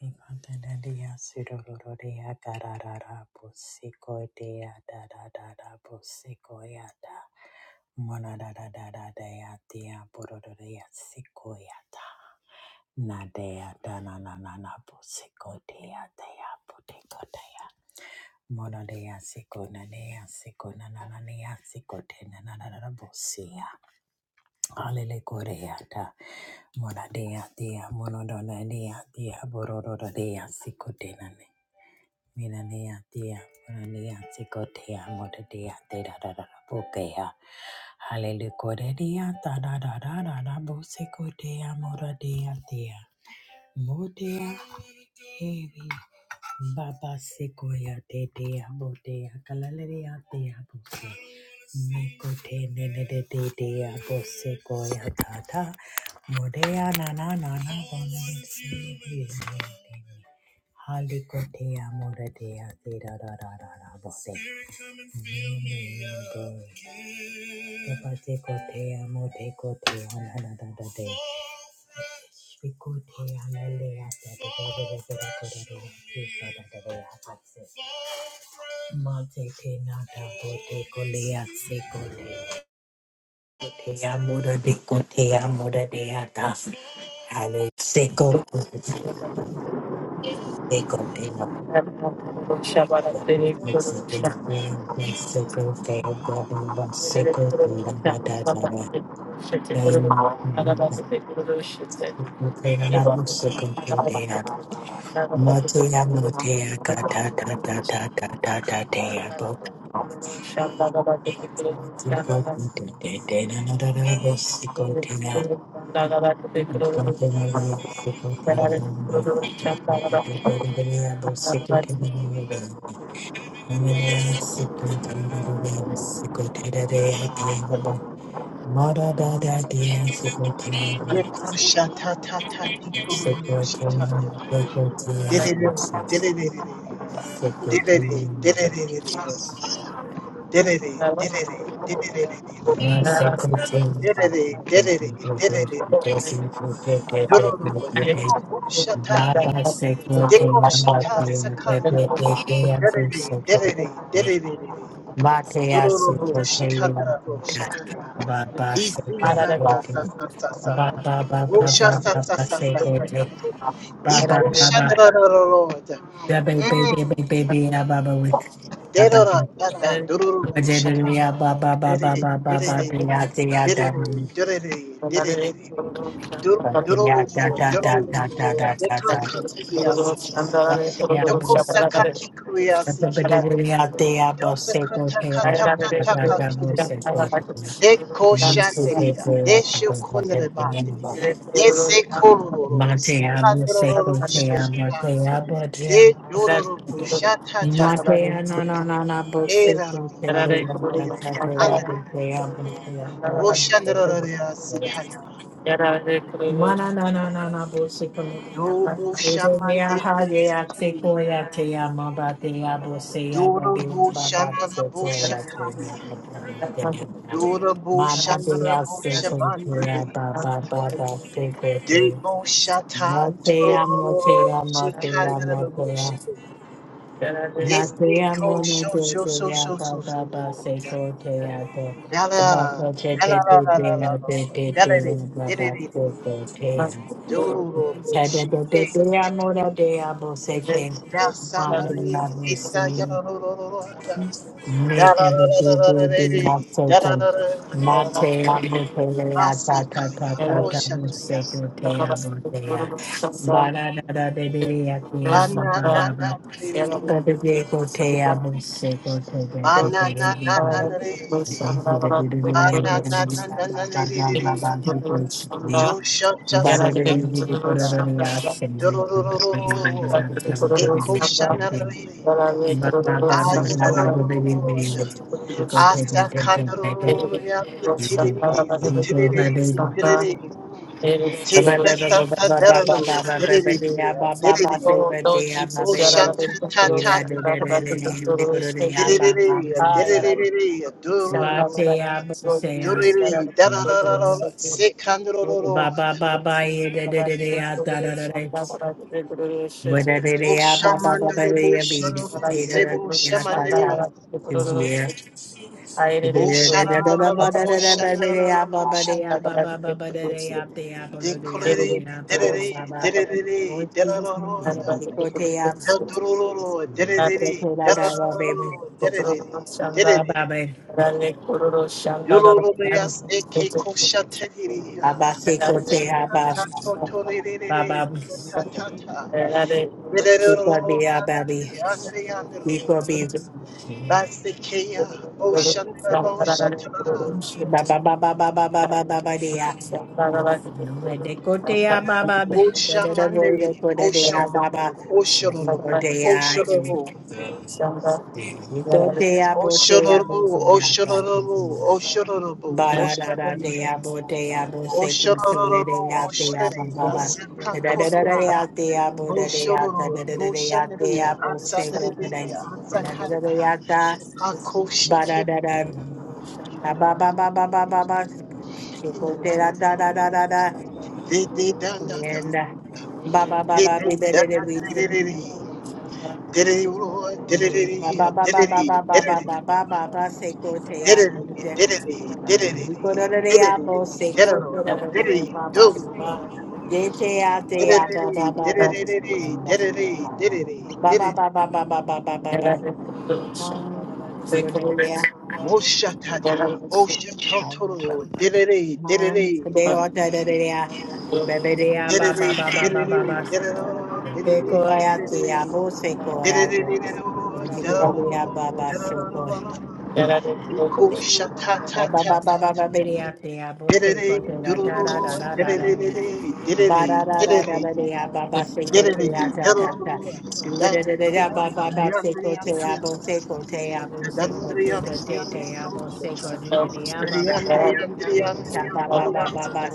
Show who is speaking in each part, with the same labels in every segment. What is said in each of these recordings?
Speaker 1: Mi pantana dia, siroloro dia, Mona da da da da dea dea borodea sikoyata. ya da. na dia da na na na na busiko dea dea butiko dea. Mona dea siko na dea siko na na na dia siko te na na na na na busia. Alele korea da. Mona dea dia mono dona dea dea borodo dea siko te na ne Minanea dia, minanea sikotea, motetea, te da da da da bokea. Hallelujah, da da da da da da bo sikotea, dia. dea. Modea, heavy. Baba sequoia de de abo de acalalea de abo se. Meko te nene de de de abo sequoia tata. Modea na na na na bonne si. Haliko te amore de a de da da da da da bo se. Nene yo de. Baba seko te amo te ko te ana da da da de. Seko te analea da da da da da da da da da da da da da da da Mate te nata bote kolea se kote. Te amura de kote amura de ata. Ale seko seko te na
Speaker 2: Shabbat
Speaker 1: meti te te seko te bobe van seko te na mata sara. Te na te na mu seko te te na. Mate ya mate ya ka ta ta ta ta ta ta ta te ya bo. Mate ko te te te na na na na seko te na. Secretary,
Speaker 3: Rekushatatatatikulurushitata. Derereo, derererere. Derere, dererererero. Derere, derere,
Speaker 1: Baba
Speaker 3: dererererero. Derere, derere,
Speaker 2: Thank
Speaker 3: dererererero. Dororo, dekokushataya. Dekoshitatsakaya. Derere, derere, derererere. Dororo, shikadaro, shakaya. Isi sa sa sa sa sa sa. Rusha sa sa sa sa sa kato. Iko shandra ro ro ro da. Mm. Dero ra da da doro ro ro shika. Dere dere dere dere dere dere dere dere. Doro
Speaker 1: Patia
Speaker 3: doro
Speaker 1: da
Speaker 3: ro
Speaker 1: da
Speaker 3: doro
Speaker 1: da da da
Speaker 3: ro
Speaker 1: da da
Speaker 3: deka
Speaker 1: da.
Speaker 3: kakuya sikia.
Speaker 1: Patia
Speaker 3: Doko
Speaker 1: bose.
Speaker 3: saka kikuya sikia.
Speaker 1: Patia tia
Speaker 3: Dosha
Speaker 1: bose
Speaker 3: kata
Speaker 1: kotea
Speaker 3: kata
Speaker 1: da da
Speaker 3: kata
Speaker 1: da da bose
Speaker 3: kakire
Speaker 1: kotea.
Speaker 3: de
Speaker 1: Musu te
Speaker 3: koshanderia,
Speaker 2: you.
Speaker 1: pula
Speaker 3: de
Speaker 1: kupa te
Speaker 3: shokondere bande,
Speaker 1: pinimba.
Speaker 2: Thank
Speaker 3: de sekororo,
Speaker 1: Matea bose
Speaker 3: sekandoro
Speaker 1: kotea
Speaker 3: shia,
Speaker 1: matea
Speaker 3: de
Speaker 1: bose.
Speaker 3: dororo koshata tata,
Speaker 1: Matea no no no no bose
Speaker 3: era
Speaker 1: kotea.
Speaker 3: roro, andere,
Speaker 1: Matea
Speaker 3: andere,
Speaker 1: bose kotea
Speaker 3: andere,
Speaker 1: matea
Speaker 3: oshandere
Speaker 1: bose.
Speaker 3: sikaya,
Speaker 1: Mana na na na na bosi komedia.
Speaker 3: dobo shamande,
Speaker 1: Bedonia ha ye akse koya te ya maba te ya bosi ya
Speaker 3: doro
Speaker 1: babi
Speaker 3: bo
Speaker 1: baba
Speaker 3: shanara
Speaker 1: se
Speaker 3: bo
Speaker 1: koya te
Speaker 3: shakaya,
Speaker 1: maba te ya. ba.
Speaker 3: doro bo
Speaker 1: Mana te
Speaker 3: shanara
Speaker 1: ya
Speaker 3: bo
Speaker 1: se
Speaker 3: shabande,
Speaker 1: koya ba ba ba ba se koya.
Speaker 3: Debo shata
Speaker 1: Mo te ya mo te
Speaker 3: tororo
Speaker 1: ya mo te ya
Speaker 3: shikandana
Speaker 1: mo te
Speaker 3: babushi.
Speaker 1: ya. Ba te
Speaker 3: Desi
Speaker 1: ya mo
Speaker 3: ko
Speaker 1: ne
Speaker 3: sho
Speaker 1: te
Speaker 3: sho
Speaker 1: te
Speaker 3: sho
Speaker 1: ya
Speaker 3: sho
Speaker 1: ba
Speaker 3: sho
Speaker 1: ba ba se
Speaker 3: sho.
Speaker 1: koya te ya te. Ba
Speaker 3: Dala
Speaker 1: te te
Speaker 3: dala
Speaker 1: te
Speaker 3: la
Speaker 1: te
Speaker 3: la la
Speaker 1: te
Speaker 3: la
Speaker 1: ya
Speaker 3: la.
Speaker 1: te te
Speaker 3: Dala
Speaker 1: te ya
Speaker 3: de de de de
Speaker 1: baba
Speaker 3: de
Speaker 1: se
Speaker 3: de.
Speaker 1: koya te ya.
Speaker 3: Doloro shike
Speaker 1: Thank
Speaker 3: seki. Dasanari isa yarororo. Dala la la la la la de. Dala la la la la la. Masikaya
Speaker 2: you.
Speaker 3: boshakaya.
Speaker 2: Thank
Speaker 3: Banana na na de de. Manananananare. Ananananananere.
Speaker 1: you. Ba ba
Speaker 3: Joshachasasasita. Dorororororo. Ekoshanarare. Ayerororororo. Asakandarororia. Sitirere, sitirere, sitirere.
Speaker 2: you.
Speaker 3: Tesasasadararo. Derere, derere.
Speaker 2: Oh, Lord Jesus, Yarara, da da da shanda da da da
Speaker 3: Woshantatatatatareya. Derere,
Speaker 2: Ah, yarara, da da
Speaker 3: derere,
Speaker 2: da shanda da
Speaker 3: dorororo.
Speaker 2: da da Lord Jesus, yada
Speaker 3: Duriri,
Speaker 2: da da da da
Speaker 3: darararara,
Speaker 2: shanda. Yada
Speaker 3: sekandororo,
Speaker 1: ba ba da da da da da
Speaker 2: da da
Speaker 1: da
Speaker 2: da
Speaker 1: da
Speaker 2: shanda
Speaker 1: de.
Speaker 2: da da da
Speaker 1: Baba baba baba baba baba baba baba
Speaker 3: oshamandoro, boshanoro, sebo
Speaker 1: baba
Speaker 3: shamandere, bosharararara, boshanararara,
Speaker 2: shanda da da
Speaker 3: boshantayara. Dekorere,
Speaker 2: Thank
Speaker 3: derere, derere, darararara, dadororo, derere, darararara, derere, derere. Dururubaya seke koshatayiriya. Shikata totorere, ta ta ta. Basikea, Oshana Boshata,
Speaker 1: baba baba baba Decotea baba, the
Speaker 3: Oshamande,
Speaker 1: devil, the codea
Speaker 3: Oshororo,
Speaker 1: baba,
Speaker 3: Oshororo,
Speaker 2: you.
Speaker 3: Oshororo,
Speaker 2: Thank
Speaker 1: Botea, Botea, Botea,
Speaker 3: Oshororo, Oshororo,
Speaker 1: Botea,
Speaker 3: Oshororo,
Speaker 1: Barada,
Speaker 3: Oshororo,
Speaker 1: Dea, Botea, Boseco,
Speaker 3: Oshororo,
Speaker 1: Teledea, Dea,
Speaker 3: Oshororo,
Speaker 1: Baba,
Speaker 3: Asaka
Speaker 1: the
Speaker 3: Korea,
Speaker 1: Dea, Dea, Bodea,
Speaker 3: Boshororo,
Speaker 1: the Dea,
Speaker 3: Boshanere,
Speaker 1: Dea,
Speaker 3: Asanere,
Speaker 1: Boseco, today,
Speaker 3: Asakanda,
Speaker 1: the Dea,
Speaker 3: Akoshiki,
Speaker 1: Barada, Baba, Baba, Baba, Baba,
Speaker 3: in
Speaker 1: Chico,
Speaker 3: the
Speaker 1: Da,
Speaker 3: mighty
Speaker 1: Da, Da, Da, Da, and uh, ba ba ba ba be better than reason. Mm, Ba ba ba ba ba ba ba ba ba ba ba ba se ko te ya ni de. ko da da ba ya bo se ko te da da de ya ba ba ba ba. De te ya te ya ba ba ba ba. And uh, ba ba ba ba ba ba ba ba ba ba ba. No, you go da da de ya. Man, the day or da da de ya. Ba ba de ya ba ba ba ba ba ba ba. Bekoyate, Abo Sekoyate, Hibiria Baba Sekoy, Baba Baba Baba Biriate, Abo Sekoy, da da da da da da da. Ba-da-da-da-da-da-da, ba-ba, seko, te, ah, ta, ta, ta. Do-ba-da-da-da-da, ba-ba-ba, seko, te, ah, bo, seko, te, ah, bo, seko, te, te, te, te, ah, bo, seko, te, te, te, ah, ba-ba-ba. Ba-ba-sa, ba-ba-ba-ba-ba.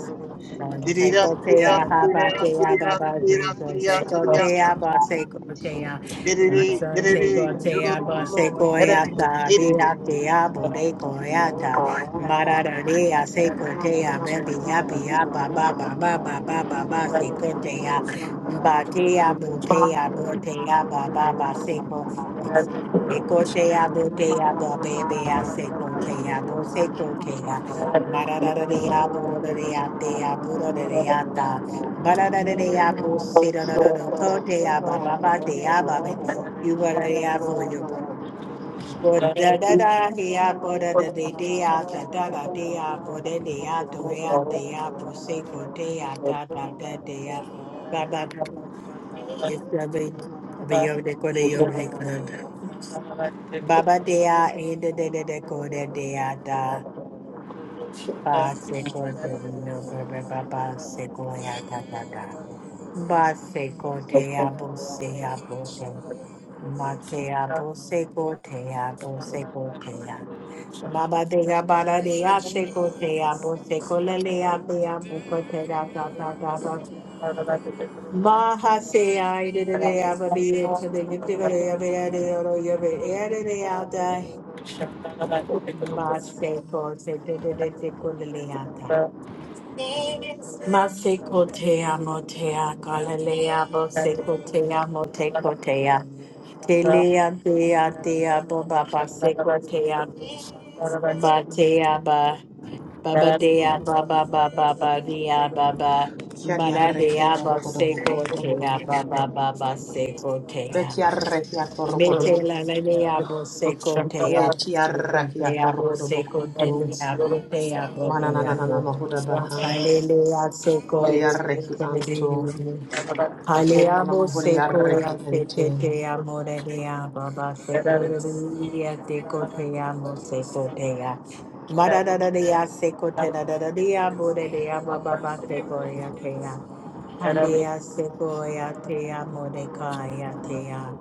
Speaker 1: Son, seko, te, ah, ha, ba, te, ah, ba-ba, grito, seko, te, ah, ba, seko, te, ah.
Speaker 3: Diddy,
Speaker 1: Godson,
Speaker 3: diddy,
Speaker 1: seko, te, ah, ba,
Speaker 3: doodle,
Speaker 1: seko, ah,
Speaker 3: diddy,
Speaker 1: ta, be,
Speaker 3: diddy.
Speaker 1: ah, te, ah, bo, de, ko, ah, ta. Mararea secotea, baby yapia, baba, baba, baba, baba, secotea, batea, botea, botea, baba, ba, ba seco, secotea, botea, babea, secotea, bo, secotea, mararea, burorea, tea, buroreata, bararea, bo, sirada, cotea, baba, tea, babe,
Speaker 2: you.
Speaker 1: you were there for your Bo da
Speaker 2: Thank
Speaker 1: da da he a bo da da de de a da da da de a bo de de a do e a de a bo se go de a da da da de a ba ba yes I mean I mean yo de go de yo de go de ba ba de a e de de de de go de de a da ba se go de de yo ba ba ba ba se go ya da da da ba se go de a bo se a bo de ma se a bo se go de a bo se go de a Baba de ga bara de ya se ko te ya bo se ko le le ya te ya bo ko te da da da da da. Maha se ya i de de de ya ba bi de te de ni de ba de ya be ya de ya ro ya be ya de de ya da. Ma se ko te de de de te ko le le ya ta.
Speaker 2: you.
Speaker 1: Ma se te ya mo te ya ka le le ya bo
Speaker 2: Thank
Speaker 1: se te ya mo te ko te ya. Te le ya te ya te ya bo ba ba se te ya ba te ya ba. Baba dea baba baba baba dea baba
Speaker 4: Chiari
Speaker 1: bara
Speaker 4: arrecchia
Speaker 1: dea
Speaker 4: torro
Speaker 1: ba seko
Speaker 4: codobocunto,
Speaker 1: tea
Speaker 4: codobocunto.
Speaker 1: baba baba seko tea
Speaker 4: Beti arrecchia torro
Speaker 1: mete la la
Speaker 4: codobocunto.
Speaker 1: dea bo seko tea bo
Speaker 4: Beti
Speaker 1: seko
Speaker 4: arrecchia
Speaker 1: tea
Speaker 4: torro
Speaker 1: bo seko tea
Speaker 4: codobocunto.
Speaker 1: bo tea bo
Speaker 4: Manananana
Speaker 1: dea
Speaker 4: mahuda baha.
Speaker 1: Hallelujah, so
Speaker 4: Yeri
Speaker 1: coere,
Speaker 4: arrecchi anto. Mononona
Speaker 1: Haleamo
Speaker 4: mahuri
Speaker 1: seco
Speaker 4: arrecchi
Speaker 1: ya te
Speaker 4: ente.
Speaker 1: te te amo re de ya baba seco re re re ya te co te
Speaker 2: you.
Speaker 1: amo seco te ya mara da da de ya seco
Speaker 2: Thank
Speaker 1: te da da da ya mo re de ya baba baba seco ya te ya Halea seco ya te amo re ka ya te ya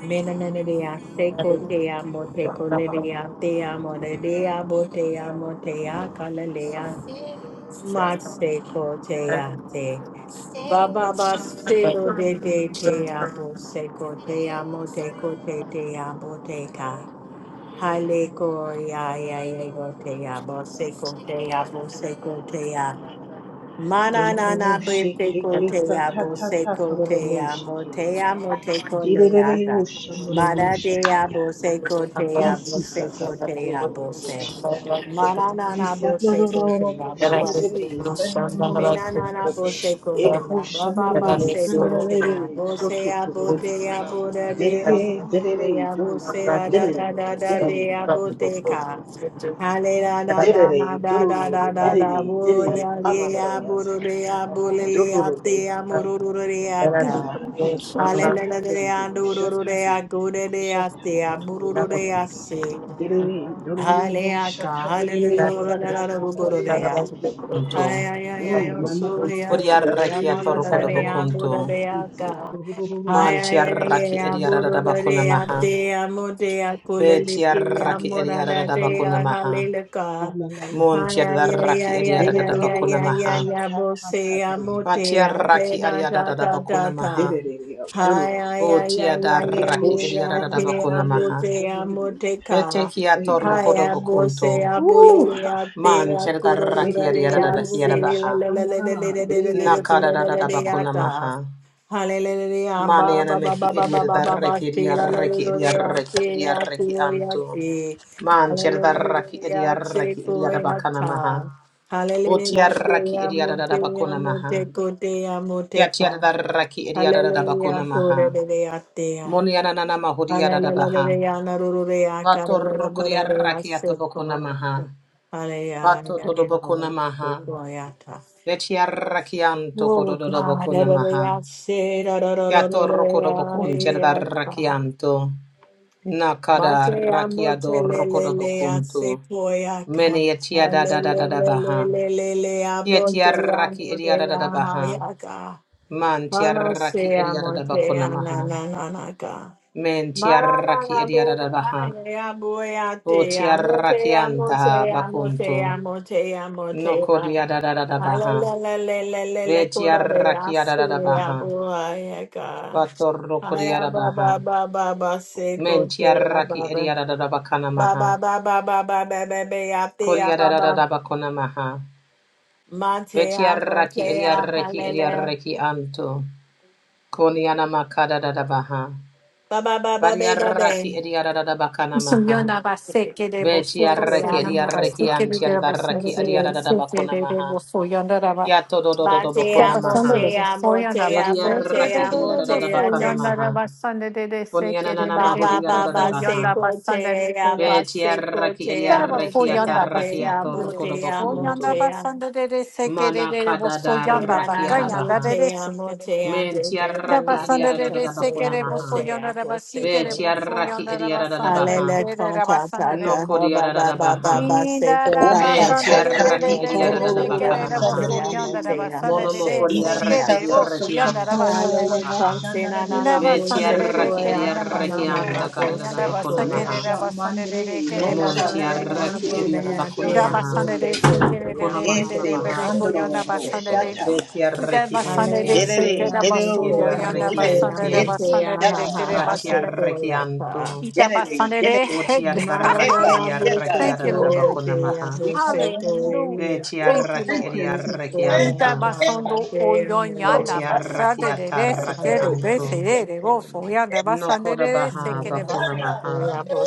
Speaker 1: mena na ne de ya seco te amo te co le ya te amo re de ya bo te amo te ya Mase koteate. Baba basilo de de te abo se kote amo te kote te abo te ka. Hale ko ya ya ya go te abo se kote abo se kote ya. Mana na na be
Speaker 3: Dororoboshi
Speaker 1: se
Speaker 3: keke
Speaker 1: kote abo se
Speaker 3: satatata
Speaker 1: kote
Speaker 3: tororoboshi
Speaker 1: amo
Speaker 3: ke.
Speaker 1: te amo te ko le
Speaker 3: Direrere
Speaker 1: ata.
Speaker 3: osha
Speaker 1: mana
Speaker 3: nororobosha
Speaker 1: de
Speaker 3: taya.
Speaker 1: abo se kote
Speaker 3: Isi
Speaker 1: abo se
Speaker 3: sasasa
Speaker 1: kote abo se.
Speaker 3: kororobosha taya.
Speaker 1: Mana na na
Speaker 3: Isa
Speaker 1: bo se kote
Speaker 3: dorororobosha
Speaker 1: abo.
Speaker 3: nerere isa
Speaker 1: Mena na na bo se
Speaker 3: nororobosha.
Speaker 1: ko te
Speaker 3: Eko
Speaker 1: la ba
Speaker 3: sha
Speaker 1: ba
Speaker 3: nerere
Speaker 1: ba se
Speaker 3: isa
Speaker 1: ko te ya
Speaker 3: nerere
Speaker 1: bo se ya bo
Speaker 3: sototoria.
Speaker 2: you.
Speaker 1: te ya bo da de ya
Speaker 2: and
Speaker 3: Derere
Speaker 1: bo de de
Speaker 3: derere
Speaker 1: ya bo
Speaker 2: not
Speaker 1: se
Speaker 3: dororo
Speaker 2: that
Speaker 1: da da da da
Speaker 3: derere
Speaker 2: it's
Speaker 1: da
Speaker 2: not
Speaker 1: de ya
Speaker 3: derere.
Speaker 2: that
Speaker 1: bo
Speaker 2: it's
Speaker 1: te
Speaker 2: not
Speaker 1: ka hale da da da da
Speaker 3: Derere,
Speaker 1: da da da
Speaker 3: dororo,
Speaker 1: da da
Speaker 3: derere,
Speaker 1: bo
Speaker 3: derere,
Speaker 1: ya
Speaker 3: baba
Speaker 1: ye ya
Speaker 3: baraya
Speaker 1: bo ro
Speaker 3: seka.
Speaker 1: de ya bo le le ya
Speaker 3: Dororo,
Speaker 1: te ya mo ro ro ro re ya
Speaker 3: uga,
Speaker 1: ka
Speaker 3: reka,
Speaker 1: hale le
Speaker 3: reka,
Speaker 1: le de ya
Speaker 3: dororo,
Speaker 1: do ro ro de
Speaker 3: shatati,
Speaker 1: ya go de de ya se
Speaker 3: shatata,
Speaker 1: ya bo ro
Speaker 3: tororo,
Speaker 1: ro de ya
Speaker 3: kuda.
Speaker 1: se
Speaker 3: Derere,
Speaker 1: hale
Speaker 3: dororo,
Speaker 1: ya ka hale le
Speaker 3: shatarere,
Speaker 1: ro ro da
Speaker 3: saka,
Speaker 1: da ro ro go ro
Speaker 3: kakoreya
Speaker 1: de ya
Speaker 3: seke.
Speaker 4: Anto.
Speaker 1: Ay, ay, ay, ay,
Speaker 3: Mm,
Speaker 1: oh, Surya,
Speaker 3: manaroro,
Speaker 4: Hori
Speaker 1: Jaya,
Speaker 3: derere,
Speaker 4: arrecchia
Speaker 1: Mada,
Speaker 4: torro
Speaker 1: da, da, da, ya, Buddha,
Speaker 4: codobocunto.
Speaker 1: da, ya,
Speaker 3: ise,
Speaker 1: Ga.
Speaker 3: kororo,
Speaker 1: Ay,
Speaker 3: ya
Speaker 4: Manti
Speaker 1: ay, ay,
Speaker 3: seke.
Speaker 1: ay,
Speaker 4: arrecchi
Speaker 1: ya,
Speaker 4: edi
Speaker 1: Buddha, da, da,
Speaker 4: arrecchia
Speaker 1: ya,
Speaker 4: maha.
Speaker 1: Te, ya, Mo, Te, ya, Kulili,
Speaker 4: Beti
Speaker 3: Ise,
Speaker 1: Ki, ya,
Speaker 4: arrecchi
Speaker 1: Mo,
Speaker 3: kororo,
Speaker 4: edi
Speaker 1: da, da,
Speaker 3: shike.
Speaker 1: Te,
Speaker 4: arrecchia
Speaker 1: ya,
Speaker 4: maha.
Speaker 1: Hallelujah. Ga.
Speaker 3: Sananana.
Speaker 1: Ay,
Speaker 4: Monti
Speaker 1: ay, ay,
Speaker 4: arrecchi
Speaker 1: ay,
Speaker 4: edi
Speaker 1: ay,
Speaker 3: Derere,
Speaker 1: ay, ay,
Speaker 4: arrecchia
Speaker 3: dororo,
Speaker 1: ay,
Speaker 4: maha.
Speaker 1: ay, ya, Bo, Se,
Speaker 3: shatata,
Speaker 1: ya,
Speaker 3: derere.
Speaker 1: Mo, Te,
Speaker 4: Vatia
Speaker 1: ya, Te,
Speaker 4: raki
Speaker 1: na, da,
Speaker 4: ariadada
Speaker 1: da, da,
Speaker 4: bakuna
Speaker 1: da.
Speaker 4: maha.
Speaker 3: Dedede,
Speaker 1: Ay,
Speaker 3: dodo,
Speaker 1: ay, ay,
Speaker 4: Votia
Speaker 1: ay,
Speaker 4: da
Speaker 1: ay, ay,
Speaker 3: eko
Speaker 4: raki
Speaker 1: ay, ya,
Speaker 3: shana
Speaker 4: ariadada
Speaker 3: na
Speaker 1: Te,
Speaker 3: na na
Speaker 1: ya,
Speaker 4: bakuna
Speaker 1: Bo,
Speaker 3: yere,
Speaker 4: maha.
Speaker 1: Te, ya, Mo,
Speaker 3: sene
Speaker 1: Te,
Speaker 4: Vete
Speaker 1: Ka.
Speaker 4: kia
Speaker 3: Hey God.
Speaker 4: torkodo
Speaker 1: Aya bose
Speaker 4: bakunto.
Speaker 1: a
Speaker 3: Ooh,
Speaker 1: bulele a
Speaker 3: ah, yeah,
Speaker 1: te
Speaker 3: God.
Speaker 4: Man
Speaker 1: a
Speaker 4: cherda raki
Speaker 1: kurorura
Speaker 3: It's a
Speaker 1: le
Speaker 4: ariadada
Speaker 1: a
Speaker 4: bakiada
Speaker 3: colorful
Speaker 1: se la
Speaker 4: baha.
Speaker 1: la la la la la
Speaker 3: shikandala.
Speaker 1: la la la la
Speaker 3: Dre.
Speaker 4: Nakada da
Speaker 1: kurorura
Speaker 4: da
Speaker 1: le a
Speaker 4: bakuna
Speaker 1: ta.
Speaker 4: maha. Mani
Speaker 1: ba
Speaker 4: ana
Speaker 1: ba ba
Speaker 4: mehi
Speaker 1: ba ba ba ba
Speaker 4: ariadada
Speaker 1: ba
Speaker 4: reki
Speaker 1: se la la la
Speaker 4: ariareki
Speaker 1: la le a
Speaker 4: ariareki
Speaker 1: te a
Speaker 4: ariareki
Speaker 1: tu a koi
Speaker 4: anto. Man cherda raki
Speaker 1: Hallelujah, a se
Speaker 4: ariareki
Speaker 1: ko
Speaker 4: ariada
Speaker 1: a
Speaker 4: bakana
Speaker 1: ta.
Speaker 4: maha. Votia
Speaker 1: Hallelujah, te
Speaker 4: raki
Speaker 1: a
Speaker 4: ariadada bakuna maha. Kia tia
Speaker 1: ka.
Speaker 4: da raki ariadada
Speaker 1: Hallelujah,
Speaker 4: bakuna
Speaker 1: to re
Speaker 4: maha.
Speaker 1: le le a te a.
Speaker 4: Monianana mahodiara da baha.
Speaker 1: Hallelujah, na ru ru le a ka
Speaker 4: Bato rukuria rakiato bokona maha.
Speaker 1: Hallelujah.
Speaker 4: Bato dodo bokona maha. Vetia rakianto
Speaker 1: Oh
Speaker 4: kododo
Speaker 1: God,
Speaker 4: bokona maha.
Speaker 1: hallelujah. Say, da, da, da, da,
Speaker 4: Yato
Speaker 1: da,
Speaker 4: rokodo
Speaker 1: da,
Speaker 4: bokun tierda
Speaker 1: yeah, ah.
Speaker 4: rakianto. Nakada
Speaker 1: Mate, amote,
Speaker 4: rakiado
Speaker 1: le,
Speaker 4: rokodo
Speaker 1: le, le, ah, se,
Speaker 4: bokunto.
Speaker 1: poya, ka.
Speaker 4: Mene
Speaker 1: Ah,
Speaker 4: etia da
Speaker 1: le,
Speaker 4: da da
Speaker 1: le,
Speaker 4: da da
Speaker 1: le, le,
Speaker 4: baha.
Speaker 1: le, le, le,
Speaker 4: Yetia
Speaker 1: abote,
Speaker 4: raki edia da
Speaker 1: amote,
Speaker 4: da da
Speaker 1: ah, ha,
Speaker 4: baha.
Speaker 1: ya, ka.
Speaker 4: Man tia
Speaker 1: Ana, se,
Speaker 4: raki edia da da
Speaker 1: amote,
Speaker 4: bokona
Speaker 1: ah, na,
Speaker 4: maha.
Speaker 1: na, na, na, ka.
Speaker 4: Men
Speaker 1: Ma,
Speaker 4: tia
Speaker 1: na, na,
Speaker 4: raki
Speaker 1: na,
Speaker 4: edia da
Speaker 1: bo,
Speaker 4: da
Speaker 1: ah,
Speaker 4: baha.
Speaker 1: ya, bo, te, amote,
Speaker 4: Botiarrakianta
Speaker 1: amote, amote,
Speaker 4: bakunto.
Speaker 1: amote,
Speaker 4: No
Speaker 1: amote, ah.
Speaker 4: kodia da da da da baha.
Speaker 1: Alelelelelelele
Speaker 4: Beti
Speaker 1: korare
Speaker 4: arrakia da da da
Speaker 1: ase
Speaker 4: baha.
Speaker 1: abo ayaka. Aya
Speaker 4: Batorrokodiada
Speaker 1: ba ba
Speaker 4: baha.
Speaker 1: ba ba ba se baba
Speaker 4: Menti
Speaker 1: baba ya
Speaker 4: arraki
Speaker 1: ba ababa.
Speaker 4: edia da Mentiarraki ediadada bakana
Speaker 1: Ba
Speaker 4: maha.
Speaker 1: ba ba baba baba ba ba ba ba ya te ya ba ba.
Speaker 4: Kodiadada bakona maha.
Speaker 1: Ma te ya mo
Speaker 4: Betiarraki
Speaker 1: te ya
Speaker 4: ediarreki
Speaker 1: halele.
Speaker 4: ediarreki anto. Koniana makada da da baha.
Speaker 1: Ba ba ba
Speaker 4: Bari arraki edia da Bariarraki da bakana maha.
Speaker 5: Soyana baseke de
Speaker 4: Betiarraki
Speaker 5: bosoto
Speaker 4: da
Speaker 5: soyana
Speaker 4: raki
Speaker 5: baseke de
Speaker 4: edia
Speaker 5: de
Speaker 1: So
Speaker 5: basende
Speaker 4: da
Speaker 5: de
Speaker 4: ediadada
Speaker 5: baseke
Speaker 4: bakona
Speaker 5: de de
Speaker 4: maha.
Speaker 5: bosoyana raba.
Speaker 4: Yato do do do do
Speaker 5: Ya
Speaker 4: bakona
Speaker 5: basende
Speaker 4: maha.
Speaker 5: de soyana baseke de
Speaker 4: Vediaraki
Speaker 5: de de
Speaker 4: Eliarabakana
Speaker 5: bosoyana
Speaker 4: Maha.
Speaker 5: raba sende de de seke de
Speaker 4: Ponianana
Speaker 5: de de
Speaker 1: Baba, baba,
Speaker 5: de
Speaker 1: ba
Speaker 4: Mahodiarada
Speaker 1: ba se
Speaker 4: Baha.
Speaker 5: bosoyana
Speaker 1: ko
Speaker 5: basende de
Speaker 1: ya
Speaker 5: de ya.
Speaker 1: ba se
Speaker 4: Vetiaraki
Speaker 1: ya
Speaker 5: Dara
Speaker 1: mo
Speaker 4: Eliaraki
Speaker 1: te
Speaker 5: basoyana
Speaker 1: ya te
Speaker 4: Ataraki
Speaker 1: ya
Speaker 5: baseke de
Speaker 1: bo
Speaker 5: de
Speaker 1: ya mo
Speaker 5: bosoyana
Speaker 4: Atorkodobokunto.
Speaker 1: te ya
Speaker 5: basende de de seke de
Speaker 4: Mana
Speaker 5: de de
Speaker 4: Kadada
Speaker 1: te
Speaker 5: bosoyana
Speaker 1: na na bote
Speaker 5: bakayana
Speaker 4: Rakiarabaha.
Speaker 5: de de
Speaker 1: ya mo
Speaker 5: seke de.
Speaker 1: te ya te te te
Speaker 5: Da
Speaker 4: Mentiaraki
Speaker 1: ya
Speaker 5: basanda
Speaker 1: ta
Speaker 5: de
Speaker 1: ta
Speaker 4: Eliarada
Speaker 5: de
Speaker 1: te
Speaker 5: seke
Speaker 1: ya
Speaker 4: Bakuna
Speaker 5: de
Speaker 4: Maha.
Speaker 1: bote
Speaker 5: bosoyana
Speaker 1: ya bo
Speaker 5: raba
Speaker 1: se
Speaker 5: site de
Speaker 1: ko te ya
Speaker 4: Vetiaraki
Speaker 5: bosoyana raba
Speaker 4: Eliarada
Speaker 5: sende de
Speaker 4: Baha.
Speaker 1: alele
Speaker 5: de
Speaker 1: ko ta ta
Speaker 5: raba
Speaker 4: No
Speaker 1: ta ha baba, baba
Speaker 4: Nokodiarada
Speaker 1: ba ba
Speaker 4: Baha.
Speaker 1: ba
Speaker 5: Inda
Speaker 1: ko
Speaker 5: da
Speaker 1: ba
Speaker 3: Osha ta
Speaker 5: basande
Speaker 1: se
Speaker 5: de
Speaker 3: ta
Speaker 5: de
Speaker 1: ko
Speaker 3: ti
Speaker 5: de
Speaker 4: Mentiaraki
Speaker 1: ya
Speaker 5: de de
Speaker 1: te
Speaker 4: Eliarada
Speaker 5: de de
Speaker 1: te
Speaker 5: que
Speaker 3: colorful
Speaker 1: ya
Speaker 5: de
Speaker 4: Bakana
Speaker 5: la
Speaker 1: mo te
Speaker 4: Maha.
Speaker 3: asandre.
Speaker 5: bosso
Speaker 1: ya
Speaker 5: que
Speaker 1: mo
Speaker 5: anda la
Speaker 1: te ya mo
Speaker 5: basande de de se
Speaker 1: ko
Speaker 3: Isi
Speaker 5: que
Speaker 4: Monomokoriaraki
Speaker 1: ya
Speaker 3: sa
Speaker 5: de
Speaker 1: te
Speaker 3: sa sa
Speaker 5: bosso y
Speaker 3: sa
Speaker 5: anda la
Speaker 4: Eliarakianta
Speaker 5: basande
Speaker 4: Karada
Speaker 5: de
Speaker 3: colorful
Speaker 1: Hallelujah,
Speaker 4: Baha.
Speaker 3: shandre.
Speaker 1: na na
Speaker 5: Inda
Speaker 1: na bo
Speaker 5: basande
Speaker 1: se
Speaker 5: de
Speaker 1: ko
Speaker 5: de
Speaker 3: Shandre.
Speaker 4: Betiaraki
Speaker 5: que
Speaker 1: ya
Speaker 5: de la
Speaker 1: na
Speaker 4: eriaraki
Speaker 5: basande
Speaker 1: na na
Speaker 4: anta
Speaker 5: bosso
Speaker 3: Shandre.
Speaker 1: bo
Speaker 5: y
Speaker 4: karada
Speaker 5: anda
Speaker 1: se
Speaker 4: bakuna
Speaker 1: ko
Speaker 5: basa que de
Speaker 4: maha.
Speaker 3: Osha
Speaker 5: la basande de
Speaker 3: mandre.
Speaker 5: de que de
Speaker 1: Me na
Speaker 3: Osha
Speaker 1: na
Speaker 5: basande
Speaker 1: na
Speaker 3: nala
Speaker 5: de
Speaker 1: na na
Speaker 4: Montiaraki
Speaker 3: mandre.
Speaker 1: bo me
Speaker 4: eriara
Speaker 1: a
Speaker 3: Osha
Speaker 4: bakuna
Speaker 1: te
Speaker 5: Ira
Speaker 1: a
Speaker 4: maha.
Speaker 1: bo
Speaker 5: basande
Speaker 3: kandre.
Speaker 1: te
Speaker 5: de se
Speaker 1: ko
Speaker 5: que de
Speaker 1: te
Speaker 5: de
Speaker 4: Kuna
Speaker 5: de
Speaker 1: amo
Speaker 4: maha na
Speaker 1: te
Speaker 5: de de
Speaker 3: Ese
Speaker 5: de
Speaker 1: ko
Speaker 4: maha.
Speaker 5: de
Speaker 1: te
Speaker 5: que
Speaker 3: kandoro
Speaker 5: anda
Speaker 1: amo te
Speaker 5: basande
Speaker 1: ko
Speaker 5: de
Speaker 1: ya.
Speaker 3: shataya.
Speaker 5: Kita
Speaker 4: Betiaraki
Speaker 1: Ale
Speaker 5: basande
Speaker 4: ente.
Speaker 5: de
Speaker 1: a
Speaker 5: se
Speaker 1: te
Speaker 5: que
Speaker 3: Diddity,
Speaker 5: de
Speaker 1: amo
Speaker 5: bosso
Speaker 1: te
Speaker 5: y
Speaker 3: diddle,
Speaker 1: amo
Speaker 5: anda
Speaker 4: Yeriaraki
Speaker 1: te
Speaker 3: diddity,
Speaker 5: basande
Speaker 4: ente.
Speaker 5: de
Speaker 1: amo te
Speaker 3: diddity,
Speaker 1: a
Speaker 5: basande de de
Speaker 1: ha
Speaker 5: que
Speaker 1: ha
Speaker 5: de
Speaker 1: ha
Speaker 3: diddle,
Speaker 1: se
Speaker 5: basande
Speaker 1: ko
Speaker 4: Batiaraki
Speaker 1: ya
Speaker 4: anto.
Speaker 1: ta.
Speaker 5: Ita
Speaker 3: diddity,
Speaker 5: basande de
Speaker 3: diddity,
Speaker 1: Ma na na
Speaker 4: Otiaraki
Speaker 3: eka,
Speaker 1: na bo
Speaker 4: eriaraki
Speaker 1: se
Speaker 3: eka,
Speaker 5: Thank you,
Speaker 1: ko
Speaker 4: arada
Speaker 5: Lord.
Speaker 1: ya
Speaker 4: bakuna
Speaker 1: te a
Speaker 4: maha.
Speaker 1: bo se ko e ya.
Speaker 5: Hallelujah. Thank you,
Speaker 4: Betiaraki
Speaker 5: Lord.
Speaker 1: Ni ko
Speaker 4: eriaraki
Speaker 1: ya
Speaker 3: eka,
Speaker 4: anto.
Speaker 5: Inta
Speaker 1: ta
Speaker 3: eka.
Speaker 1: na
Speaker 5: basondo
Speaker 1: te
Speaker 5: oyon
Speaker 1: amo te
Speaker 5: yanda
Speaker 1: amo.
Speaker 4: Otiaraki
Speaker 5: basade de de se
Speaker 4: ataraki
Speaker 5: que
Speaker 1: Ale
Speaker 5: de
Speaker 3: Asero,
Speaker 5: be
Speaker 1: a
Speaker 4: anto.
Speaker 1: te
Speaker 5: de de
Speaker 1: ko
Speaker 5: gofo
Speaker 1: ya.
Speaker 5: yanda basande de
Speaker 4: Nokoda
Speaker 5: de
Speaker 1: Te
Speaker 5: se
Speaker 4: baha
Speaker 5: que de
Speaker 1: amo
Speaker 4: bakuna
Speaker 3: dada,
Speaker 5: basondo.
Speaker 4: maha.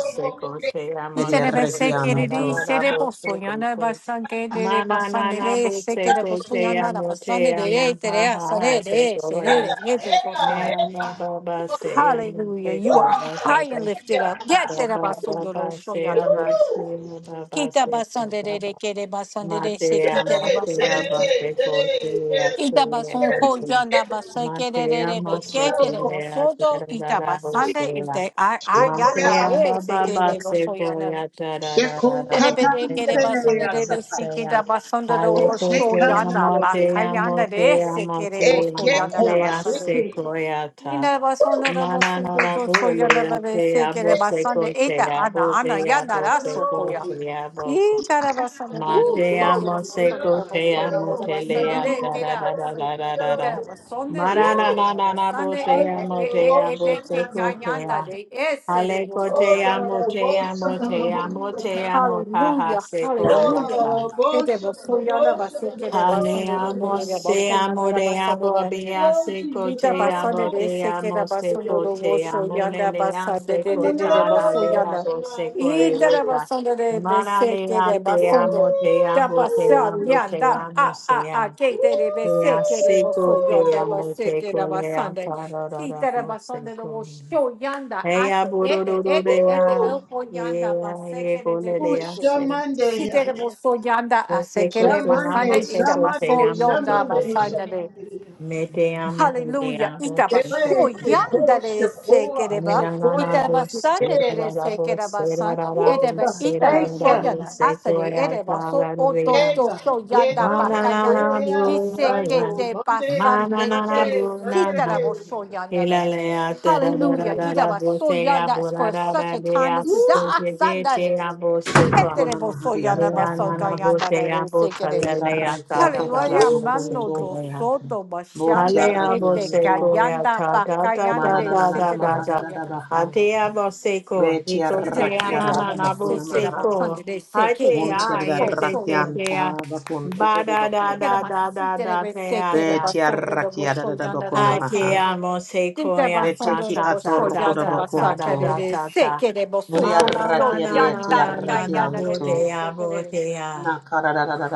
Speaker 1: se ko te
Speaker 3: eka,
Speaker 5: Y
Speaker 1: amo
Speaker 5: se de
Speaker 1: se
Speaker 5: be
Speaker 1: ko
Speaker 4: Betiaraki
Speaker 1: te
Speaker 5: que
Speaker 1: da
Speaker 5: de
Speaker 1: da
Speaker 5: de
Speaker 4: anto.
Speaker 1: da
Speaker 5: se
Speaker 1: da
Speaker 5: de
Speaker 1: bo
Speaker 5: poso
Speaker 1: se ko
Speaker 5: yanda
Speaker 1: te
Speaker 5: basan que de de
Speaker 1: Mana na
Speaker 5: basande
Speaker 1: na
Speaker 5: de
Speaker 1: bo
Speaker 5: se
Speaker 1: te
Speaker 5: que de
Speaker 1: ko
Speaker 5: poso
Speaker 1: te
Speaker 5: yanda la
Speaker 1: amo te
Speaker 5: basande de de
Speaker 1: amo
Speaker 5: te
Speaker 1: ha
Speaker 5: de
Speaker 1: ha ha
Speaker 5: asane
Speaker 1: se
Speaker 5: de
Speaker 1: ko
Speaker 5: se de
Speaker 1: ya.
Speaker 3: dada,
Speaker 5: de ye de
Speaker 3: eka,
Speaker 5: poso
Speaker 1: Me
Speaker 5: yanda.
Speaker 1: ba
Speaker 3: eka.
Speaker 1: ba ba se amo
Speaker 5: Hallelujah.
Speaker 1: te
Speaker 5: You
Speaker 1: ko
Speaker 5: are
Speaker 3: Whoa,
Speaker 1: na sa
Speaker 5: high
Speaker 1: ba
Speaker 5: and lifted up. Get
Speaker 3: eka.
Speaker 1: ba
Speaker 5: de
Speaker 1: ba ba
Speaker 5: basondo lo
Speaker 1: ba
Speaker 5: show
Speaker 1: se amo
Speaker 5: yanda.
Speaker 1: se ba ba
Speaker 5: Quita
Speaker 1: se ko
Speaker 5: basande
Speaker 1: ba
Speaker 5: de de
Speaker 1: ba.
Speaker 5: que de basande
Speaker 1: Ma
Speaker 5: de se
Speaker 1: te
Speaker 5: quita
Speaker 1: amo
Speaker 5: de
Speaker 3: Diddity,
Speaker 1: te
Speaker 5: basande.
Speaker 1: amo se
Speaker 3: diddity,
Speaker 1: ko te
Speaker 3: diddity,
Speaker 1: ya
Speaker 3: diddity,
Speaker 1: se ya
Speaker 5: Itabasun
Speaker 1: ba se.
Speaker 3: diddity,
Speaker 5: hojanda
Speaker 3: diddity.
Speaker 1: Ma te amo
Speaker 5: basekerebe
Speaker 1: se ko
Speaker 5: ketere
Speaker 1: ya se
Speaker 5: bosoto
Speaker 1: ra ra ra bo
Speaker 5: itabasande
Speaker 1: se
Speaker 5: ite ayanda
Speaker 1: Mantea
Speaker 5: de
Speaker 1: baba
Speaker 5: sekere
Speaker 1: base
Speaker 5: bosoyana
Speaker 1: boya da da da da da bo-
Speaker 5: terebe kere
Speaker 1: eso te
Speaker 5: basande
Speaker 1: amo
Speaker 5: de
Speaker 1: te
Speaker 5: sikita
Speaker 1: amo
Speaker 5: basande de
Speaker 1: aleko te
Speaker 5: soyanda
Speaker 1: amo te amo
Speaker 5: bakayanda de
Speaker 1: te amo
Speaker 5: sekere
Speaker 1: te amo
Speaker 5: bosoyana
Speaker 1: te
Speaker 5: basande
Speaker 1: ase koyata
Speaker 5: Ninā basonda da
Speaker 1: mana no
Speaker 5: basıldı
Speaker 1: na
Speaker 5: dostu
Speaker 1: bo le
Speaker 5: yana
Speaker 1: ya
Speaker 5: böyle
Speaker 1: te amo
Speaker 5: sekere
Speaker 1: se
Speaker 5: basan
Speaker 3: Thank
Speaker 5: da
Speaker 1: ko
Speaker 3: you,
Speaker 5: ete
Speaker 1: te
Speaker 5: ana
Speaker 1: amo
Speaker 5: ana
Speaker 1: te
Speaker 5: yana
Speaker 1: amo
Speaker 5: da
Speaker 1: se ko
Speaker 5: sokuya.
Speaker 3: Jesus.
Speaker 1: te amo se
Speaker 5: İyi kara basan da
Speaker 1: ma
Speaker 5: böyle
Speaker 1: te
Speaker 5: sekere
Speaker 3: Woo!
Speaker 1: se
Speaker 5: basan
Speaker 1: ko
Speaker 5: da
Speaker 1: te
Speaker 5: basan
Speaker 1: amo
Speaker 5: yana da
Speaker 1: te le
Speaker 5: basan da
Speaker 1: ya
Speaker 5: de
Speaker 1: da da da
Speaker 5: kera.
Speaker 1: da da da da
Speaker 5: Bir
Speaker 1: da
Speaker 5: tara basan da de
Speaker 1: Mara na na
Speaker 5: sekere
Speaker 1: na na
Speaker 5: basan
Speaker 1: bo
Speaker 5: da e
Speaker 1: se
Speaker 3: I
Speaker 5: e
Speaker 3: got a
Speaker 5: e
Speaker 1: amo te
Speaker 5: e e
Speaker 3: devotion.
Speaker 1: amo
Speaker 5: de
Speaker 1: se
Speaker 5: keka
Speaker 1: ko te
Speaker 5: yanda de e sere
Speaker 1: Aleko
Speaker 5: basan
Speaker 3: Oh,
Speaker 1: te
Speaker 3: yeah,
Speaker 5: yana.
Speaker 1: amo te
Speaker 3: devotion,
Speaker 1: amo te amo te
Speaker 3: devotion.
Speaker 1: amo paha
Speaker 5: Hallelujah,
Speaker 1: se koe
Speaker 3: Oh,
Speaker 5: hallelujah.
Speaker 1: san.
Speaker 3: la,
Speaker 5: Ede
Speaker 3: the
Speaker 5: basan yana
Speaker 3: devotion, the
Speaker 5: basekere basan
Speaker 1: Hale
Speaker 5: da de
Speaker 1: amo
Speaker 3: devotion.
Speaker 5: de de
Speaker 1: se
Speaker 5: basan yana
Speaker 1: amo
Speaker 5: da
Speaker 1: de
Speaker 5: basan da
Speaker 1: amo
Speaker 5: de.
Speaker 1: bea
Speaker 3: Oh,
Speaker 1: se
Speaker 3: Jesus,
Speaker 1: ko
Speaker 3: the
Speaker 5: Rita
Speaker 1: te
Speaker 5: basanda
Speaker 1: amo
Speaker 5: de
Speaker 1: te
Speaker 3: devotion.
Speaker 5: sekera
Speaker 1: amo se
Speaker 5: basanda
Speaker 1: ko
Speaker 5: do
Speaker 1: te
Speaker 5: woso
Speaker 1: amo le
Speaker 5: yanda
Speaker 1: le a
Speaker 5: basanda
Speaker 1: se
Speaker 5: de
Speaker 3: And
Speaker 1: ko
Speaker 3: the
Speaker 5: de de de
Speaker 1: la
Speaker 5: baso
Speaker 1: le
Speaker 5: yanda.
Speaker 1: amo
Speaker 3: devotion, I
Speaker 1: se ko
Speaker 3: pray.
Speaker 1: e
Speaker 5: Ita
Speaker 1: la
Speaker 5: da
Speaker 1: ta.
Speaker 5: basanda de
Speaker 1: Mana le
Speaker 5: beseke
Speaker 1: a
Speaker 5: de
Speaker 1: te
Speaker 3: Woo!
Speaker 5: basando.
Speaker 1: amo te
Speaker 5: Da
Speaker 1: amo te
Speaker 5: basan
Speaker 1: amo te
Speaker 5: yanda a
Speaker 1: amo se
Speaker 5: a a
Speaker 1: a.
Speaker 5: ke
Speaker 3: Woo!
Speaker 5: de de
Speaker 1: Le a
Speaker 5: beseke de
Speaker 1: se ko
Speaker 5: baso yanda
Speaker 1: amo te
Speaker 5: baseke da
Speaker 1: ko le a
Speaker 5: basanda.
Speaker 1: ta ra ra ra
Speaker 5: Kita da
Speaker 1: po se
Speaker 5: basanda do
Speaker 1: ko.
Speaker 5: woso yanda
Speaker 1: Ella
Speaker 5: aso ete ete ete
Speaker 3: Woo!
Speaker 1: borororea,
Speaker 5: elpo yanda
Speaker 1: ella
Speaker 5: baseke de de de
Speaker 3: Ooh,
Speaker 5: de
Speaker 1: yegolerea
Speaker 5: de.
Speaker 1: se.
Speaker 3: Shamande.
Speaker 5: Si
Speaker 3: yeah,
Speaker 5: de de
Speaker 3: yeah.
Speaker 5: yanda
Speaker 1: Se
Speaker 5: aseke de basanda
Speaker 3: Shamande,
Speaker 1: cocheamos, se
Speaker 5: ita baso
Speaker 3: Shamande,
Speaker 1: cocheamos, se
Speaker 5: yanda
Speaker 3: Shamande,
Speaker 1: coche.
Speaker 5: basanda de.
Speaker 3: Shamande.
Speaker 1: Meteamos,
Speaker 5: Hallelujah.
Speaker 1: rodeamos, se coche.
Speaker 3: Shebe,
Speaker 5: Itabasho
Speaker 3: Seko,
Speaker 5: yandale
Speaker 3: Shekoa,
Speaker 1: Me
Speaker 5: sekereba.
Speaker 1: da la la
Speaker 3: Shekoya,
Speaker 1: voz, se da
Speaker 3: Seke.
Speaker 1: la
Speaker 5: Itabasanere
Speaker 1: la voz, se da
Speaker 5: sekerabasan.
Speaker 1: la la
Speaker 3: Ooh,
Speaker 5: Ereba
Speaker 1: voz,
Speaker 3: God,
Speaker 1: se da
Speaker 5: itara
Speaker 1: la
Speaker 3: thank
Speaker 1: la
Speaker 3: you.
Speaker 1: voz,
Speaker 5: soyana.
Speaker 1: se coche,
Speaker 5: Asere
Speaker 1: se
Speaker 5: ereba
Speaker 1: da
Speaker 5: so
Speaker 1: la de ya.
Speaker 5: otosto so
Speaker 3: Ega,
Speaker 5: so yanda
Speaker 3: Diego,
Speaker 5: bakayana.
Speaker 1: Manana
Speaker 3: Dea,
Speaker 5: Dice que
Speaker 1: Buya,
Speaker 3: Dano,
Speaker 5: te
Speaker 3: Monday,
Speaker 5: pasan de
Speaker 1: Manana
Speaker 5: de
Speaker 3: Monday, Monday.
Speaker 1: Bunana,
Speaker 5: sitarabo so yandale.
Speaker 1: Hilalea,
Speaker 5: Hallelujah.
Speaker 3: Ooh,
Speaker 1: Tadadadada,
Speaker 5: Itaba so
Speaker 1: Botea,
Speaker 5: yanda for
Speaker 1: Burada,
Speaker 5: such a time
Speaker 1: Dea,
Speaker 5: as this.
Speaker 3: Ooh,
Speaker 5: Ah, sandale.
Speaker 1: Sosibia, Bosepa,
Speaker 4: Kona
Speaker 5: Etereboso
Speaker 4: mahari arabaha
Speaker 5: yanabaso
Speaker 1: Mirana,
Speaker 4: namaha.
Speaker 5: gayanarere
Speaker 1: Botea,
Speaker 5: sekere.
Speaker 1: Bocalea,
Speaker 4: Yeridarreki atorukura
Speaker 1: Tadadada,
Speaker 5: Sarıya
Speaker 3: ooh.
Speaker 5: mano
Speaker 4: dokuntu.
Speaker 5: do
Speaker 1: Bosepa.
Speaker 5: soto başanda
Speaker 4: Botiarreki
Speaker 1: Aleabo
Speaker 5: ete
Speaker 4: antu.
Speaker 1: seko
Speaker 5: kayanda
Speaker 1: ta da da
Speaker 5: bakayanda
Speaker 1: da
Speaker 5: de
Speaker 1: da
Speaker 4: Manananana
Speaker 1: da
Speaker 5: sekere
Speaker 1: da da.
Speaker 5: basayana.
Speaker 4: maharadadabaha.
Speaker 1: Ateabo seko, hiko
Speaker 5: Side
Speaker 1: te
Speaker 4: Betiarraki
Speaker 5: boso
Speaker 1: anana
Speaker 5: yana
Speaker 1: nabo
Speaker 4: aradadabakuna
Speaker 5: basekere
Speaker 4: maha.
Speaker 1: seko.
Speaker 5: basanda de sekere
Speaker 1: Ate
Speaker 5: de
Speaker 1: a
Speaker 5: boso
Speaker 1: yete
Speaker 5: so
Speaker 4: Muntiarraki
Speaker 1: te
Speaker 5: yana.
Speaker 1: te a.
Speaker 4: anta bakuntu
Speaker 1: Ba
Speaker 4: kuru
Speaker 1: da da
Speaker 4: bakuna
Speaker 5: Ekere
Speaker 1: da
Speaker 4: maha.
Speaker 1: da da
Speaker 5: masite
Speaker 1: da
Speaker 5: de
Speaker 1: te
Speaker 5: sekere
Speaker 1: ata.
Speaker 5: basanda de
Speaker 4: Betiarraki
Speaker 5: boso yana da
Speaker 4: aradadabakuna
Speaker 1: Ate
Speaker 4: maha.
Speaker 5: basanda de.
Speaker 1: amo seko
Speaker 5: Sinte
Speaker 1: ya ta
Speaker 5: basanda
Speaker 4: Beteki
Speaker 5: de
Speaker 1: ta ta
Speaker 5: boso
Speaker 1: ta
Speaker 4: atorukura
Speaker 5: yana
Speaker 1: ta ta da
Speaker 4: bakuntu.
Speaker 5: basakere
Speaker 1: da
Speaker 5: de
Speaker 1: ta ta.
Speaker 5: sekere boso
Speaker 1: Ma
Speaker 5: do
Speaker 1: na na
Speaker 5: so
Speaker 4: Buriarraki
Speaker 1: na na
Speaker 5: yanda
Speaker 1: na na
Speaker 4: arietiarraki
Speaker 1: na
Speaker 5: kayanda
Speaker 1: bo
Speaker 4: antu.
Speaker 1: te
Speaker 5: de
Speaker 1: a bo
Speaker 5: sekere.
Speaker 1: te a.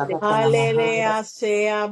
Speaker 6: Thank
Speaker 4: maha.
Speaker 1: Hallelujah, sea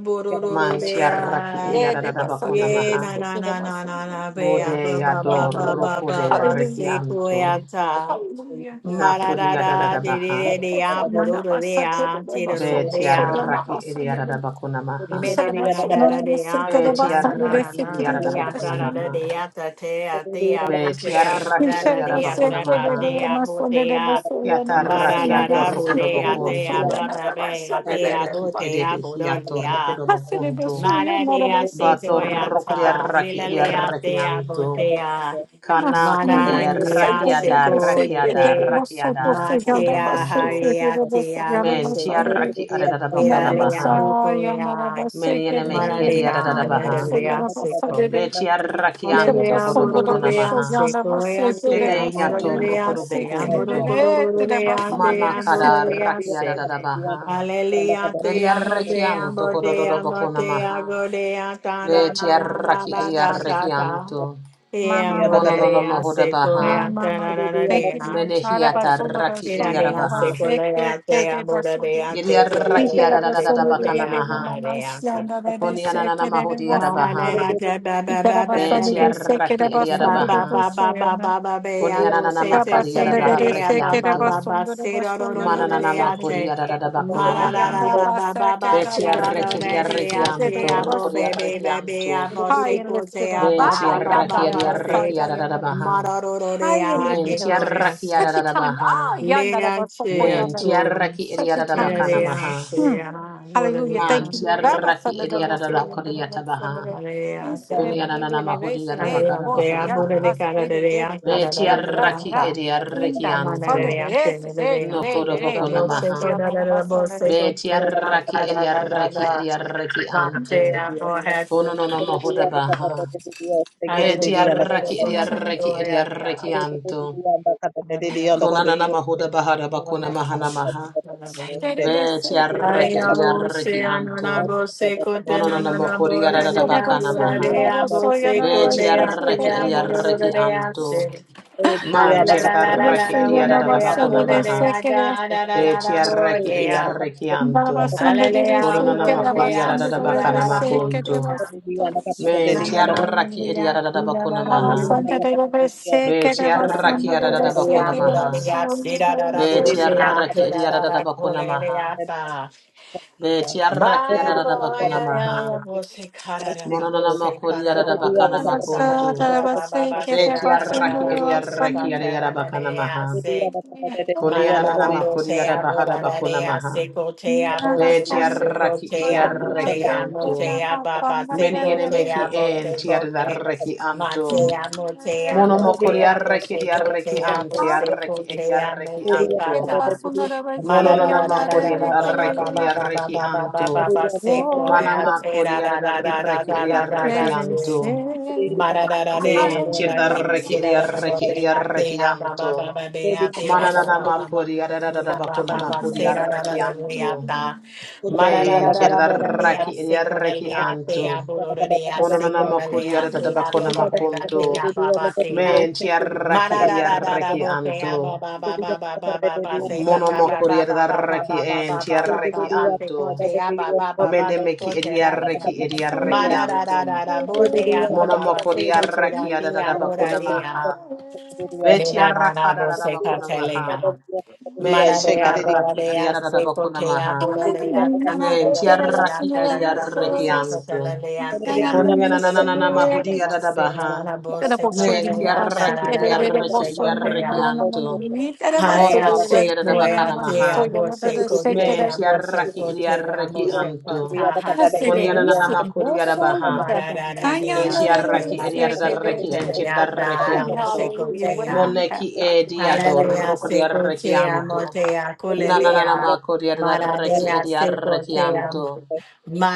Speaker 4: Mantiarraki
Speaker 1: bururudea,
Speaker 5: Yeah, they must under
Speaker 4: ariadadabakuna
Speaker 5: this.
Speaker 1: Ye
Speaker 5: They
Speaker 4: maha.
Speaker 1: na
Speaker 5: said
Speaker 1: na
Speaker 5: they
Speaker 1: na na
Speaker 5: must
Speaker 1: na
Speaker 5: under.
Speaker 1: na be ya ba
Speaker 4: Bode
Speaker 1: ba ba
Speaker 4: ador
Speaker 5: Thank
Speaker 1: ba
Speaker 5: you.
Speaker 1: ba
Speaker 4: roko
Speaker 1: ba
Speaker 4: de
Speaker 1: ba se
Speaker 5: Hallelujah.
Speaker 1: ko
Speaker 4: rekianto.
Speaker 1: ya ta
Speaker 5: Hallelujah.
Speaker 1: ma
Speaker 4: Nako
Speaker 1: da
Speaker 4: di
Speaker 1: da da
Speaker 4: adadada
Speaker 1: de de de de ya bu ro
Speaker 5: Celebrationana
Speaker 1: do de
Speaker 5: masaje de
Speaker 1: ya ti
Speaker 5: debo
Speaker 1: ro ro do
Speaker 5: sobo
Speaker 1: de
Speaker 4: Beti
Speaker 1: ya
Speaker 5: soliana
Speaker 4: arraki iri
Speaker 5: masane
Speaker 4: adada
Speaker 5: de
Speaker 4: bakuna maha.
Speaker 1: me na na na da
Speaker 5: celebrationana
Speaker 1: da de
Speaker 5: de
Speaker 1: ya
Speaker 5: sete de
Speaker 1: che
Speaker 4: Beti
Speaker 1: na na
Speaker 5: basande
Speaker 1: na
Speaker 5: de
Speaker 1: na
Speaker 4: arraki
Speaker 1: na
Speaker 4: iri
Speaker 1: na
Speaker 4: adada
Speaker 1: de
Speaker 5: sekirida
Speaker 1: ya
Speaker 4: bakuna
Speaker 1: ta da
Speaker 5: basane
Speaker 1: da
Speaker 4: maha.
Speaker 1: de ya ta te ya te ya bu se
Speaker 4: Beti
Speaker 1: ya ba
Speaker 5: de
Speaker 4: arraki
Speaker 1: da da
Speaker 4: iri
Speaker 5: shere
Speaker 1: de
Speaker 4: adada
Speaker 5: de
Speaker 1: ya
Speaker 4: bakuna
Speaker 1: se
Speaker 5: sete
Speaker 1: pa
Speaker 5: de
Speaker 4: maha.
Speaker 1: te
Speaker 5: de
Speaker 1: ya bu
Speaker 5: masone
Speaker 1: te
Speaker 5: de
Speaker 1: ya
Speaker 5: basoliana
Speaker 4: Yata
Speaker 1: ba da
Speaker 4: raki
Speaker 5: basine
Speaker 1: da
Speaker 5: de
Speaker 4: ator
Speaker 1: da bu
Speaker 4: roko do
Speaker 5: sete
Speaker 1: de
Speaker 5: de
Speaker 1: ya te ya
Speaker 4: bokunto.
Speaker 1: ba
Speaker 5: basoliana
Speaker 1: ba be ya
Speaker 5: basane
Speaker 1: te
Speaker 5: de
Speaker 1: ya
Speaker 5: de
Speaker 4: Nenemeki
Speaker 1: bu te ya
Speaker 4: edebe
Speaker 1: bu
Speaker 4: hi
Speaker 1: do de
Speaker 4: ator roko
Speaker 1: ya
Speaker 4: do
Speaker 5: basane de
Speaker 4: bokunto.
Speaker 5: basoliana
Speaker 1: Mararia
Speaker 4: Bator
Speaker 5: basane de
Speaker 4: roko de
Speaker 1: Sequoyata,
Speaker 4: arraki iri
Speaker 1: Lilalea Dea
Speaker 4: arrakianto.
Speaker 1: Botea,
Speaker 5: Mama,
Speaker 4: Kana kude
Speaker 1: Manania
Speaker 4: rakiada rakiada
Speaker 1: Secolete,
Speaker 4: rakiada roko do
Speaker 1: Matea
Speaker 4: bokunto.
Speaker 1: Hariatea
Speaker 4: Men
Speaker 1: Buset,
Speaker 4: tiaraki adadabakona
Speaker 1: Viralea
Speaker 4: maha.
Speaker 1: Bucoya,
Speaker 4: Meni enemehi
Speaker 1: Maradea,
Speaker 4: adiadadabaha.
Speaker 1: Hedavia Seco.
Speaker 4: Be
Speaker 6: you.
Speaker 4: tiarakiam
Speaker 1: Hallelujah,
Speaker 4: tokodobokona
Speaker 1: Mururea
Speaker 4: maha.
Speaker 1: Sequoia,
Speaker 6: Thank
Speaker 1: Tea,
Speaker 4: Ede
Speaker 1: Mururea, Tea,
Speaker 4: yatorokodobokun
Speaker 1: Mururea, Tea,
Speaker 4: Mana kada raki
Speaker 1: Mururea,
Speaker 4: adadadabaha.
Speaker 1: Aleluya, te amo, te
Speaker 4: Mediarrekiam
Speaker 1: amo, te amo,
Speaker 4: tokododobokona
Speaker 1: te
Speaker 4: maha.
Speaker 1: hago de ata,
Speaker 4: Be
Speaker 1: na, na, na, na,
Speaker 4: tiaraki
Speaker 1: na, da, da,
Speaker 4: idiarrekiam
Speaker 1: da.
Speaker 4: to.
Speaker 1: Te amo,
Speaker 5: mama.
Speaker 1: de
Speaker 4: Kononono
Speaker 1: rea, seco, de
Speaker 4: mohodabaha.
Speaker 5: Ma ma
Speaker 1: ata,
Speaker 5: ma,
Speaker 1: na, na, na,
Speaker 5: Thank
Speaker 1: de
Speaker 5: you,
Speaker 1: na.
Speaker 5: Lord. Nada
Speaker 4: Menehiata
Speaker 5: basura da
Speaker 4: raki
Speaker 1: Mira,
Speaker 5: soya,
Speaker 1: de
Speaker 5: nada
Speaker 1: a
Speaker 4: idiadabaha.
Speaker 1: seco, le da,
Speaker 5: basete,
Speaker 1: te
Speaker 5: de
Speaker 1: amo, de
Speaker 5: baso de basura.
Speaker 1: rea, seco, le
Speaker 4: Yediaraki
Speaker 5: Pite da
Speaker 1: da, seco,
Speaker 5: basura de
Speaker 1: te
Speaker 4: adadadabakana
Speaker 5: de de
Speaker 1: amo,
Speaker 5: de
Speaker 4: maha.
Speaker 1: de
Speaker 5: manasia,
Speaker 1: ata.
Speaker 5: nada de
Speaker 4: Konianana
Speaker 5: sete de de
Speaker 1: Mara,
Speaker 5: basura.
Speaker 1: de
Speaker 4: mahodiadabaha.
Speaker 1: da, da, ba,
Speaker 5: Pite
Speaker 1: ba,
Speaker 5: da
Speaker 1: ba, ba, ba,
Speaker 4: Beti
Speaker 5: basura
Speaker 1: ba.
Speaker 5: de sete da
Speaker 4: arraki
Speaker 1: Ba
Speaker 5: basura de
Speaker 1: ba
Speaker 4: ediarabaha.
Speaker 1: ba ba
Speaker 5: basura,
Speaker 1: ba
Speaker 5: né?
Speaker 1: ba ba ba ya bo
Speaker 4: Kunianana
Speaker 1: se
Speaker 5: Da
Speaker 1: se se
Speaker 5: basura
Speaker 1: da
Speaker 5: de
Speaker 4: makariarabaha
Speaker 5: de
Speaker 1: de ya ba
Speaker 5: sete da
Speaker 1: ba ba
Speaker 4: rekianto.
Speaker 1: ba
Speaker 5: basura de
Speaker 1: se do do do
Speaker 5: basura,
Speaker 1: do
Speaker 5: nada
Speaker 1: do
Speaker 4: Mananana
Speaker 1: de ya
Speaker 5: basura.
Speaker 1: te
Speaker 4: makuriarada
Speaker 1: ma
Speaker 4: bakuna
Speaker 1: ra
Speaker 5: Ay,
Speaker 1: ra
Speaker 4: maha.
Speaker 1: da
Speaker 5: anda
Speaker 1: ba ba ba
Speaker 5: basura,
Speaker 1: ba
Speaker 5: da
Speaker 4: Beti
Speaker 1: se do do
Speaker 4: arraki
Speaker 5: basura de
Speaker 1: da
Speaker 5: de
Speaker 1: de ya
Speaker 5: sete
Speaker 1: te
Speaker 4: diarrekianto.
Speaker 5: de de
Speaker 1: ya bo be be
Speaker 5: basura.
Speaker 1: be be
Speaker 4: Rokuriarrekianto.
Speaker 1: ya bo
Speaker 5: High
Speaker 1: se
Speaker 5: and
Speaker 1: ko se
Speaker 5: lifted
Speaker 1: ya
Speaker 5: up.
Speaker 1: ba
Speaker 4: Beti
Speaker 5: Ah,
Speaker 1: ba ba
Speaker 4: arraki
Speaker 1: ba
Speaker 5: yandara
Speaker 1: ba se
Speaker 6: you.
Speaker 5: basaka yandara.
Speaker 4: ediarakiarabaha.
Speaker 1: ma ro do do de
Speaker 5: High and
Speaker 1: ya
Speaker 5: lifted
Speaker 1: ge
Speaker 4: Menti
Speaker 5: up.
Speaker 1: ko ya
Speaker 4: arraki
Speaker 1: te
Speaker 5: Such a time.
Speaker 4: arabaha.
Speaker 5: Ah,
Speaker 1: le
Speaker 5: yandara
Speaker 1: ya che
Speaker 5: basoko
Speaker 1: ya
Speaker 4: Menti
Speaker 5: yandara.
Speaker 1: to
Speaker 4: arraki
Speaker 5: Such a
Speaker 1: le da
Speaker 5: time as
Speaker 1: de
Speaker 4: ediarabakana
Speaker 5: this.
Speaker 1: ya
Speaker 4: maha.
Speaker 1: che
Speaker 5: Hmm.
Speaker 1: ya wo
Speaker 5: Hallelujah.
Speaker 1: de ya
Speaker 5: Thank you,
Speaker 4: Manti
Speaker 1: ma
Speaker 5: Lord. Abba, son
Speaker 4: arraki
Speaker 1: do
Speaker 5: of the
Speaker 1: do
Speaker 5: most
Speaker 1: de
Speaker 5: holy,
Speaker 1: ya
Speaker 5: and the
Speaker 1: ma
Speaker 5: most
Speaker 4: ediarabakuriatabaha.
Speaker 5: son of the-
Speaker 1: de
Speaker 5: You said it,
Speaker 1: ya
Speaker 6: Thank
Speaker 5: but it
Speaker 4: Kunianana
Speaker 5: didn't. It said it, and
Speaker 1: Hallelujah.
Speaker 4: mahuriarabakana
Speaker 5: both of yonder
Speaker 4: bahudabaha.
Speaker 5: basa, it is, it is, both of
Speaker 4: Beti
Speaker 5: yonder basa,
Speaker 4: arraki
Speaker 5: ah.
Speaker 4: edi
Speaker 5: In the
Speaker 4: arrekianto.
Speaker 5: basana, it is, it is,
Speaker 4: No
Speaker 5: it is,
Speaker 4: kodoboko
Speaker 5: it is, both of
Speaker 4: namaha.
Speaker 5: yonder basana, it is.
Speaker 4: Beti arraki edi arraki edi arraki anto. Kono no namahoda baha. Beti
Speaker 5: It is
Speaker 4: arraki edi
Speaker 5: basana, the
Speaker 4: arraki
Speaker 5: most-
Speaker 4: edi arraki anto. Kona na namahoda baha da bakuna maha namaha.
Speaker 5: Did It is
Speaker 4: Beti arraki
Speaker 5: basana.
Speaker 4: edi
Speaker 1: Ayabo
Speaker 4: arraki
Speaker 1: se
Speaker 4: anto.
Speaker 1: ananabo se kote
Speaker 4: Mono no namakori
Speaker 5: Thank
Speaker 1: nananabo
Speaker 5: you.
Speaker 1: re
Speaker 4: arada da
Speaker 1: re
Speaker 4: bakana
Speaker 1: abo re
Speaker 4: maha.
Speaker 1: re abo se
Speaker 4: Beti
Speaker 1: kore ati
Speaker 4: arraki edi
Speaker 1: amoro re
Speaker 4: arraki
Speaker 1: re
Speaker 4: anto.
Speaker 1: ase. la la
Speaker 4: Man
Speaker 1: la
Speaker 4: tirda
Speaker 1: la la la
Speaker 4: arraki
Speaker 1: la bo
Speaker 4: edi
Speaker 1: bo
Speaker 4: arada
Speaker 1: bo bo bo
Speaker 4: da bakuna maha.
Speaker 1: bo bo bo
Speaker 4: Beti arreki edi
Speaker 1: bo
Speaker 4: arrekianto.
Speaker 1: ya
Speaker 4: Kononana
Speaker 1: ya
Speaker 6: you.
Speaker 4: makudi adada
Speaker 1: ya ya ya ya ya ya
Speaker 4: bakana makunto.
Speaker 6: Thank
Speaker 1: ya ya ya
Speaker 4: Menti
Speaker 1: ya ya ya ya ya si si si
Speaker 4: arraki edi
Speaker 1: si
Speaker 4: adada
Speaker 1: da da
Speaker 4: bakuna
Speaker 1: da da da da da bo
Speaker 4: maha.
Speaker 1: de
Speaker 4: Beti
Speaker 1: ya. Na na na
Speaker 4: arraki
Speaker 1: na,
Speaker 4: adada
Speaker 1: ora de
Speaker 4: bakuna
Speaker 1: ya, ora
Speaker 4: maha.
Speaker 1: de ya, si da da da bo
Speaker 4: Beti
Speaker 1: de ya,
Speaker 4: arraki
Speaker 1: si
Speaker 4: edi
Speaker 1: da da
Speaker 4: adada
Speaker 1: da ko
Speaker 4: bakuna
Speaker 1: le le
Speaker 4: maha.
Speaker 1: ya sa.
Speaker 4: Beti arraki
Speaker 1: Ba ya
Speaker 4: adada
Speaker 1: bo
Speaker 4: bakuna
Speaker 1: ya ya
Speaker 4: maha.
Speaker 1: ya, bo se ka da da da na
Speaker 4: Mononana makudi
Speaker 1: na
Speaker 4: adada
Speaker 1: na na
Speaker 4: bakana
Speaker 1: na na na na na na na na na na na na
Speaker 4: makunto.
Speaker 1: ta ba ba ba ba ba se se se
Speaker 4: Beti arraki edi
Speaker 1: se se ka
Speaker 4: arreki edi
Speaker 1: ka
Speaker 4: adada
Speaker 1: ka
Speaker 4: bakana
Speaker 1: ka
Speaker 4: maha.
Speaker 1: se.
Speaker 4: Kuni anana makudi
Speaker 1: Mararabotea,
Speaker 4: adada bakuna
Speaker 1: Borarea,
Speaker 4: maha.
Speaker 1: Secotea,
Speaker 5: Nara
Speaker 4: Beti
Speaker 1: Bodea,
Speaker 5: som
Speaker 4: arraki edi
Speaker 1: Secotea,
Speaker 5: solamna
Speaker 4: arreki
Speaker 1: Motea,
Speaker 4: anto.
Speaker 5: pekera
Speaker 1: Motea, Baba,
Speaker 4: Meni ene
Speaker 5: papamayare.
Speaker 4: meki
Speaker 1: Secotea,
Speaker 4: en ti
Speaker 1: Bosecote,
Speaker 4: arreki anto.
Speaker 1: Matea, Motea,
Speaker 4: Mono mokori
Speaker 1: Motea,
Speaker 4: arreki
Speaker 1: bose
Speaker 4: edi arreki
Speaker 1: cotea
Speaker 4: anti
Speaker 1: bose
Speaker 4: arreki
Speaker 6: you.
Speaker 4: edi
Speaker 1: cotea
Speaker 4: arreki
Speaker 1: mote
Speaker 6: Thank
Speaker 4: anto.
Speaker 5: Pekera
Speaker 1: bata
Speaker 5: basunara
Speaker 4: Mono
Speaker 1: marara
Speaker 4: nona
Speaker 1: da da da
Speaker 5: bashoyanara
Speaker 4: mokori edi
Speaker 1: da da
Speaker 4: arreki
Speaker 5: rekere.
Speaker 4: edi
Speaker 1: da
Speaker 4: arreki
Speaker 1: da da
Speaker 4: anto.
Speaker 1: da
Speaker 5: Oh,
Speaker 4: Mana
Speaker 1: Secoia,
Speaker 4: makori
Speaker 1: Tera, da,
Speaker 4: edi
Speaker 1: da, da, da,
Speaker 4: arreki
Speaker 1: da,
Speaker 4: edi
Speaker 1: da, da,
Speaker 4: arreki
Speaker 5: let me
Speaker 1: da,
Speaker 4: anto.
Speaker 5: sing
Speaker 1: Marararare,
Speaker 4: Men ti
Speaker 5: Hallelujah.
Speaker 1: aborare,
Speaker 4: arreki edi arreki
Speaker 1: aserararabobe,
Speaker 4: edi
Speaker 1: ate,
Speaker 4: arreki anto.
Speaker 1: ababababe, ate,
Speaker 4: Mana nana makori
Speaker 1: ababababe, abababa,
Speaker 4: edi arreki
Speaker 1: serararare,
Speaker 4: anto.
Speaker 1: ata.
Speaker 4: Men
Speaker 1: Mararararaborare,
Speaker 4: tiedaraki idiareki
Speaker 1: asekorare, ate,
Speaker 4: antu.
Speaker 1: abororore,
Speaker 4: Mononana
Speaker 1: asekorare,
Speaker 4: makuriara
Speaker 1: ate,
Speaker 4: da bakona
Speaker 1: abababe,
Speaker 4: makunto.
Speaker 1: ate, ababate.
Speaker 4: Men
Speaker 1: Ma
Speaker 4: tiaraki
Speaker 1: da da da da da
Speaker 4: idiareki
Speaker 1: bo se ah,
Speaker 4: antu.
Speaker 1: ba ba ba ba ba ba ba ba se ha ba ba ba ba
Speaker 4: Monomokuriara
Speaker 1: ba ba
Speaker 4: raki
Speaker 1: ba ba ba
Speaker 4: en
Speaker 1: ba ba ba
Speaker 4: tiareki
Speaker 1: ba se ko
Speaker 4: anto.
Speaker 1: se ah, ba ba ba ba say
Speaker 4: Menemeki
Speaker 1: go say la la la.
Speaker 4: idiareki
Speaker 1: Ma
Speaker 4: idiareki
Speaker 1: da
Speaker 6: you.
Speaker 1: da da
Speaker 4: anto.
Speaker 1: da da bo se ah,
Speaker 5: So
Speaker 1: ba
Speaker 4: Mona
Speaker 1: ba ba se
Speaker 4: makodi
Speaker 1: ko se da
Speaker 4: arraki
Speaker 1: di ah,
Speaker 4: adada
Speaker 1: bo da
Speaker 4: bakuna
Speaker 1: di
Speaker 5: Hallelujah.
Speaker 1: ya.
Speaker 4: maha.
Speaker 1: Me
Speaker 4: Beti
Speaker 1: da da da
Speaker 4: arraka
Speaker 1: bo
Speaker 4: adada
Speaker 1: se ka
Speaker 4: bakuna
Speaker 1: say la
Speaker 4: maha.
Speaker 1: la. Ma
Speaker 4: Men
Speaker 1: da
Speaker 4: ti
Speaker 1: da ya ba da
Speaker 4: arraki
Speaker 1: da ya
Speaker 4: adada
Speaker 1: se ko
Speaker 4: bakuna
Speaker 1: say ah,
Speaker 4: maha.
Speaker 1: bo da da ya se ko da
Speaker 4: Men
Speaker 1: da
Speaker 4: ti
Speaker 1: da da ya
Speaker 4: arraki
Speaker 1: da da
Speaker 4: edi
Speaker 1: da da bo
Speaker 4: arraki
Speaker 1: se ko say
Speaker 4: anto.
Speaker 1: la le ya di ya.
Speaker 4: Konya na na na na na
Speaker 1: Ma
Speaker 4: mahudi
Speaker 1: da
Speaker 4: adada
Speaker 1: se ya say la la
Speaker 4: baha.
Speaker 1: la bo se ko la
Speaker 4: Men
Speaker 1: le
Speaker 4: ti
Speaker 1: ya da
Speaker 4: arraki
Speaker 1: da da
Speaker 4: edi
Speaker 1: da bo se
Speaker 4: arraki edi
Speaker 1: ko say ya.
Speaker 4: arraki anto. Mona
Speaker 1: Haya
Speaker 4: makodi
Speaker 1: se
Speaker 4: adada bakana
Speaker 1: koya te
Speaker 4: maha.
Speaker 1: amo se kote
Speaker 4: Men ti
Speaker 1: amo se
Speaker 4: arraki edi
Speaker 1: kote amo
Speaker 4: arraki
Speaker 1: se
Speaker 4: anto.
Speaker 1: kota ha se
Speaker 4: Konya na na na
Speaker 1: koya
Speaker 4: makodi adabaha.
Speaker 1: mararara de
Speaker 4: Beti
Speaker 1: amo te
Speaker 4: arraki edi
Speaker 1: amo se
Speaker 4: adarraki
Speaker 1: kote
Speaker 4: enti adarraki
Speaker 1: leata amo
Speaker 4: anto.
Speaker 1: se kote
Speaker 5: Whatever
Speaker 1: ya
Speaker 5: you have,
Speaker 4: Moneki
Speaker 5: God.
Speaker 4: edi
Speaker 5: Whatever you have.
Speaker 1: hallelujah
Speaker 4: adorroko di
Speaker 1: se
Speaker 4: arraki
Speaker 1: kote
Speaker 4: anto.
Speaker 1: amo te ya
Speaker 4: Nananana
Speaker 1: kulelea
Speaker 4: mako di adarraki
Speaker 1: maradea
Speaker 4: edi
Speaker 1: se
Speaker 4: arraki
Speaker 1: kote am
Speaker 4: anto.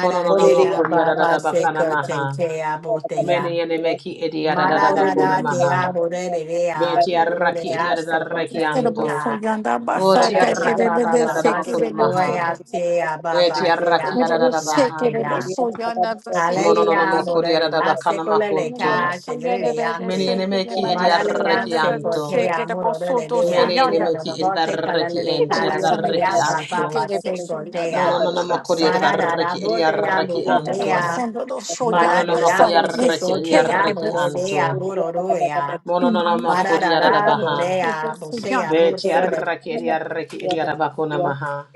Speaker 4: Kononono mako di
Speaker 1: baba se
Speaker 4: adadabakana maha.
Speaker 1: kote te amo te
Speaker 4: Mene
Speaker 1: ya
Speaker 4: yene meki edi adadabakuna
Speaker 1: mararara de
Speaker 4: maha.
Speaker 5: Hallelujah.
Speaker 1: amo re re ya
Speaker 4: Beti
Speaker 1: te do do de
Speaker 4: arraki edi
Speaker 1: ya se
Speaker 4: adarraki
Speaker 1: kote
Speaker 5: Terrible
Speaker 4: anto.
Speaker 1: leka
Speaker 5: for yonder basa
Speaker 4: Boti
Speaker 1: Maradea
Speaker 4: arraki
Speaker 1: Baba
Speaker 4: edi
Speaker 5: katerebe
Speaker 1: Baba
Speaker 5: seke
Speaker 4: adadabakuna
Speaker 5: de
Speaker 4: maha.
Speaker 5: boso.
Speaker 1: Sequoia Tia
Speaker 4: Beti
Speaker 1: Baba
Speaker 4: arraki
Speaker 1: Tia
Speaker 5: Terrible
Speaker 1: Botina
Speaker 4: adadabaha.
Speaker 5: seke de
Speaker 6: Thank
Speaker 1: Kina.
Speaker 5: boso yonder basa ke de
Speaker 4: Mononono
Speaker 1: Hallelujah,
Speaker 5: boso.
Speaker 4: mako di
Speaker 1: Bodaria
Speaker 4: adadabakana makunto.
Speaker 5: Yamana
Speaker 1: Secoleleca,
Speaker 5: so yonder de
Speaker 1: Tilia.
Speaker 5: de
Speaker 4: Many
Speaker 5: seke
Speaker 4: enemy
Speaker 5: de
Speaker 4: ki edi
Speaker 5: man so
Speaker 1: Maranea
Speaker 4: arreki
Speaker 5: yonder basa
Speaker 1: Sequoia
Speaker 5: seke de
Speaker 1: Muroro
Speaker 5: boso
Speaker 1: de
Speaker 5: do so
Speaker 1: Vea,
Speaker 4: Many
Speaker 1: Sido
Speaker 5: yonder.
Speaker 4: enemy
Speaker 1: de
Speaker 4: ki edi
Speaker 1: Bote
Speaker 4: arreki
Speaker 5: Ida
Speaker 4: enti edi
Speaker 1: Calaleca,
Speaker 5: basa de de
Speaker 4: arreki
Speaker 1: Nia
Speaker 4: anto.
Speaker 5: seke
Speaker 1: Baba
Speaker 5: de boso yonder
Speaker 4: Mono
Speaker 1: Sequoia.
Speaker 4: no
Speaker 5: mana
Speaker 4: makuri edi
Speaker 5: seke de.
Speaker 1: Marada
Speaker 4: arreki edi
Speaker 1: Bodea
Speaker 4: arreki
Speaker 5: Ida
Speaker 1: Bodea.
Speaker 5: basa do do so yonder
Speaker 4: no
Speaker 1: Maradea
Speaker 4: makuri
Speaker 5: basa de
Speaker 4: arreki edi
Speaker 5: seke de
Speaker 1: Bosecotea
Speaker 5: de
Speaker 4: arreki
Speaker 5: boso.
Speaker 1: Moredea
Speaker 4: anto.
Speaker 1: Borodoea.
Speaker 4: Mono no
Speaker 5: Yamana
Speaker 4: makuri
Speaker 5: seke
Speaker 1: Marada
Speaker 5: de
Speaker 4: aradabaha.
Speaker 5: boso do
Speaker 1: Bodea
Speaker 5: so yonder
Speaker 4: Beti
Speaker 1: Bosea
Speaker 4: arreki edi
Speaker 5: basa.
Speaker 4: arreki edi arabakuna maha.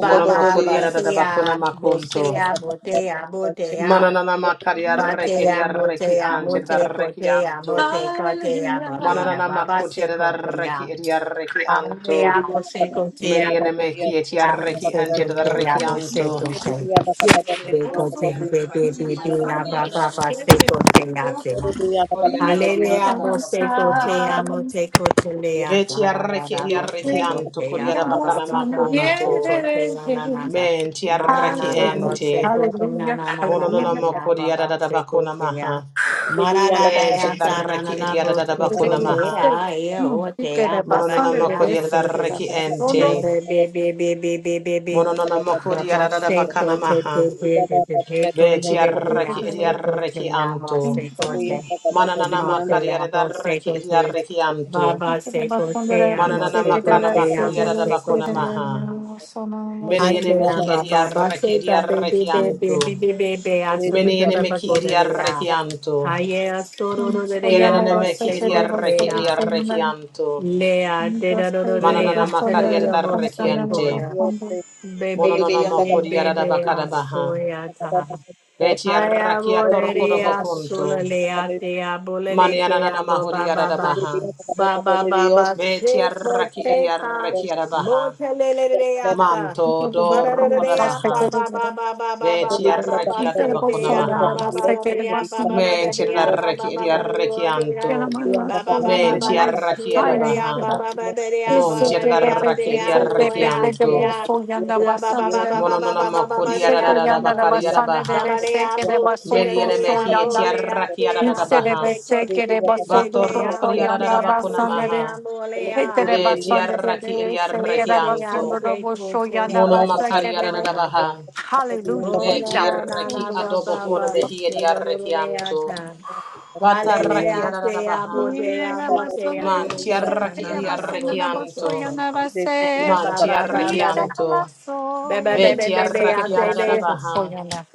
Speaker 4: Mono makuri aradabakuna
Speaker 1: Basea
Speaker 4: makunto.
Speaker 1: Bosea Botea Botea
Speaker 4: Manana makari arreki edi
Speaker 1: Batea
Speaker 4: arreki
Speaker 1: Motea
Speaker 4: anti edi
Speaker 1: Mote Cotea Mote Cotea
Speaker 5: Hallelujah. Hallelujah.
Speaker 1: Babena
Speaker 4: Mananana
Speaker 1: Baba
Speaker 4: makuti
Speaker 1: Se Cotea
Speaker 4: adaraki ediaraki anto.
Speaker 1: Alea Bose
Speaker 4: Many
Speaker 1: Cotea
Speaker 4: enemeki etiaraki
Speaker 1: Se
Speaker 4: and yadaraki
Speaker 6: you.
Speaker 1: Cotea Bose
Speaker 5: Hallelujah.
Speaker 4: anto.
Speaker 6: Thank
Speaker 1: Cotea
Speaker 4: Yenenemeki
Speaker 1: Becotin Bebe
Speaker 4: ediaraki ediaraki
Speaker 1: Baba
Speaker 4: adarabakuna.
Speaker 1: Se Cotea
Speaker 4: Koriadabakuna
Speaker 1: Hallelujah, Bose
Speaker 4: baharabakuna maha.
Speaker 1: Kote, Amote Kote,
Speaker 6: you.
Speaker 1: Lea, da da da
Speaker 4: Vetiaraki
Speaker 1: da, Bose
Speaker 4: ediaraki anto.
Speaker 1: Kote, Abba, ba
Speaker 4: Koriadabakana
Speaker 1: ba ba ba, Se
Speaker 4: makunto.
Speaker 1: Kote, na na na da.
Speaker 4: Men
Speaker 1: Mana
Speaker 4: tiaraki
Speaker 1: na na, Bose
Speaker 4: ente.
Speaker 1: Kote, na na na na na,
Speaker 4: Mononona
Speaker 5: Hallelujah!
Speaker 1: Lea,
Speaker 4: makuri
Speaker 1: ba ba, Se
Speaker 4: adadabakuna
Speaker 1: Kote, ya.
Speaker 4: maha.
Speaker 1: Mana na na
Speaker 4: Men
Speaker 1: ya, da na na
Speaker 4: tiaraki
Speaker 1: na, Bose
Speaker 5: Today
Speaker 1: Kote,
Speaker 4: ediadabakuna
Speaker 5: we
Speaker 4: maha.
Speaker 5: say,
Speaker 1: Lea, ye, o,
Speaker 5: mm, we
Speaker 1: te,
Speaker 5: get
Speaker 1: ya, ba
Speaker 5: about
Speaker 1: ba,
Speaker 4: Mononona
Speaker 5: Sunday,
Speaker 1: te, ya,
Speaker 5: they
Speaker 4: makuri
Speaker 5: say,
Speaker 1: Bose,
Speaker 4: adaraki
Speaker 5: about that. Don't
Speaker 1: be
Speaker 5: know.
Speaker 4: ente.
Speaker 1: be be be
Speaker 4: Mononona mokodi yarada
Speaker 1: Namaste
Speaker 4: bakana
Speaker 1: Kote Te
Speaker 4: maha.
Speaker 1: Te Te Te Te Kote
Speaker 4: Beti
Speaker 1: Te Te
Speaker 5: We get
Speaker 4: yarraki
Speaker 5: a-
Speaker 1: Namaste Kote
Speaker 4: ediarreki anto.
Speaker 5: Thank
Speaker 1: Namaste
Speaker 5: you.
Speaker 1: Kote
Speaker 4: Mananana
Speaker 1: Namaste
Speaker 4: makari
Speaker 1: Namaste
Speaker 4: yarraki
Speaker 1: Kote
Speaker 4: ediarreki anto.
Speaker 1: Baba Se Kote
Speaker 5: Bakundara
Speaker 4: Mananana
Speaker 1: Namaste
Speaker 6: Dios,
Speaker 1: Kote
Speaker 4: makana
Speaker 5: sekretera
Speaker 4: makodi yarada
Speaker 5: sekretera
Speaker 1: Namaste
Speaker 4: bakona
Speaker 1: Kote
Speaker 5: sekretera
Speaker 4: maha.
Speaker 5: sona
Speaker 4: Many
Speaker 1: Ache
Speaker 5: sona.
Speaker 4: enemeki
Speaker 1: Baba Baba
Speaker 4: ediarreki
Speaker 1: Se Baby
Speaker 4: ediarreki
Speaker 1: Baby
Speaker 4: anto.
Speaker 1: Baby Baby Baby Asunda
Speaker 4: Many
Speaker 1: Se Baba
Speaker 4: enemeki
Speaker 1: Kote Te Ya
Speaker 4: ediarreki anto.
Speaker 1: Haye Asoro Ro Te
Speaker 4: Kienen
Speaker 1: Ya
Speaker 5: Soyana la
Speaker 4: enemeki
Speaker 1: Bose Kote
Speaker 5: sekretera
Speaker 4: ediarreki
Speaker 5: soya
Speaker 1: Ya
Speaker 4: ediarreki
Speaker 5: soyana.
Speaker 4: anto.
Speaker 1: Lea Te Ro Ro
Speaker 5: Dosta
Speaker 1: Ro
Speaker 5: de
Speaker 1: Te
Speaker 4: Mananana
Speaker 1: Ya
Speaker 5: dosta
Speaker 1: Te Ro
Speaker 5: na
Speaker 4: makari
Speaker 1: Ro
Speaker 5: la
Speaker 1: Ro
Speaker 4: yarraki
Speaker 1: Bose
Speaker 5: kampanya la
Speaker 4: ante.
Speaker 1: Kote
Speaker 5: bakundu.
Speaker 1: Baby,
Speaker 4: Mononona
Speaker 1: baby,
Speaker 4: mokodi yarada
Speaker 1: baby, I'm
Speaker 4: bakada baha.
Speaker 1: sorry. I
Speaker 4: Beti
Speaker 1: Haya
Speaker 4: yarraki atorkodo
Speaker 1: boreya
Speaker 4: bakunto.
Speaker 1: solelea teya bolele keya
Speaker 4: Manianana
Speaker 1: bo ba
Speaker 4: mahori
Speaker 1: ba ba
Speaker 4: arabaha.
Speaker 1: ba ba ba ba
Speaker 4: Beti
Speaker 1: sheko
Speaker 4: arraki eri
Speaker 1: teta
Speaker 4: arraki arabaha.
Speaker 1: moteleleata
Speaker 5: Inke
Speaker 4: Manto
Speaker 5: de
Speaker 4: doroko
Speaker 5: la
Speaker 1: barareleya ba
Speaker 4: rabaha.
Speaker 1: ba
Speaker 5: sekretera.
Speaker 1: ba ba ba ba ba
Speaker 4: Beti
Speaker 1: ba ba ba
Speaker 4: arraki
Speaker 5: Inke de bas
Speaker 4: atabakona
Speaker 1: sekeya ba
Speaker 4: maha.
Speaker 5: soyana
Speaker 1: ba
Speaker 5: la
Speaker 1: ba ba
Speaker 5: sekretera
Speaker 1: beya ba ba
Speaker 5: basina.
Speaker 1: ba ba
Speaker 4: Menti
Speaker 1: beya ba ba
Speaker 4: arraki eri
Speaker 1: ba ba
Speaker 4: arraki
Speaker 1: ba
Speaker 5: Kela
Speaker 4: anto.
Speaker 6: Thank
Speaker 5: mala
Speaker 1: Ba ba ba ba
Speaker 5: soyana la
Speaker 1: ba
Speaker 4: Menti
Speaker 1: da
Speaker 5: mal
Speaker 4: arraki
Speaker 1: shila ba
Speaker 5: high
Speaker 1: da
Speaker 5: and
Speaker 1: ya
Speaker 4: arabaha.
Speaker 5: lifted
Speaker 1: ba
Speaker 5: up.
Speaker 1: ba ba da da ya
Speaker 5: Is
Speaker 1: ba
Speaker 4: Monti
Speaker 1: ba da da
Speaker 5: sekretera
Speaker 1: ya te
Speaker 4: arraki
Speaker 5: sekretera
Speaker 4: eri
Speaker 1: ya bo
Speaker 4: arraki
Speaker 1: ya
Speaker 5: sekretera
Speaker 1: te
Speaker 4: anto.
Speaker 5: bas
Speaker 1: ya.
Speaker 5: soyana
Speaker 1: Ba ba ba ba ba
Speaker 5: basandera.
Speaker 1: ba ba
Speaker 4: Mononona
Speaker 1: ba ba ba ba
Speaker 4: makodi
Speaker 1: da
Speaker 5: Iseke yanda da
Speaker 1: ya.
Speaker 4: arararabakari
Speaker 5: basanda
Speaker 4: arabaha.
Speaker 5: de de
Speaker 1: Baba
Speaker 5: seke de
Speaker 1: bo, amo,
Speaker 5: baso
Speaker 1: sera
Speaker 4: Meni
Speaker 5: do
Speaker 4: ene
Speaker 1: de
Speaker 5: so
Speaker 4: mehi eti
Speaker 1: amo,
Speaker 5: yanda.
Speaker 1: le
Speaker 4: arraki
Speaker 1: ate
Speaker 5: Ise
Speaker 1: amo,
Speaker 5: de
Speaker 4: ararabaha.
Speaker 5: be
Speaker 1: te
Speaker 5: seke
Speaker 1: coche,
Speaker 5: de
Speaker 1: te
Speaker 5: baso
Speaker 1: te
Speaker 5: do
Speaker 1: te
Speaker 5: do
Speaker 4: Batoroko
Speaker 5: so
Speaker 1: amo, te
Speaker 5: yanda
Speaker 4: ararabakona
Speaker 1: amo,
Speaker 5: basanda
Speaker 1: te
Speaker 5: de.
Speaker 4: maha.
Speaker 1: amo, le a.
Speaker 5: Hete de
Speaker 4: Beti
Speaker 5: basanda de de
Speaker 4: arraki edi
Speaker 5: seke
Speaker 4: arraki
Speaker 5: de
Speaker 1: Mente a
Speaker 4: anto.
Speaker 5: basunda do
Speaker 1: te
Speaker 5: bo so
Speaker 1: coche,
Speaker 5: yanda
Speaker 4: Mono
Speaker 1: amo, se
Speaker 5: basake
Speaker 4: makari
Speaker 5: de de.
Speaker 1: toyata.
Speaker 4: aradabaha.
Speaker 5: Hallelujah.
Speaker 1: Mora
Speaker 4: Beti
Speaker 5: Ida
Speaker 1: na na
Speaker 4: arraki
Speaker 1: na
Speaker 5: basondo
Speaker 1: ba
Speaker 4: adobo
Speaker 1: ba
Speaker 4: kona
Speaker 1: ba,
Speaker 5: de.
Speaker 4: mehi edi
Speaker 1: sera
Speaker 4: arraki
Speaker 1: de
Speaker 4: anto.
Speaker 1: ata.
Speaker 4: Bata arraki
Speaker 1: Hallelujah, te amo,
Speaker 4: aradabaha.
Speaker 1: te
Speaker 5: Yere
Speaker 1: amo, te
Speaker 5: basanda
Speaker 1: le
Speaker 5: da
Speaker 1: te
Speaker 4: Manti
Speaker 5: busto,
Speaker 1: coche,
Speaker 4: arraki
Speaker 1: na
Speaker 5: yere
Speaker 4: edi
Speaker 1: na na,
Speaker 5: basanda
Speaker 1: bo
Speaker 4: arraki
Speaker 5: da
Speaker 1: se
Speaker 5: busto,
Speaker 4: anto.
Speaker 1: coche.
Speaker 5: yana
Speaker 1: Ba
Speaker 5: base.
Speaker 4: Manti
Speaker 1: ba ba
Speaker 4: arraki
Speaker 1: ba
Speaker 5: Yisa
Speaker 1: ba.
Speaker 4: anto.
Speaker 1: Ba
Speaker 5: kalaso,
Speaker 1: ba ba ba
Speaker 5: yana
Speaker 4: Beti
Speaker 1: ba
Speaker 5: base,
Speaker 1: ba, I
Speaker 4: arraki
Speaker 5: yere baso,
Speaker 1: ba.
Speaker 4: aradabaha.
Speaker 5: busto, yana.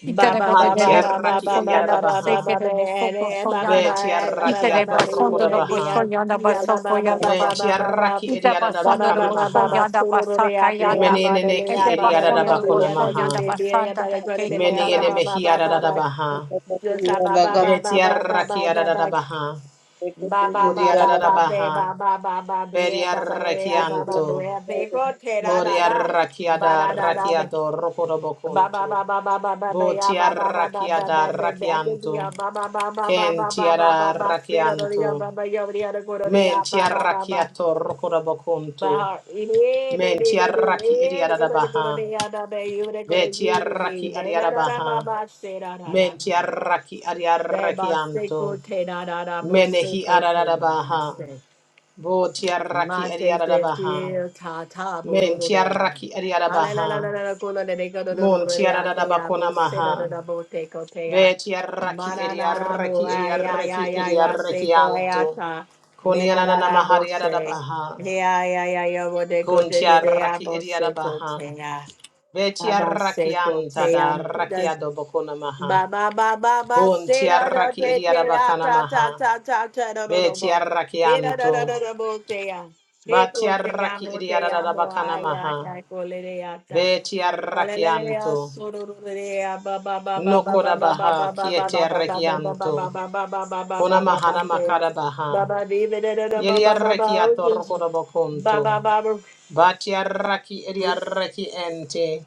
Speaker 1: Ba
Speaker 5: Itere
Speaker 1: ba
Speaker 5: bebe
Speaker 1: ba
Speaker 4: Manti
Speaker 1: ba
Speaker 6: you.
Speaker 5: de
Speaker 1: ba ba ba
Speaker 4: arraki
Speaker 1: ba
Speaker 5: busto,
Speaker 4: edi
Speaker 1: ba
Speaker 5: yana
Speaker 1: ba
Speaker 4: aradabaha.
Speaker 5: base,
Speaker 1: ba ba ba
Speaker 5: yere baso,
Speaker 1: eh,
Speaker 5: busto,
Speaker 1: ba ba
Speaker 5: yana.
Speaker 4: Beti
Speaker 1: ba eh,
Speaker 6: Shake
Speaker 1: ba
Speaker 4: arraki
Speaker 5: Itere
Speaker 1: ba ba ba you
Speaker 5: basando da
Speaker 1: and me,
Speaker 4: atorrokodabaha.
Speaker 5: busto,
Speaker 1: I
Speaker 5: yana
Speaker 1: see ya, ba
Speaker 5: baso,
Speaker 1: ba ba ba
Speaker 5: yana ba.
Speaker 1: ba
Speaker 4: Menti
Speaker 1: ba ba ba.
Speaker 4: arraki
Speaker 5: Ite
Speaker 4: edi
Speaker 1: Ba ba
Speaker 5: basando da
Speaker 4: aradabakana
Speaker 1: ba ba
Speaker 5: busto,
Speaker 4: maha.
Speaker 1: ba ba
Speaker 5: yana
Speaker 1: suru ru
Speaker 5: basa,
Speaker 1: ri ya te ya
Speaker 5: kayanda.
Speaker 1: ba le
Speaker 4: Menenene
Speaker 1: le
Speaker 4: ki
Speaker 1: ya
Speaker 5: Ete
Speaker 1: ba
Speaker 4: edi
Speaker 1: ba le
Speaker 5: basando
Speaker 1: ya
Speaker 5: da
Speaker 1: bi
Speaker 4: aradabakona
Speaker 1: ya
Speaker 5: busto,
Speaker 1: ba de
Speaker 5: yana
Speaker 4: maha.
Speaker 1: be be ya ba
Speaker 5: basanda
Speaker 1: le
Speaker 5: da,
Speaker 1: go de
Speaker 4: Many
Speaker 1: be le
Speaker 4: Mene
Speaker 1: ya
Speaker 5: kayanda
Speaker 1: ba
Speaker 4: ene
Speaker 5: da.
Speaker 1: ba ba
Speaker 4: mehi
Speaker 1: ba ba
Speaker 4: adada
Speaker 1: ba
Speaker 4: baha.
Speaker 1: just ha ba ba ba ba
Speaker 4: Beti
Speaker 1: ba ba ba
Speaker 4: arraki
Speaker 1: ba
Speaker 4: adada
Speaker 1: ba ba
Speaker 4: baha.
Speaker 1: ba
Speaker 4: Bodi
Speaker 1: ba ba
Speaker 4: adada
Speaker 1: ba be
Speaker 4: baha.
Speaker 1: ba ba ba ba
Speaker 4: Bedi
Speaker 1: be ba ba le ya ba ba bu
Speaker 4: arrakianto.
Speaker 1: ya be go te da
Speaker 4: Bodi
Speaker 1: da da ba
Speaker 4: arrakiada
Speaker 1: da da da be.
Speaker 4: rakiado
Speaker 1: Ba ba
Speaker 4: rokodobokunto.
Speaker 1: ba ba ba ba ba ba ya
Speaker 4: Boti
Speaker 1: ba ba ba ba ba
Speaker 4: arrakiada
Speaker 1: ba ba ba I can be
Speaker 4: rakianto.
Speaker 1: a ba ba ba ba ba
Speaker 4: Ken
Speaker 1: ba ba ba
Speaker 4: tiara
Speaker 1: ba ba sit on the ya
Speaker 4: rakianto.
Speaker 1: ba ba ya ba ya the go to the
Speaker 4: Men
Speaker 1: ya ba ba ba ba
Speaker 4: tiarrakiato
Speaker 1: my
Speaker 4: rokodobokunto.
Speaker 1: heart yeah
Speaker 4: Men
Speaker 1: baby baby
Speaker 4: tiarraki
Speaker 1: yeah
Speaker 4: adiada
Speaker 1: if I go to
Speaker 4: baha.
Speaker 1: the ya da baby you they go to
Speaker 4: Beti
Speaker 1: you to me
Speaker 4: arraki
Speaker 1: da da
Speaker 4: adiada
Speaker 1: da da
Speaker 4: baha.
Speaker 1: ba ba sit da da da
Speaker 4: Men tiarraki
Speaker 1: ba ba say go,
Speaker 4: adiarrakianto.
Speaker 1: te da da da bo say
Speaker 4: Menehi
Speaker 1: go, te da da
Speaker 4: ararabaha.
Speaker 1: say.
Speaker 4: Bo tiaraki
Speaker 1: Mate te
Speaker 4: ariarabaha.
Speaker 1: te ta ta
Speaker 4: Men
Speaker 1: bororo de na.
Speaker 4: tiaraki
Speaker 1: Ale la la la
Speaker 4: ariarabaha.
Speaker 1: la la kola de de kola do do
Speaker 4: Mon
Speaker 1: do de a te a bo
Speaker 4: tiararabakona
Speaker 1: se da
Speaker 4: maha.
Speaker 1: da da bo te ko te a.
Speaker 4: Be tiaraki
Speaker 1: Mana na na bo
Speaker 4: ariaraki
Speaker 1: ay ay
Speaker 4: ariaraki
Speaker 1: ay ay ya se
Speaker 4: ariaraki
Speaker 1: ko ay ya
Speaker 4: anto.
Speaker 1: ta. Me na na
Speaker 4: Konianana
Speaker 1: na bo se.
Speaker 4: mahariarabaha.
Speaker 1: He ay ay ay ya bo de ko
Speaker 4: Kun
Speaker 1: te de de a
Speaker 4: tiaraki
Speaker 1: bo se ko
Speaker 4: ariarabaha.
Speaker 1: te a.
Speaker 4: Be
Speaker 1: Aba se
Speaker 4: tiaraki
Speaker 1: ko
Speaker 4: anta
Speaker 1: te
Speaker 4: da
Speaker 1: a.
Speaker 4: rakiadobokona maha. Bon tiaraki ariarabakana maha. Be tiaraki anto. Batiaraki idiarada bakana maha. Betiarakianto. Nokoda baha kieterekianto. Kona mahana makada baha. Yediarakiato rokoda bakonto. Batiaraki idiaraki ente.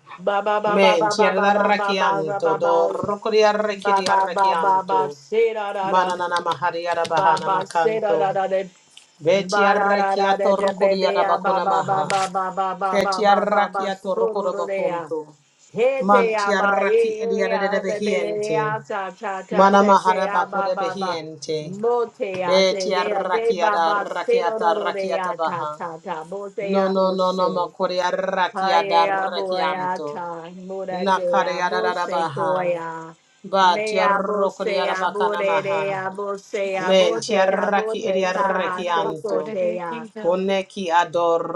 Speaker 4: Men tiararakianto do rokodiaraki
Speaker 1: ba ba ba ba ba
Speaker 4: diarakianto.
Speaker 1: se da da da
Speaker 4: Mananana mahariara
Speaker 1: ba
Speaker 4: bahana
Speaker 1: ba se da da
Speaker 4: makanto.
Speaker 1: da da ba da da da da
Speaker 4: Betiarakiato
Speaker 1: da baby
Speaker 4: rokodiara
Speaker 1: ya ba
Speaker 4: bakona
Speaker 1: ba ba
Speaker 4: maha.
Speaker 1: ba ba ba ba ba ba ba ba
Speaker 4: Ketiarakiato
Speaker 1: suru
Speaker 4: rokoda
Speaker 1: ru de ya
Speaker 4: bakonto.
Speaker 1: he te
Speaker 4: Man
Speaker 1: ya ba
Speaker 4: tiaraki
Speaker 1: e e
Speaker 4: ediarede de
Speaker 1: ya de be de
Speaker 4: behiente.
Speaker 1: ya cha cha cha
Speaker 4: Mana
Speaker 1: de de
Speaker 4: mahara
Speaker 1: ya
Speaker 4: bako
Speaker 1: ba
Speaker 4: de
Speaker 1: ba ba
Speaker 4: behiente.
Speaker 1: mo te ya
Speaker 4: Be
Speaker 1: te de ya de
Speaker 4: tiaraki
Speaker 1: ba
Speaker 4: ada
Speaker 1: ba se ru ru
Speaker 4: rakiata
Speaker 1: ru de
Speaker 4: rakiata
Speaker 1: ya ta
Speaker 4: baha.
Speaker 1: ta ta mo te
Speaker 4: No
Speaker 1: ya
Speaker 4: no
Speaker 1: mo
Speaker 4: no no mo
Speaker 1: se
Speaker 4: kuriaraki ada
Speaker 1: Haya boya
Speaker 4: rakianto.
Speaker 1: ta mura
Speaker 4: Nakare
Speaker 1: jaya
Speaker 4: ada
Speaker 1: bo
Speaker 4: da
Speaker 1: se
Speaker 4: baha.
Speaker 1: koya.
Speaker 4: Ba
Speaker 1: Me bo
Speaker 4: tiarro
Speaker 1: se
Speaker 4: kuriara
Speaker 1: abo
Speaker 4: bakana
Speaker 1: re re
Speaker 4: maha.
Speaker 1: abo se
Speaker 5: Yana basa,
Speaker 1: abo
Speaker 4: Men
Speaker 1: te
Speaker 5: yere
Speaker 1: abo
Speaker 4: tiaraki
Speaker 5: baso,
Speaker 1: te ta
Speaker 5: busto,
Speaker 1: ha
Speaker 5: yana
Speaker 1: se
Speaker 5: basa,
Speaker 1: ko
Speaker 4: ediarakianto.
Speaker 1: te
Speaker 5: yere
Speaker 1: ya.
Speaker 5: kayanda.
Speaker 4: Koneki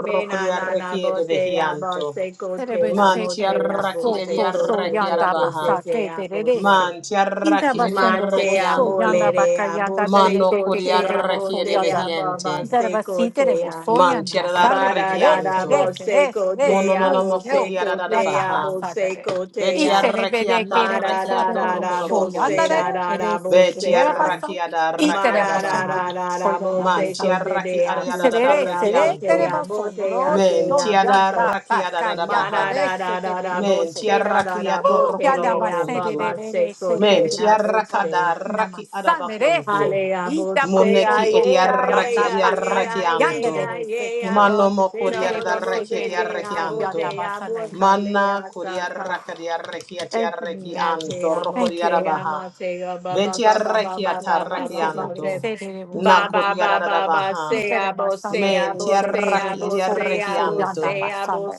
Speaker 1: Me na na na
Speaker 4: kuriaraki
Speaker 1: bo
Speaker 4: de
Speaker 1: te abo
Speaker 4: behianto.
Speaker 1: se ko te ya
Speaker 4: Man
Speaker 5: Terebese
Speaker 1: mo te
Speaker 5: kerebo
Speaker 1: abo
Speaker 4: tiaraki
Speaker 1: se
Speaker 5: soto
Speaker 1: ko
Speaker 5: so
Speaker 1: te
Speaker 4: ediaraki
Speaker 1: te
Speaker 5: yanda
Speaker 1: te te
Speaker 4: arabaha.
Speaker 5: basa
Speaker 1: te
Speaker 5: ke
Speaker 1: abo
Speaker 5: terebese.
Speaker 1: se.
Speaker 4: Man ti
Speaker 5: Inda
Speaker 4: arraki edi
Speaker 1: Ma
Speaker 5: basondo
Speaker 1: te
Speaker 5: robo so
Speaker 1: amo
Speaker 4: arrekianto.
Speaker 1: le
Speaker 5: yanda
Speaker 1: re
Speaker 5: baka
Speaker 1: abo
Speaker 5: yanda de
Speaker 1: se
Speaker 5: de
Speaker 4: Mano
Speaker 5: de
Speaker 1: ko
Speaker 5: ke
Speaker 4: kodi
Speaker 1: te
Speaker 5: ke debo
Speaker 1: abo
Speaker 4: arraki
Speaker 5: so
Speaker 4: edi
Speaker 1: te
Speaker 5: yanda.
Speaker 1: abo
Speaker 4: behiente.
Speaker 1: ba se ko
Speaker 5: Darabasi
Speaker 1: te
Speaker 5: terebo
Speaker 1: ya.
Speaker 5: so
Speaker 4: Man
Speaker 5: yanda
Speaker 4: ti
Speaker 5: masane de
Speaker 1: Bada
Speaker 5: de
Speaker 1: da da
Speaker 5: ese
Speaker 4: arrekianto.
Speaker 5: de
Speaker 1: bo
Speaker 5: ese de
Speaker 1: se
Speaker 5: ese de ese
Speaker 4: Mono no
Speaker 1: kotea
Speaker 5: de
Speaker 4: namo
Speaker 5: ese
Speaker 1: bo
Speaker 5: de
Speaker 1: se
Speaker 5: o
Speaker 4: kodi
Speaker 5: so
Speaker 4: arada
Speaker 5: yanda
Speaker 1: kotea
Speaker 4: baha.
Speaker 1: bo
Speaker 5: basa de
Speaker 1: se
Speaker 5: de. Y
Speaker 4: Beti
Speaker 1: kotea.
Speaker 5: se de de
Speaker 4: arraki
Speaker 5: de ke debo
Speaker 1: Mada
Speaker 4: atarraki
Speaker 5: so
Speaker 1: da
Speaker 5: de
Speaker 1: da
Speaker 5: de E,
Speaker 1: da
Speaker 4: atorrokodo
Speaker 1: bo
Speaker 5: so yanda
Speaker 1: se
Speaker 4: bokunto.
Speaker 5: de
Speaker 1: da
Speaker 5: de
Speaker 1: da
Speaker 5: de
Speaker 1: da bo
Speaker 5: ese ke
Speaker 4: Beti
Speaker 1: se
Speaker 5: nera
Speaker 1: ya.
Speaker 5: basa.
Speaker 4: arraki
Speaker 5: Y
Speaker 4: adarraki
Speaker 1: Mada
Speaker 5: terebo so
Speaker 1: da
Speaker 4: baha.
Speaker 5: de
Speaker 1: da
Speaker 5: de
Speaker 1: da
Speaker 5: so
Speaker 1: da Bararara
Speaker 5: yanda
Speaker 4: Man ti
Speaker 5: basa
Speaker 1: boseco
Speaker 4: arraki
Speaker 1: tea
Speaker 4: ariada
Speaker 5: Serere,
Speaker 1: boseco
Speaker 5: serere,
Speaker 4: arrekianto.
Speaker 1: tea
Speaker 5: terebo sondoro,
Speaker 1: boseco
Speaker 4: Men
Speaker 5: sho
Speaker 1: da
Speaker 4: tiada
Speaker 5: yanda,
Speaker 4: rakia da
Speaker 5: paka
Speaker 4: da da
Speaker 5: yanda,
Speaker 1: da
Speaker 4: baha.
Speaker 5: re, se,
Speaker 1: da da Mararara
Speaker 5: terere, re,
Speaker 4: Men
Speaker 5: sere.
Speaker 1: boseco da da da
Speaker 4: tiarrakia
Speaker 1: botea
Speaker 5: Uh,
Speaker 4: torruku da
Speaker 5: yada ba,
Speaker 1: tea bose. Mararara boserara bokelea
Speaker 4: bakuntu.
Speaker 5: serere,
Speaker 1: baba
Speaker 5: re, re,
Speaker 1: seco
Speaker 5: se,
Speaker 4: Men
Speaker 5: kere, ba,
Speaker 1: tea
Speaker 4: tiarraka
Speaker 5: soto.
Speaker 4: da
Speaker 1: bose.
Speaker 4: raki ada
Speaker 5: Namasande, re,
Speaker 4: bakuntu.
Speaker 5: sere,
Speaker 1: Maybe I will
Speaker 5: ita, ba,
Speaker 1: say
Speaker 4: Moneki
Speaker 5: soto, sho
Speaker 4: ediarraki
Speaker 5: yanda, paka yanda,
Speaker 4: ediarrakianto.
Speaker 5: re, re, se, kere.
Speaker 4: Mano mo kuriar
Speaker 5: Itere,
Speaker 4: da
Speaker 5: be, se,
Speaker 4: raki
Speaker 5: so
Speaker 4: ediarrakianto.
Speaker 5: yanda, ba,
Speaker 4: Manna kuriarraka diarrakia
Speaker 5: Thank you, Lord.
Speaker 4: tiarrakianto.
Speaker 5: Thank you,
Speaker 4: Rokuriara
Speaker 5: Lord.
Speaker 4: baha. Beti arreki atarraki
Speaker 5: Itere,
Speaker 4: anto.
Speaker 5: serere, bo, so.
Speaker 4: Nako diarada baha.
Speaker 5: Itere, ba, sande, re,
Speaker 4: Men
Speaker 5: re,
Speaker 4: ti arraki edi
Speaker 5: so,
Speaker 4: arreki
Speaker 5: so,
Speaker 4: anto.
Speaker 5: yanda, ba,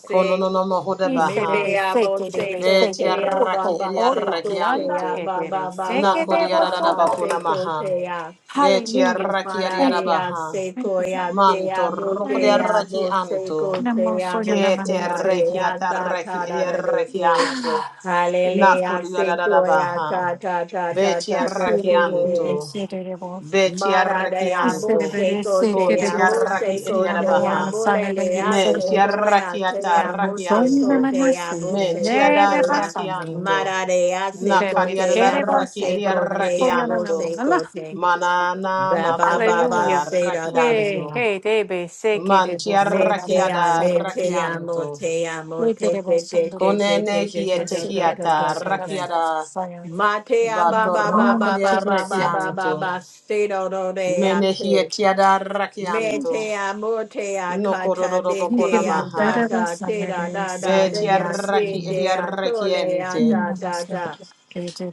Speaker 4: Kono no no mohoda baha.
Speaker 5: Iserere sekerebe
Speaker 1: go
Speaker 4: Beti
Speaker 5: sege
Speaker 1: say ah, ba
Speaker 4: arraki
Speaker 5: orto
Speaker 4: edi
Speaker 1: ba say go
Speaker 5: ondo
Speaker 4: arreki
Speaker 1: say
Speaker 5: yanda
Speaker 4: anto.
Speaker 1: ah, ba ba ba
Speaker 5: ebere
Speaker 1: ba ba ba
Speaker 4: Nako
Speaker 5: sekerebo
Speaker 4: diarada
Speaker 5: sodo.
Speaker 1: ba say
Speaker 4: bakuna
Speaker 1: go
Speaker 4: maha.
Speaker 1: say ah.
Speaker 4: Beti
Speaker 5: Hallelujah.
Speaker 4: arraki adiada
Speaker 5: Thank you.
Speaker 1: Mararea
Speaker 4: baha.
Speaker 5: Thank
Speaker 1: seco
Speaker 5: you, God.
Speaker 1: ya te
Speaker 4: Manto
Speaker 1: amo te
Speaker 5: Thanks.
Speaker 4: rocodiarraki
Speaker 1: amo
Speaker 4: anto.
Speaker 1: seco
Speaker 5: Namo
Speaker 1: te
Speaker 5: soya
Speaker 1: amo
Speaker 4: Kete
Speaker 1: se
Speaker 5: namanda
Speaker 1: la de
Speaker 4: reki
Speaker 5: sebe.
Speaker 1: ya ta
Speaker 4: atarreki
Speaker 1: ta da da de
Speaker 4: ediarreki
Speaker 1: ke
Speaker 4: anto.
Speaker 1: Hallelujah seco ya
Speaker 4: Nakodiadadabaha.
Speaker 1: ta ta ta ta ta ta
Speaker 4: Betiarraki
Speaker 1: de
Speaker 5: Iserere
Speaker 1: we.
Speaker 4: anto.
Speaker 5: sekerebo.
Speaker 4: Betiarraki
Speaker 1: Mararea mo
Speaker 4: anto.
Speaker 5: Iserere
Speaker 1: seco te
Speaker 5: sekerebo
Speaker 1: amo
Speaker 5: sodo
Speaker 4: Contiarraki
Speaker 1: seco
Speaker 5: siyanda
Speaker 1: te
Speaker 4: ediadabaha.
Speaker 5: la
Speaker 1: amo le le
Speaker 5: sanere
Speaker 1: ya
Speaker 5: sebe.
Speaker 1: seco ya
Speaker 4: Mentiarraki
Speaker 1: te
Speaker 5: Namo
Speaker 1: amo
Speaker 4: atarraki
Speaker 5: soya
Speaker 4: anto.
Speaker 1: seco
Speaker 5: namanda
Speaker 1: te amo
Speaker 5: sebe.
Speaker 1: seco
Speaker 5: Nere
Speaker 1: te ya
Speaker 4: Mentiadarraki
Speaker 5: basanere.
Speaker 4: anto.
Speaker 1: Mararea seco
Speaker 5: Iserere
Speaker 1: te
Speaker 5: sekerebo
Speaker 1: amo
Speaker 4: Nakadiadarraki
Speaker 5: sodo.
Speaker 1: seco
Speaker 5: Namo
Speaker 1: te
Speaker 4: ediarraki
Speaker 5: soya
Speaker 1: amo
Speaker 4: anto.
Speaker 5: namanda
Speaker 1: seco te
Speaker 4: Manana
Speaker 1: Ba ba ba ba
Speaker 5: Hallelujah.
Speaker 1: say da
Speaker 4: makodiadarraki
Speaker 1: da da
Speaker 5: Yeah,
Speaker 4: anto.
Speaker 1: da.
Speaker 5: hey, debe, sé que debo
Speaker 4: Mantia
Speaker 5: soldar la
Speaker 1: Metea,
Speaker 4: rakiada
Speaker 5: basura de
Speaker 1: metea,
Speaker 5: mi.
Speaker 4: rakianto.
Speaker 1: motea,
Speaker 5: We
Speaker 1: mote,
Speaker 5: did it
Speaker 1: te,
Speaker 5: was
Speaker 1: te,
Speaker 5: on the
Speaker 1: te, te,
Speaker 5: list.
Speaker 4: Konene
Speaker 1: te, te,
Speaker 5: I
Speaker 1: te,
Speaker 4: hiete
Speaker 1: te,
Speaker 5: said
Speaker 1: te,
Speaker 5: that
Speaker 1: te,
Speaker 4: hiata
Speaker 1: te,
Speaker 5: was on
Speaker 1: te, te.
Speaker 5: the
Speaker 4: rakiada
Speaker 5: fire.
Speaker 1: Matea, ba, ba, ba,
Speaker 5: No one
Speaker 1: ba,
Speaker 4: batorokodia
Speaker 5: to
Speaker 1: ba,
Speaker 5: do
Speaker 1: ba, ba, ba,
Speaker 5: something.
Speaker 1: ba,
Speaker 4: rakianto.
Speaker 1: ba, se, do, do, de, a,
Speaker 4: Mene
Speaker 1: te.
Speaker 4: hietiada rakianto.
Speaker 1: Metea, motea, kata,
Speaker 4: Nokororo
Speaker 1: de,
Speaker 5: You
Speaker 4: bokona
Speaker 5: can
Speaker 1: de, a,
Speaker 5: do
Speaker 4: maha.
Speaker 1: ta,
Speaker 5: better than
Speaker 1: ta, te,
Speaker 5: somebody
Speaker 1: da, da, da,
Speaker 5: sitting
Speaker 4: Betia
Speaker 1: de,
Speaker 5: on
Speaker 1: a, de,
Speaker 4: raki
Speaker 5: some.
Speaker 1: de,
Speaker 4: edia
Speaker 1: a, tole, a,
Speaker 4: rakiente.
Speaker 1: da, da, da.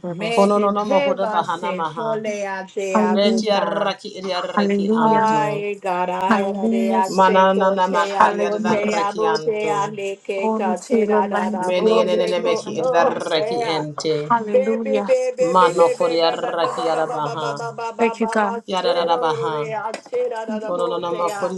Speaker 1: Mete,
Speaker 4: Kononono
Speaker 1: te,
Speaker 4: mohoda
Speaker 1: ba,
Speaker 4: bahana
Speaker 1: se,
Speaker 4: maha.
Speaker 1: kole, a, te, a,
Speaker 5: Hallelujah,
Speaker 4: Betia
Speaker 1: buta.
Speaker 4: raki edia
Speaker 5: hallelujah,
Speaker 4: rakianto.
Speaker 1: Ay, God, I had a day,
Speaker 5: hallelujah,
Speaker 1: I say, go,
Speaker 4: Mananana
Speaker 1: te,
Speaker 4: makaria
Speaker 1: amo,
Speaker 4: da
Speaker 5: hallelujah.
Speaker 1: te, amo, te,
Speaker 4: rakianto.
Speaker 1: ande, que,
Speaker 5: Glory
Speaker 1: ca,
Speaker 5: to
Speaker 1: te,
Speaker 5: the
Speaker 1: da, da,
Speaker 5: Lamb,
Speaker 1: da,
Speaker 4: Mene
Speaker 1: mo,
Speaker 5: glory
Speaker 1: se,
Speaker 4: enene
Speaker 5: to the
Speaker 1: go,
Speaker 4: meki edia
Speaker 1: oh,
Speaker 5: Lamb.
Speaker 1: yeah.
Speaker 4: rakiente.
Speaker 1: Baby,
Speaker 5: Hallelujah.
Speaker 1: baby, baby,
Speaker 4: Mano
Speaker 1: baby, baby, ba, ba,
Speaker 4: Koriaraki
Speaker 1: ba, ba, ba, ba,
Speaker 4: Arabaha.
Speaker 1: ba, ba, ba, ba,
Speaker 5: Thank you,
Speaker 1: ba,
Speaker 5: God.
Speaker 1: ba, se, do, do, do, re,
Speaker 4: Yadarabaha.
Speaker 1: ah, te, da, da, da, mo, te,
Speaker 4: Kononoma
Speaker 1: ah.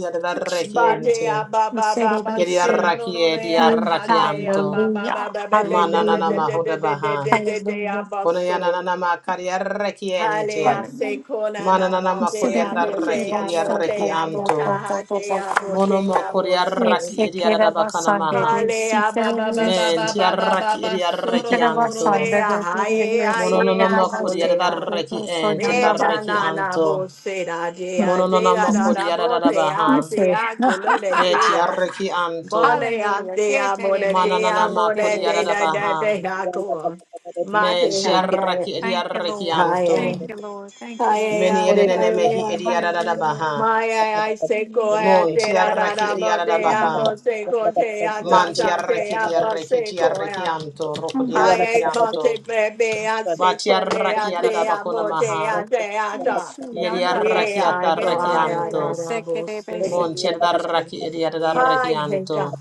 Speaker 1: Ba,
Speaker 5: Sixteen.
Speaker 1: de, ah, ba,
Speaker 5: We
Speaker 1: ba,
Speaker 5: say the
Speaker 1: ba, ba,
Speaker 5: grace
Speaker 1: se,
Speaker 5: of
Speaker 1: do, do, do,
Speaker 4: Yediarakie
Speaker 1: re, ah,
Speaker 5: you.
Speaker 1: ca, te, ah,
Speaker 4: diarakianto.
Speaker 1: ba, ba,
Speaker 5: Hallelujah.
Speaker 1: ba, ba, ba, de, de, de,
Speaker 5: Hallelujah.
Speaker 1: de,
Speaker 4: Manananama
Speaker 1: de, de, de,
Speaker 4: Hudabaha.
Speaker 1: de, de, de, de, ah,
Speaker 5: Hallelujah.
Speaker 1: ba, so.
Speaker 4: Konayananama Kariarakiente.
Speaker 1: Hale a se
Speaker 5: Hallelujah.
Speaker 1: kona na na
Speaker 5: We
Speaker 4: Manananama
Speaker 5: say
Speaker 1: de a
Speaker 5: the grace
Speaker 1: bo
Speaker 5: of the
Speaker 1: de
Speaker 4: Koriaraki
Speaker 5: Lord's so
Speaker 1: mo de
Speaker 5: cold,
Speaker 1: a
Speaker 5: so
Speaker 1: mo
Speaker 4: Idiarakianto.
Speaker 1: ka
Speaker 5: cold,
Speaker 1: ha
Speaker 5: so cold,
Speaker 1: de
Speaker 5: so
Speaker 1: a
Speaker 5: cold.
Speaker 1: bo
Speaker 4: Monomo
Speaker 1: mo
Speaker 5: We
Speaker 1: se.
Speaker 4: Koriaraki
Speaker 5: say the grace Sunday,
Speaker 4: Idiarabakanamaha.
Speaker 1: Hale a
Speaker 5: the
Speaker 1: ba ba ba ba
Speaker 5: grace-
Speaker 4: Men
Speaker 5: we
Speaker 1: ba ba ba ba
Speaker 4: Tiaraki
Speaker 1: ba
Speaker 5: say
Speaker 1: Soro
Speaker 5: the grace
Speaker 1: ro ro ro ro
Speaker 4: Idiarakianto.
Speaker 1: de
Speaker 5: Sunday,
Speaker 1: a
Speaker 5: the
Speaker 1: ha
Speaker 5: grace of the
Speaker 1: Neta
Speaker 4: Mononoma
Speaker 5: Lord's so cold, so
Speaker 4: Koriaraki
Speaker 5: cold, so
Speaker 4: and
Speaker 5: cold, so
Speaker 4: Tiaraki
Speaker 1: na
Speaker 5: cold.
Speaker 1: na
Speaker 4: Anto.
Speaker 1: bo se da de
Speaker 5: Hmm.
Speaker 1: a
Speaker 4: Mononana
Speaker 1: da da
Speaker 4: makodi
Speaker 1: da bo de
Speaker 4: yadadabaha.
Speaker 1: a
Speaker 5: Yes,
Speaker 1: de
Speaker 5: sir.
Speaker 1: a go le de
Speaker 4: Beti
Speaker 1: de a.
Speaker 4: arreki
Speaker 1: Bo
Speaker 4: anto.
Speaker 1: le a
Speaker 5: Hallelujah. Que te
Speaker 1: mo de
Speaker 5: debe,
Speaker 1: de
Speaker 4: Mananana
Speaker 5: se
Speaker 1: mo
Speaker 5: te
Speaker 1: de
Speaker 4: makodi
Speaker 1: de da
Speaker 5: debe.
Speaker 1: da
Speaker 4: yadadabaha.
Speaker 1: de go. Ma
Speaker 4: Men
Speaker 1: de
Speaker 4: ti
Speaker 1: a
Speaker 4: arraki edi
Speaker 5: Thank you, Lord.
Speaker 1: ha
Speaker 4: anto.
Speaker 5: Thank you, Lord. Thank you, Lord.
Speaker 4: Meni
Speaker 1: Maya,
Speaker 4: enenene mehi edi
Speaker 5: Hallelujah.
Speaker 4: yadadabaha.
Speaker 1: I say
Speaker 5: Amen.
Speaker 1: go ahead,
Speaker 4: Mon ti
Speaker 1: da da
Speaker 4: arraki
Speaker 1: da,
Speaker 4: edi
Speaker 1: but they are, but they
Speaker 5: Hallelujah.
Speaker 1: go, te are, da
Speaker 4: Man ti
Speaker 1: da, they
Speaker 4: arreki di
Speaker 1: are, but they
Speaker 4: ti
Speaker 1: go,
Speaker 4: arreki
Speaker 1: yeah.
Speaker 4: anto. Roko di
Speaker 5: Thank
Speaker 4: arreki
Speaker 1: I can't
Speaker 4: anto.
Speaker 1: take baby, I
Speaker 4: Ba
Speaker 1: say
Speaker 4: ti
Speaker 1: go, they
Speaker 5: you,
Speaker 4: arraki
Speaker 1: are, they
Speaker 5: God.
Speaker 1: are,
Speaker 4: yadadabakona
Speaker 1: but
Speaker 4: maha.
Speaker 1: they are, they are, da.
Speaker 5: Yes, you
Speaker 4: Yedi
Speaker 5: yonder
Speaker 1: Yeah,
Speaker 5: bus, you
Speaker 1: I
Speaker 5: get
Speaker 4: atarreki
Speaker 5: it,
Speaker 1: got da
Speaker 5: it
Speaker 4: anto.
Speaker 1: da
Speaker 5: is
Speaker 1: da,
Speaker 5: sick,
Speaker 1: but
Speaker 5: it is
Speaker 1: say.
Speaker 5: sick.
Speaker 4: Mon ti arraki edi
Speaker 1: Hi, hey, da.
Speaker 4: anto.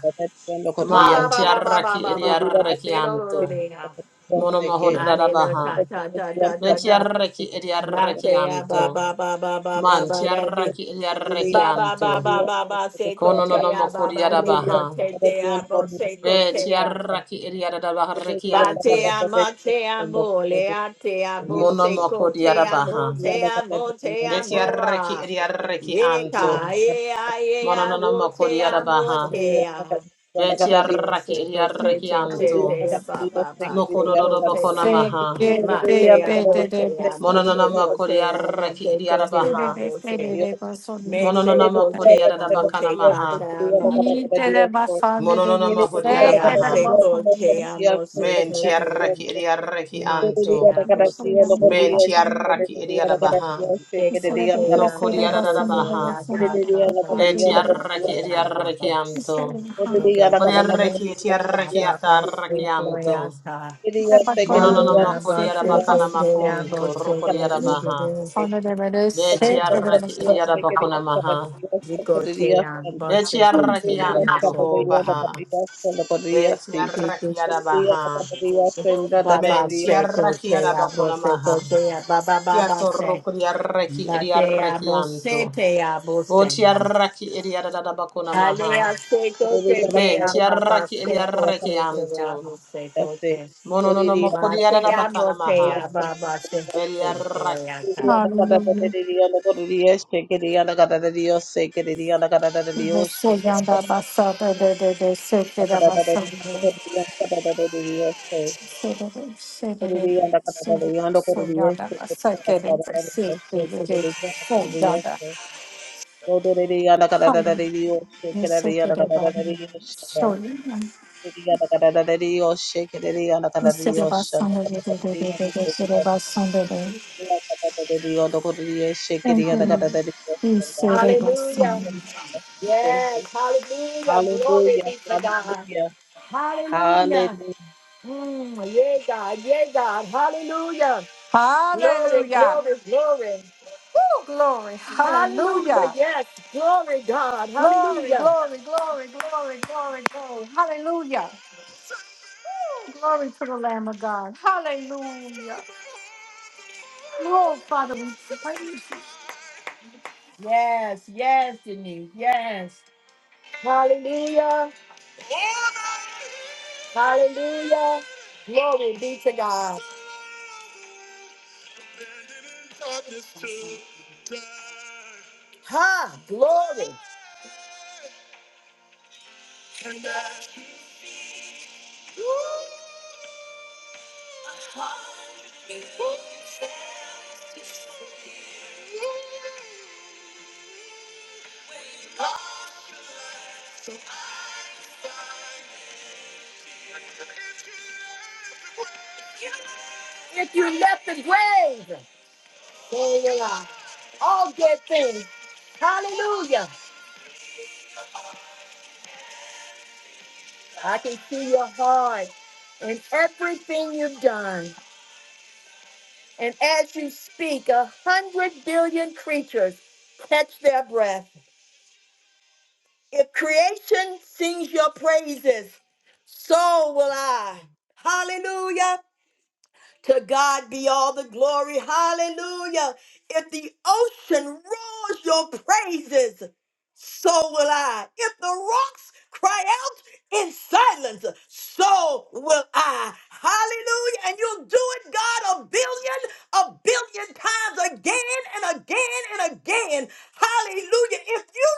Speaker 1: Ma ba
Speaker 4: Man
Speaker 1: ba ba ba ba
Speaker 4: tiaraki
Speaker 1: ba ba ba ba, say do do do,
Speaker 4: ediarrekianto.
Speaker 1: they are.
Speaker 4: Mono mahoda
Speaker 1: Hallelujah,
Speaker 4: dadabaha.
Speaker 1: da da da da da da.
Speaker 4: Betiarreki
Speaker 1: Ma say, ah,
Speaker 4: ediarrekianto.
Speaker 1: ba ba ba ba ba ba
Speaker 4: Man
Speaker 1: ba, that be.
Speaker 4: tiaraki
Speaker 1: Ba ba ba
Speaker 4: ediarrekianto.
Speaker 1: ba ba ba seko
Speaker 4: Kono no
Speaker 1: te
Speaker 4: no
Speaker 1: a ba ba de
Speaker 4: mokodiadabaha.
Speaker 1: da te te a bo seko te a
Speaker 4: Betiaraki ediadabaha
Speaker 1: ba te
Speaker 4: rekiante.
Speaker 1: a ma te a mo le a te a bo
Speaker 4: Mono
Speaker 1: seko te a
Speaker 4: mokodiadabaha.
Speaker 1: mo te a mo te a mo
Speaker 4: Betiarreki
Speaker 1: a ye
Speaker 4: ediarrekianto.
Speaker 1: ka ye a ye
Speaker 4: Mono
Speaker 1: a
Speaker 4: no no
Speaker 1: wo te a mo
Speaker 4: mokodiadabaha.
Speaker 1: te a le
Speaker 4: Betiaraki
Speaker 1: seko te te te
Speaker 4: ediarrekianto.
Speaker 6: Dios,
Speaker 1: te a ba ba ba seko
Speaker 4: Nokododo
Speaker 1: te
Speaker 4: bokona
Speaker 1: a
Speaker 5: Sick,
Speaker 4: maha.
Speaker 5: it is,
Speaker 1: ma
Speaker 5: it
Speaker 1: te a
Speaker 5: is,
Speaker 1: mo
Speaker 5: it
Speaker 1: te a
Speaker 5: is.
Speaker 1: mo
Speaker 4: Mononama
Speaker 1: seko te a mo
Speaker 4: Kodiaraki
Speaker 1: seko te
Speaker 5: It
Speaker 1: a
Speaker 4: Idiadabaha.
Speaker 5: is,
Speaker 1: bo
Speaker 5: it
Speaker 1: te a
Speaker 5: is,
Speaker 1: me
Speaker 5: it
Speaker 1: se
Speaker 4: Mononama
Speaker 5: is.
Speaker 1: cote amo
Speaker 4: Kodiadabakana
Speaker 1: se
Speaker 4: Maha.
Speaker 1: cata amate.
Speaker 5: Eat it, but Sunday, it is
Speaker 4: Mononama
Speaker 1: Me
Speaker 5: sick,
Speaker 1: a
Speaker 5: it is,
Speaker 1: se
Speaker 4: Hodiadabaha.
Speaker 5: but
Speaker 1: cote
Speaker 5: Sunday.
Speaker 1: amo se
Speaker 4: Men
Speaker 1: cote
Speaker 4: Tiaraki Idiaraki
Speaker 1: amate
Speaker 4: Anto.
Speaker 5: Yes, you
Speaker 1: abosin.
Speaker 5: yonder
Speaker 4: Men
Speaker 5: bus, you get it.
Speaker 4: Tiaraki Idiadabaha.
Speaker 1: Se
Speaker 5: Yes, it is,
Speaker 1: cote
Speaker 5: it
Speaker 4: No
Speaker 5: is,
Speaker 1: amo Ma
Speaker 5: it is,
Speaker 1: te
Speaker 5: but
Speaker 1: a bosin. se cote
Speaker 5: Sunday,
Speaker 4: Kodiadabaha.
Speaker 1: amate.
Speaker 5: it is Sunday.
Speaker 4: Etiaraki
Speaker 1: Se
Speaker 4: Idiaraki
Speaker 1: amata.
Speaker 4: Anto.
Speaker 5: The
Speaker 1: Dobedia.
Speaker 4: Kodiaraki Tiaraki
Speaker 1: Papa
Speaker 4: Ataraki
Speaker 1: passe
Speaker 4: Anto.
Speaker 1: coyasa.
Speaker 5: Pacolan
Speaker 1: Baba
Speaker 4: Mononama
Speaker 1: basse
Speaker 5: Secretary
Speaker 6: Dios,
Speaker 4: Kodiadabakana
Speaker 5: was
Speaker 1: cote ba
Speaker 4: Makunto.
Speaker 1: se cote
Speaker 4: Rokodiadabaha.
Speaker 1: de.
Speaker 5: founded by the
Speaker 1: Papa.
Speaker 5: Secretary
Speaker 4: Betiaraki
Speaker 5: of
Speaker 4: Idiadabakuna Maha.
Speaker 1: Rico te amo se
Speaker 4: Betiaraki
Speaker 1: cote amo
Speaker 4: Anto
Speaker 1: se
Speaker 4: Ho Baha. Be tiara
Speaker 1: cote.
Speaker 4: kiara baha.
Speaker 1: Baba
Speaker 4: Men
Speaker 1: say
Speaker 4: tiara
Speaker 1: coche
Speaker 4: kiara
Speaker 1: abo
Speaker 4: bakuna
Speaker 1: se
Speaker 4: maha.
Speaker 1: coche baba baba
Speaker 4: Kiato
Speaker 1: say
Speaker 4: roko diara ki
Speaker 1: bate
Speaker 4: ediara
Speaker 1: abo
Speaker 4: kianto.
Speaker 1: se te abo
Speaker 4: Bo
Speaker 1: se
Speaker 4: tiara ki ediara da bakuna maha.
Speaker 1: hale a se coche te
Speaker 4: Men tiara
Speaker 1: baba
Speaker 4: ki
Speaker 1: se
Speaker 4: ediara
Speaker 1: coche te
Speaker 4: kianto.
Speaker 1: abo se coche
Speaker 4: Mono no no moko diara
Speaker 1: mate
Speaker 4: da
Speaker 1: abo
Speaker 4: bakana maha.
Speaker 1: te baba se Gloria.
Speaker 5: Hallelujah. The Secretary of Assad, the Secretary of Assad, Secretary
Speaker 6: Yanda kadadada,
Speaker 5: Secretary
Speaker 6: yanda kodada, yeshe,
Speaker 5: Soyanda,
Speaker 6: kodada,
Speaker 5: Secretary
Speaker 6: kadadada, yeshe,
Speaker 5: Secretary
Speaker 6: kodada, yanda kadadada,
Speaker 5: Soyanda,
Speaker 6: yeshe. Yodadada, yanda kadadada,
Speaker 5: Hallelujah.
Speaker 6: yoshe,
Speaker 5: The
Speaker 6: kadada, yanda
Speaker 5: Secretary of
Speaker 6: kadadada, yoshe, da.
Speaker 5: Soyanda.
Speaker 6: Kadada, yanda kadadada, yoshe, kadada, yanda kadadada,
Speaker 5: Instead of us,
Speaker 6: yoshe, da,
Speaker 5: Sunday,
Speaker 6: kadadada, yanda kodada, yeshe.
Speaker 5: the Sunday,
Speaker 6: Yanda kadadada, yanda kodada, yeshe, kadada,
Speaker 5: Thank you,
Speaker 6: yanda
Speaker 5: Lord.
Speaker 6: kadadada,
Speaker 5: We
Speaker 6: yoshe, da.
Speaker 5: say that my
Speaker 1: Hallelujah.
Speaker 5: son.
Speaker 1: Yes. Hallelujah. Glory
Speaker 6: Hallelujah,
Speaker 1: be to God.
Speaker 6: hallelujah,
Speaker 1: Hallelujah.
Speaker 6: hallelujah.
Speaker 1: Mm, yeah, God. Yeah, God. Hallelujah. Glory,
Speaker 5: Hallelujah.
Speaker 1: glory, glory.
Speaker 5: Woo, glory.
Speaker 1: Hallelujah.
Speaker 5: Hallelujah.
Speaker 1: Yes. Glory, God.
Speaker 5: Glory,
Speaker 1: Hallelujah.
Speaker 5: glory, glory, glory, glory, glory. Hallelujah. Woo, glory to the Lamb of God. Hallelujah. Oh, Father, we praise you.
Speaker 1: Yes. Yes, Denise. Yes. Hallelujah. Hallelujah. Glory be to God. Ha. Glory. If you left the grave, glory God. All good things. Hallelujah. I can see your heart and everything you've done. And as you speak, a hundred billion creatures catch their breath If creation sings your praises, so will I. Hallelujah. To God be all the glory. Hallelujah. If the ocean roars your praises, so will I. If the rocks cry out in silence, so will I. Hallelujah. And you'll do it, God, a billion, a billion times again and again and again. Hallelujah. If you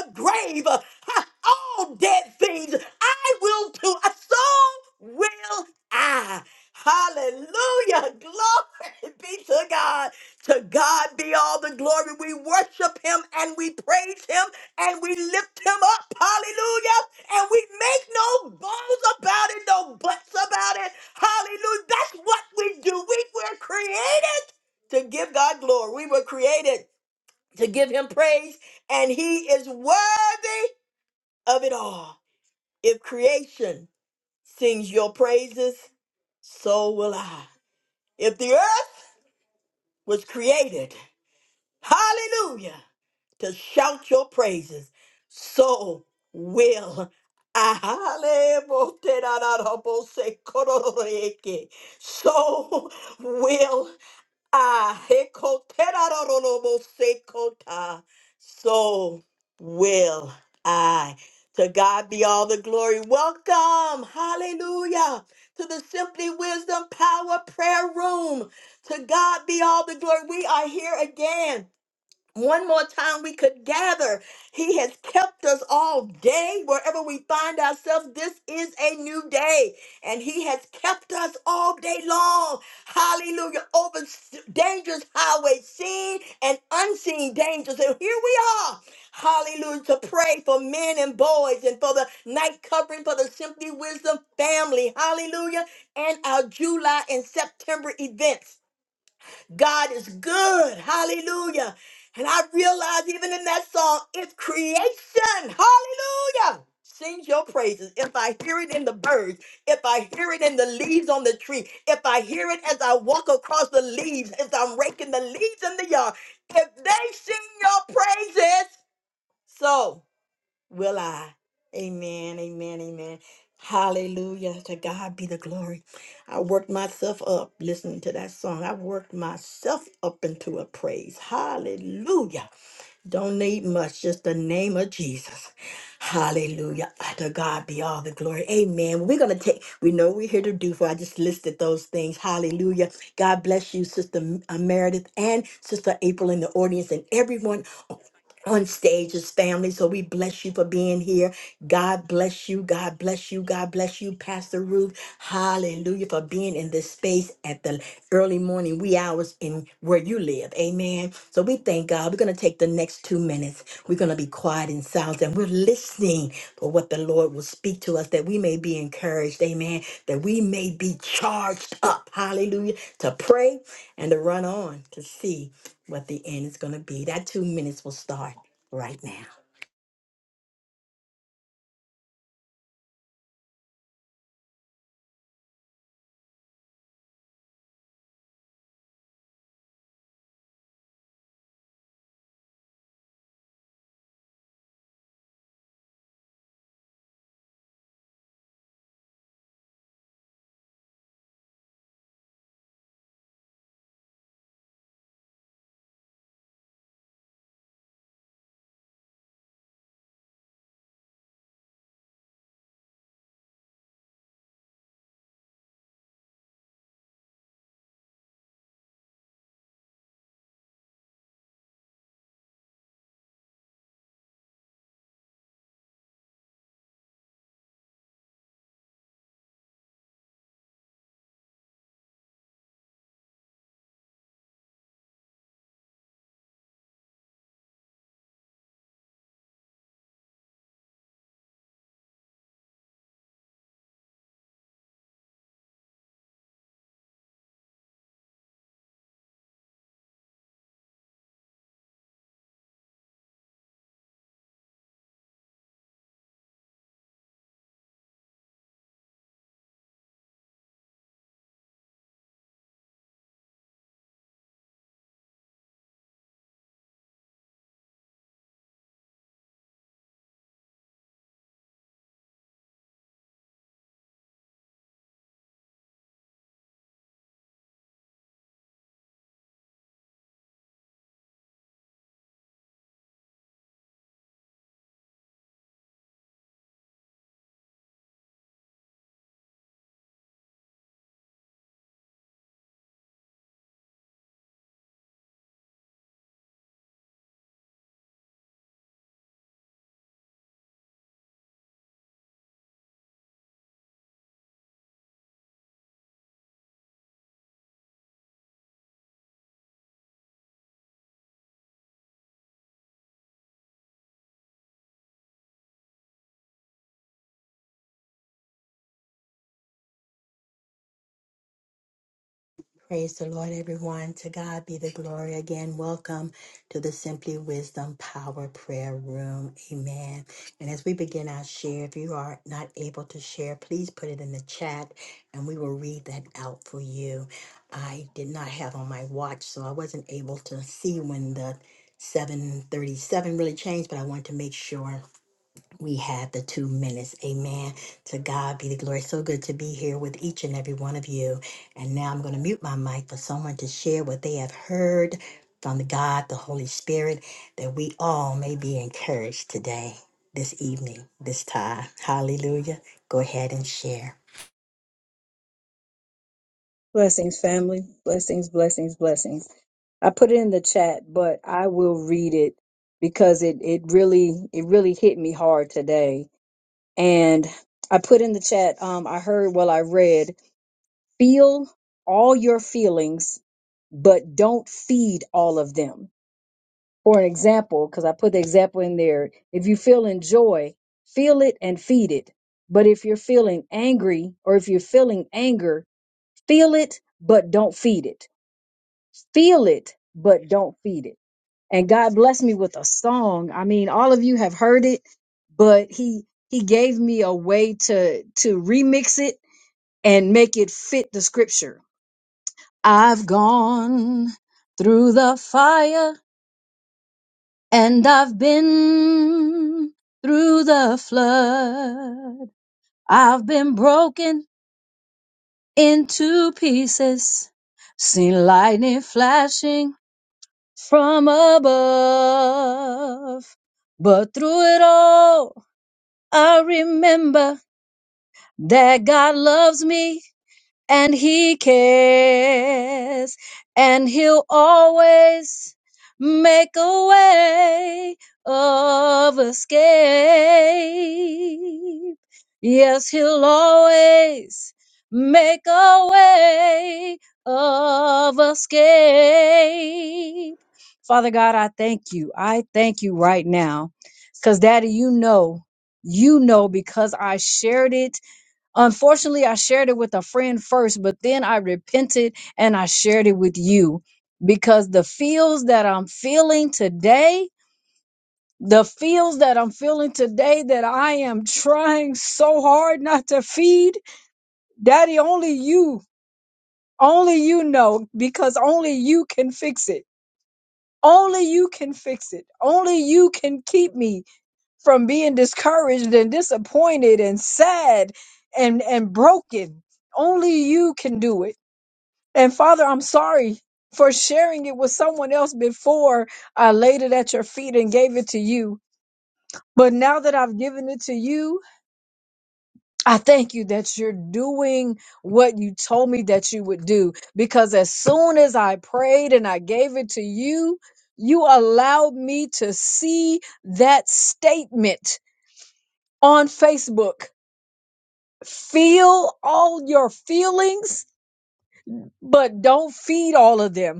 Speaker 1: let the grave, ha, all dead things, I will too. So will I. Hallelujah. Glory be to God. To God be all the glory. We worship him and we praise him and we lift him up. Hallelujah. And we make no bones about it, no buts about it. Hallelujah. That's what we do. We were created to give God glory. We were created to give him praise and he is worthy of it all. If creation sings your praises, so will I. If the earth was created, hallelujah, to shout your praises, so will I. So will Ah, hekoterarorobosekota. so will I. To God be all the glory. Welcome, hallelujah, to the Simply Wisdom Power Prayer Room. To God be all the glory. We are here again one more time we could gather. He has kept us all day wherever we find ourselves. This is a new day, and He has kept us all day long. Hallelujah. Over s- dangerous highways, seen and unseen dangers. And here we are. Hallelujah. To pray for men and boys and for the night covering for the Simply Wisdom family. Hallelujah. And our July and September events. God is good. Hallelujah. And I realize even in that song, it's creation. Hallelujah. Sing your praises. If I hear it in the birds, if I hear it in the leaves on the tree, if I hear it as I walk across the leaves, as I'm raking the leaves in the yard, if they sing your praises. So will I. Amen, amen, amen. Hallelujah. To God be the glory. I worked myself up listening to that song. I worked myself up into a praise. Hallelujah. Don't need much, just the name of Jesus. Hallelujah. Ah, To God be all the glory. Amen. We're going to take, we know we're here to do for. I just listed those things. Hallelujah. God bless you, Sister M- uh, Meredith and Sister April in the audience and everyone on stage as family. So we bless you for being here. God bless you. God bless you. God bless you, Pastor Ruth. Hallelujah for being in this space at the early morning wee hours in where you live. Amen. So we thank God. We're going to take the next two minutes. We're going to be quiet and silent and we're listening for what the Lord will speak to us that we may be encouraged. Amen. That we may be charged up. Hallelujah. To pray and to run on to see what the end is going to be. That two minutes will start right now. Praise the Lord, everyone. To God be the glory again. Welcome to the Simply Wisdom Power Prayer Room. Amen. And as we begin our share, if you are not able to share, please put it in the chat and we will read that out for you. I did not have on my watch, so I wasn't able to see when the 737 really changed, but I wanted to make sure we had the two minutes. Amen. To God be the glory. So good to be here with each and every one of you. And now I'm going to mute my mic for someone to share what they have heard from the God, the Holy Spirit, that we all may be encouraged today, this evening, this time. Hallelujah. Go ahead and share.
Speaker 7: Blessings, family. Blessings, blessings, blessings. I put it in the chat, but I will read it because it, it really it really hit me hard today. And I put in the chat, um, I heard well I read, feel all your feelings, but don't feed all of them. For an example, because I put the example in there, if you feel in joy, feel it and feed it. But if you're feeling angry or if you're feeling anger, feel it but don't feed it Feel it, but don't feed it. And God blessed me with a song. I mean, all of you have heard it, but he he gave me a way to to remix it and make it fit the scripture. I've gone through the fire and I've been through the flood. I've been broken into pieces, seen lightning flashing from above. But through it all, I remember that God loves me and he cares and he'll always make a way of escape. Yes, he'll always make a way of escape. Father God, I thank you. I thank you right now. Cause daddy, you know, you know, because I shared it Unfortunately, I shared it with a friend first, but then I repented and I shared it with you because the feels that I'm feeling today, the feels that I'm feeling today that I am trying so hard not to feed, Daddy, only you, only you know because only you can fix it. Only you can fix it. Only you can keep me from being discouraged and disappointed and sad and, and broken. Only you can do it And Father, I'm sorry for sharing it with someone else before I laid it at your feet and gave it to you. But now that I've given it to you, I thank you that you're doing what you told me that you would do. Because as soon as I prayed and I gave it to you, you allowed me to see that statement on Facebook. Feel all your feelings, but don't feed all of them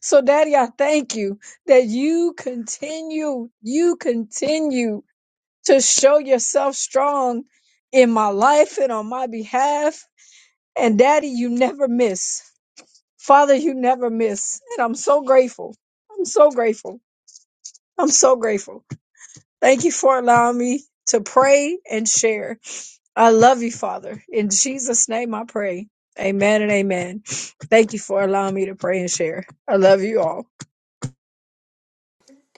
Speaker 7: So, Daddy, I thank you that you continue, you continue to show yourself strong in my life and on my behalf. And, Daddy, you never miss. Father, you never miss. And I'm so grateful. I'm so grateful. I'm so grateful. Thank you for allowing me to pray and share. I love you, Father. In Jesus' name I pray. Amen and amen. Thank you for allowing me to pray and share. I love you all.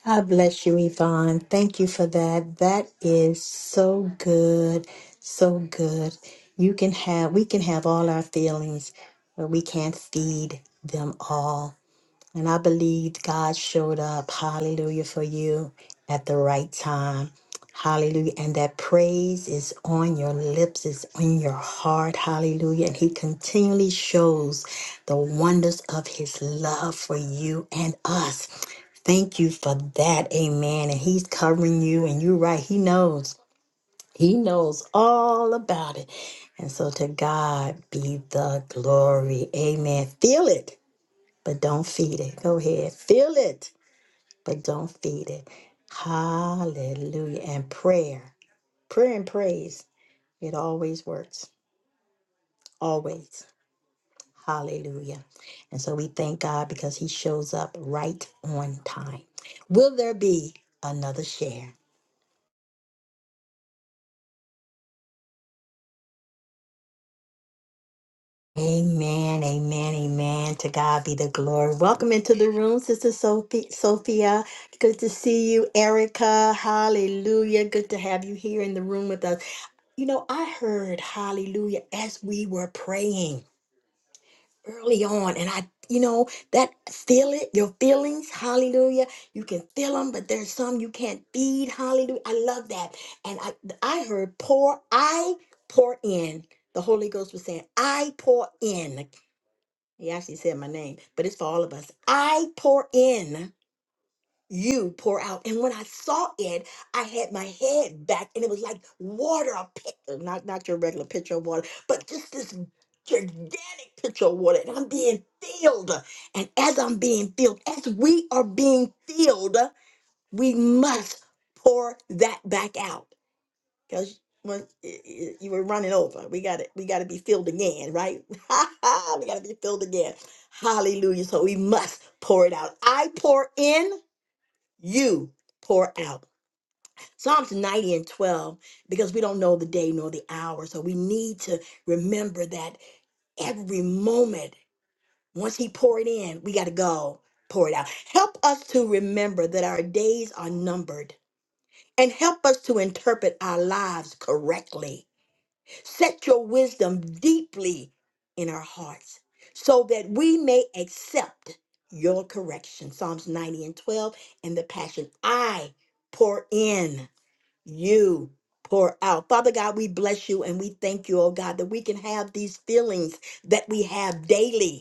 Speaker 1: God bless you, Yvonne. Thank you for that. That is so good, so good. You can have, we can have all our feelings, but we can't feed them all. And I believe God showed up, hallelujah, for you at the right time. Hallelujah. And that praise is on your lips, it's on your heart. Hallelujah. And He continually shows the wonders of His love for you and us. Thank you for that. Amen. And He's covering you, and you're right. He knows. He knows all about it. And so to God be the glory. Amen. Feel it but don't feed it. Go ahead. Feel it, but don't feed it. Hallelujah. And prayer, prayer and praise, it always works. Always. Hallelujah. And so we thank God because he shows up right on time. Will there be another share? Amen, amen, amen. To God be the glory. Welcome into the room, Sister Sophie, Sophia. Good to see you, Erica. Hallelujah. Good to have you here in the room with us. You know, I heard hallelujah as we were praying early on, and I, you know, that feel it, your feelings, hallelujah. You can feel them, but there's some you can't feed, hallelujah. I love that. And I, I heard pour, I pour in. The Holy Ghost was saying, I pour in. He actually said my name, but it's for all of us. I pour in you pour out. And when I saw it, I had my head back and it was like water, a picture, not, not your regular pitcher of water, but just this gigantic pitcher of water. And I'm being filled. And as I'm being filled, as we are being filled, we must pour that back out. Because when y- y- you were running over, we got to we got to be filled again, right? we got to be filled again. Hallelujah! So we must pour it out. I pour in, you pour out. Psalms 90 and 12, because we don't know the day nor the hour. So we need to remember that every moment, once He poured in, we got to go pour it out. Help us to remember that our days are numbered and help us to interpret our lives correctly. Set your wisdom deeply in our hearts so that we may accept your correction. Psalms 90 and 12 and the Passion. I pour in you pour out. Father God, we bless you and we thank you, oh God, that we can have these feelings that we have daily.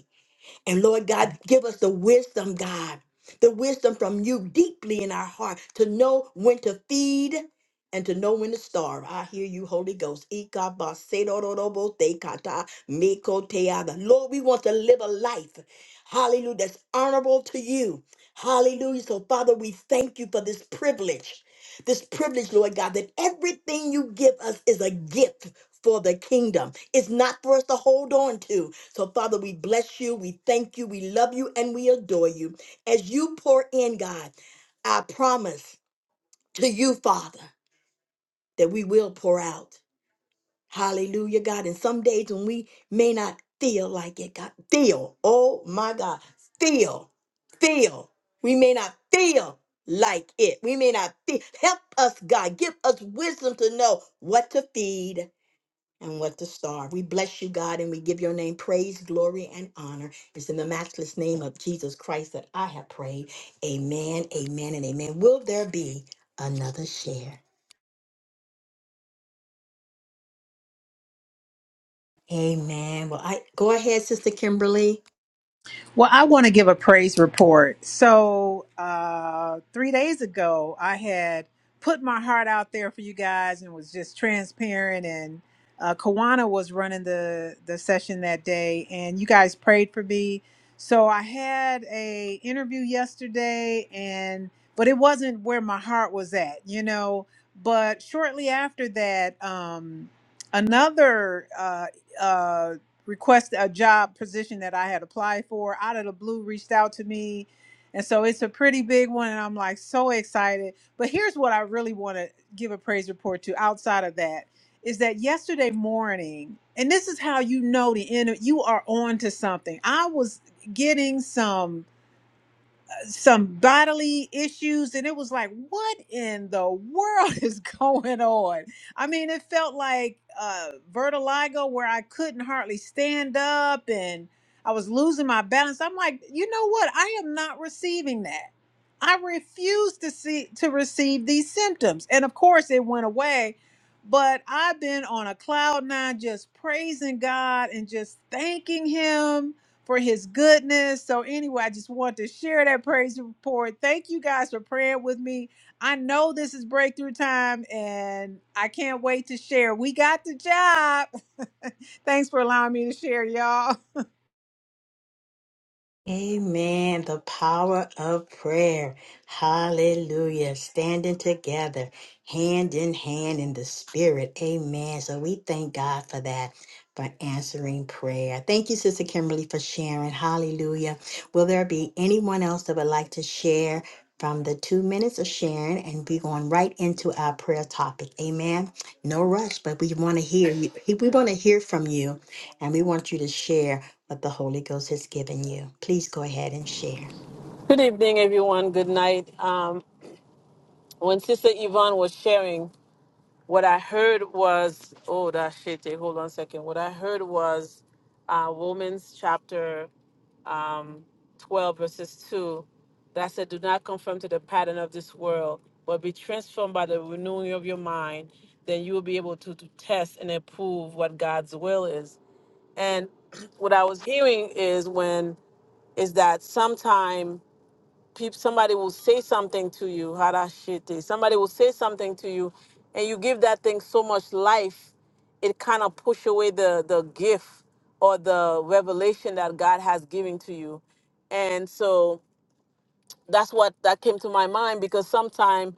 Speaker 1: And Lord God, give us the wisdom, God, the wisdom from you deeply in our heart to know when to feed and to know when to starve. I hear you, Holy Ghost. Ikabasedoroboteka mikoteada. Lord, we want to live a life, hallelujah, that's honorable to you. Hallelujah. So, Father, we thank you for this privilege. This privilege, Lord God, that everything you give us is a gift for the kingdom. It's not for us to hold on to. So, Father, we bless you, we thank you, we love you, and we adore you. As you pour in, God, I promise to you, Father, that we will pour out. Hallelujah, God. And some days when we may not feel like it, God, feel, oh my God, feel, feel. We may not feel like it. We may not feel. Help us, God. Give us wisdom to know what to feed and what the star. We bless you, God, and we give your name praise, glory, and honor. It's in the matchless name of Jesus Christ that I have prayed. Amen, amen, and amen. Will there be another share? Amen. Well, I go ahead, Sister Kimberly.
Speaker 8: Well, I want to give a praise report. So, uh, three days ago, I had put my heart out there for you guys and was just transparent. And uh, Kawana was running the the session that day, and you guys prayed for me. So I had a interview yesterday, and but it wasn't where my heart was at, you know. But shortly after that, um, another. Uh, uh, request a job position that I had applied for out of the blue reached out to me. And so it's a pretty big one and I'm like so excited. But here's what I really want to give a praise report to outside of that is that yesterday morning and this is how you know the end you are on to something. I was getting some some bodily issues and it was like what in the world is going on i mean it felt like uh vertigo where i couldn't hardly stand up and i was losing my balance i'm like you know what i am not receiving that i refuse to see to receive these symptoms and of course it went away but i've been on a cloud nine just praising god and just thanking him for his goodness. So, anyway, I just want to share that praise report. Thank you guys for praying with me. I know this is breakthrough time and I can't wait to share. We got the job. Thanks for allowing me to share, y'all.
Speaker 1: Amen. The power of prayer. Hallelujah. Standing together, hand in hand in the spirit. Amen. So we thank God for that, for answering prayer. Thank you, Sister Kimberly, for sharing. Hallelujah. Will there be anyone else that would like to share from the two minutes of sharing and be going right into our prayer topic? Amen. No rush, but we want to hear you. We want to hear from you and we want you to share what the Holy Ghost has given you. Please go ahead and share.
Speaker 2: Good evening, everyone. Good night. Um, when Sister Yvonne was sharing, what I heard was, oh, that shit, eh, hold on a second. What I heard was uh, Women's chapter um, 12, verses 2, that said, Do not conform to the pattern of this world, but be transformed by the renewing of your mind. Then you will be able to, to test and approve what God's will is. And what I was hearing is when, is that sometime people somebody will say something to you harashite somebody will say something to you and you give that thing so much life it kind of push away the the gift or the revelation that god has given to you and so that's what that came to my mind because sometimes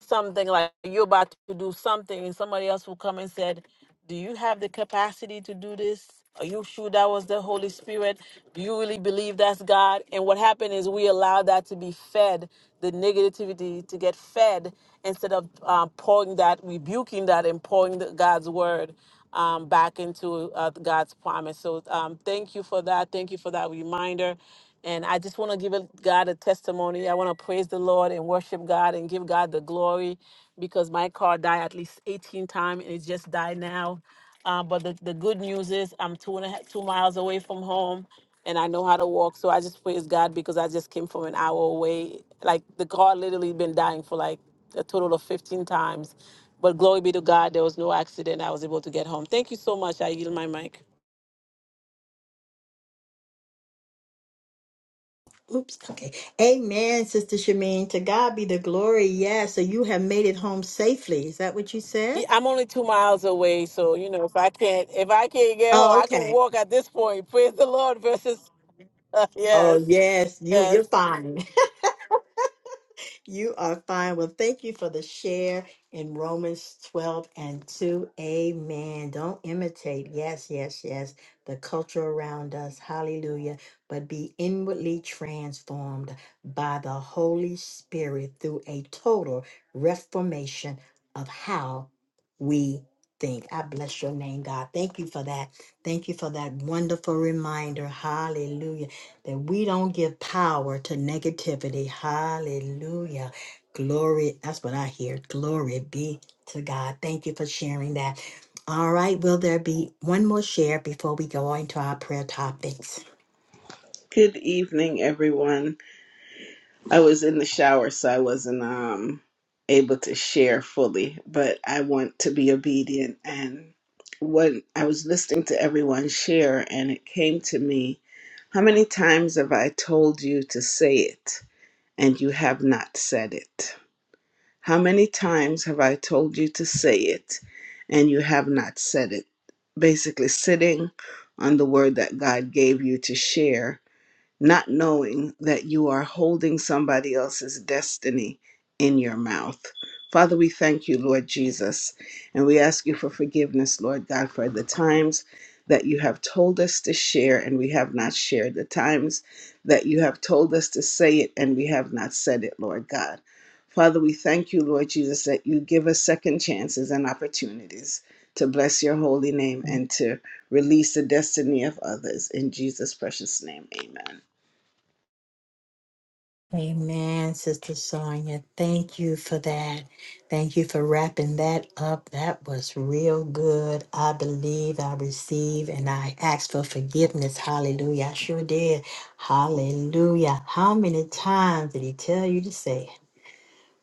Speaker 2: something like you're about to do something and somebody else will come and said do you have the capacity to do this are you sure that was the holy spirit do you really believe that's god and what happened is we allowed that to be fed the negativity to get fed instead of um, pouring that rebuking that and pouring the, god's word um, back into uh, god's promise so um, thank you for that thank you for that reminder and I just want to give a- God a testimony. I want to praise the Lord and worship God and give God the glory because my car died at least 18 times and it just died now. Uh, but the, the good news is I'm two and a half, two miles away from home and I know how to walk. So I just praise God because I just came from an hour away. Like the car literally been dying for like a total of 15 times. But glory be to God, there was no accident. I was able to get home. Thank you so much. I yield my mic.
Speaker 1: Oops. Okay. Amen, Sister Shamin. To God be the glory. Yes. So you have made it home safely. Is that what you said?
Speaker 2: Yeah, I'm only two miles away, so you know if I can't if I can't get home,
Speaker 1: Oh,
Speaker 2: I could
Speaker 1: okay.
Speaker 2: walk at this point. Praise the Lord. Versus yes,
Speaker 1: Oh, yes. You
Speaker 2: yes.
Speaker 1: you're fine. You are fine. Well, thank you for the share in Romans 12 and 2. Amen. Don't imitate. Yes, yes, yes. The culture around us. Hallelujah. But be inwardly transformed by the Holy Spirit through a total reformation of how we think. I bless your name, God. Thank you for that. Thank you for that wonderful reminder. Hallelujah that we don't give power to negativity. Hallelujah. Glory. That's what I hear. Glory be to God. Thank you for sharing that. All right. Will there be one more share before we go into our prayer topics?
Speaker 9: Good evening, everyone. I was in the shower, so I wasn't um, able to share fully, but I want to be obedient. And when I was listening to everyone share, and it came to me, how many times have I told you to say it and you have not said it? How many times have I told you to say it and you have not said it? Basically, sitting on the word that God gave you to share not knowing that you are holding somebody else's destiny in your mouth. Father, we thank you, Lord Jesus, and we ask you for forgiveness, Lord God, for the times that you have told us to share and we have not shared, the times that you have told us to say it and we have not said it, Lord God. Father, we thank you, Lord Jesus, that you give us second chances and opportunities to bless your holy name and to release the destiny of others. In Jesus' precious name, amen.
Speaker 1: Amen, Sister Sonia. Thank you for that. Thank you for wrapping that up. That was real good. I believe, I receive, and I ask for forgiveness. Hallelujah. I sure did. Hallelujah. How many times did he tell you to say it?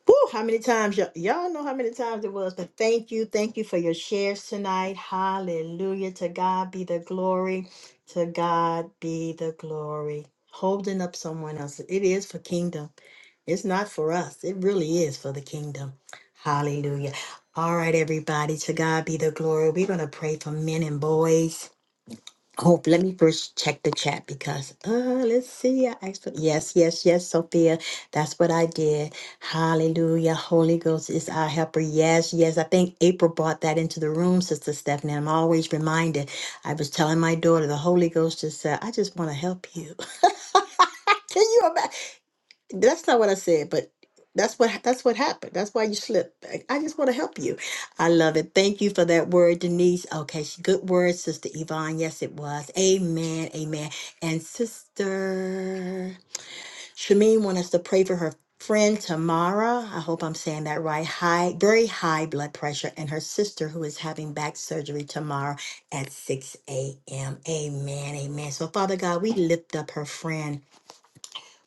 Speaker 1: Woo, how many times y'all, y'all know how many times it was, but thank you. Thank you for your shares tonight. Hallelujah. To God be the glory. To God be the glory. Holding up someone else. It is for kingdom. It's not for us. It really is for the kingdom. Hallelujah. All right, everybody. To God be the glory. We're going to pray for men and boys. Hope, let me first check the chat because, uh, let's see. I asked for, yes, yes, yes, Sophia. That's what I did. Hallelujah. Holy Ghost is our helper. Yes, yes. I think April brought that into the room, Sister Stephanie. I'm always reminded. I was telling my daughter, the Holy Ghost just said, I just want to help you. Can you imagine? That's not what I said, but that's what that's what happened. That's why you slipped. I, I just want to help you. I love it. Thank you for that word, Denise. Okay, she, good word, Sister Yvonne. Yes, it was. Amen. Amen. And Sister Shamin wants us to pray for her friend Tamara. I hope I'm saying that right. High, very high blood pressure, and her sister who is having back surgery tomorrow at 6 a.m. Amen. Amen. So, Father God, we lift up her friend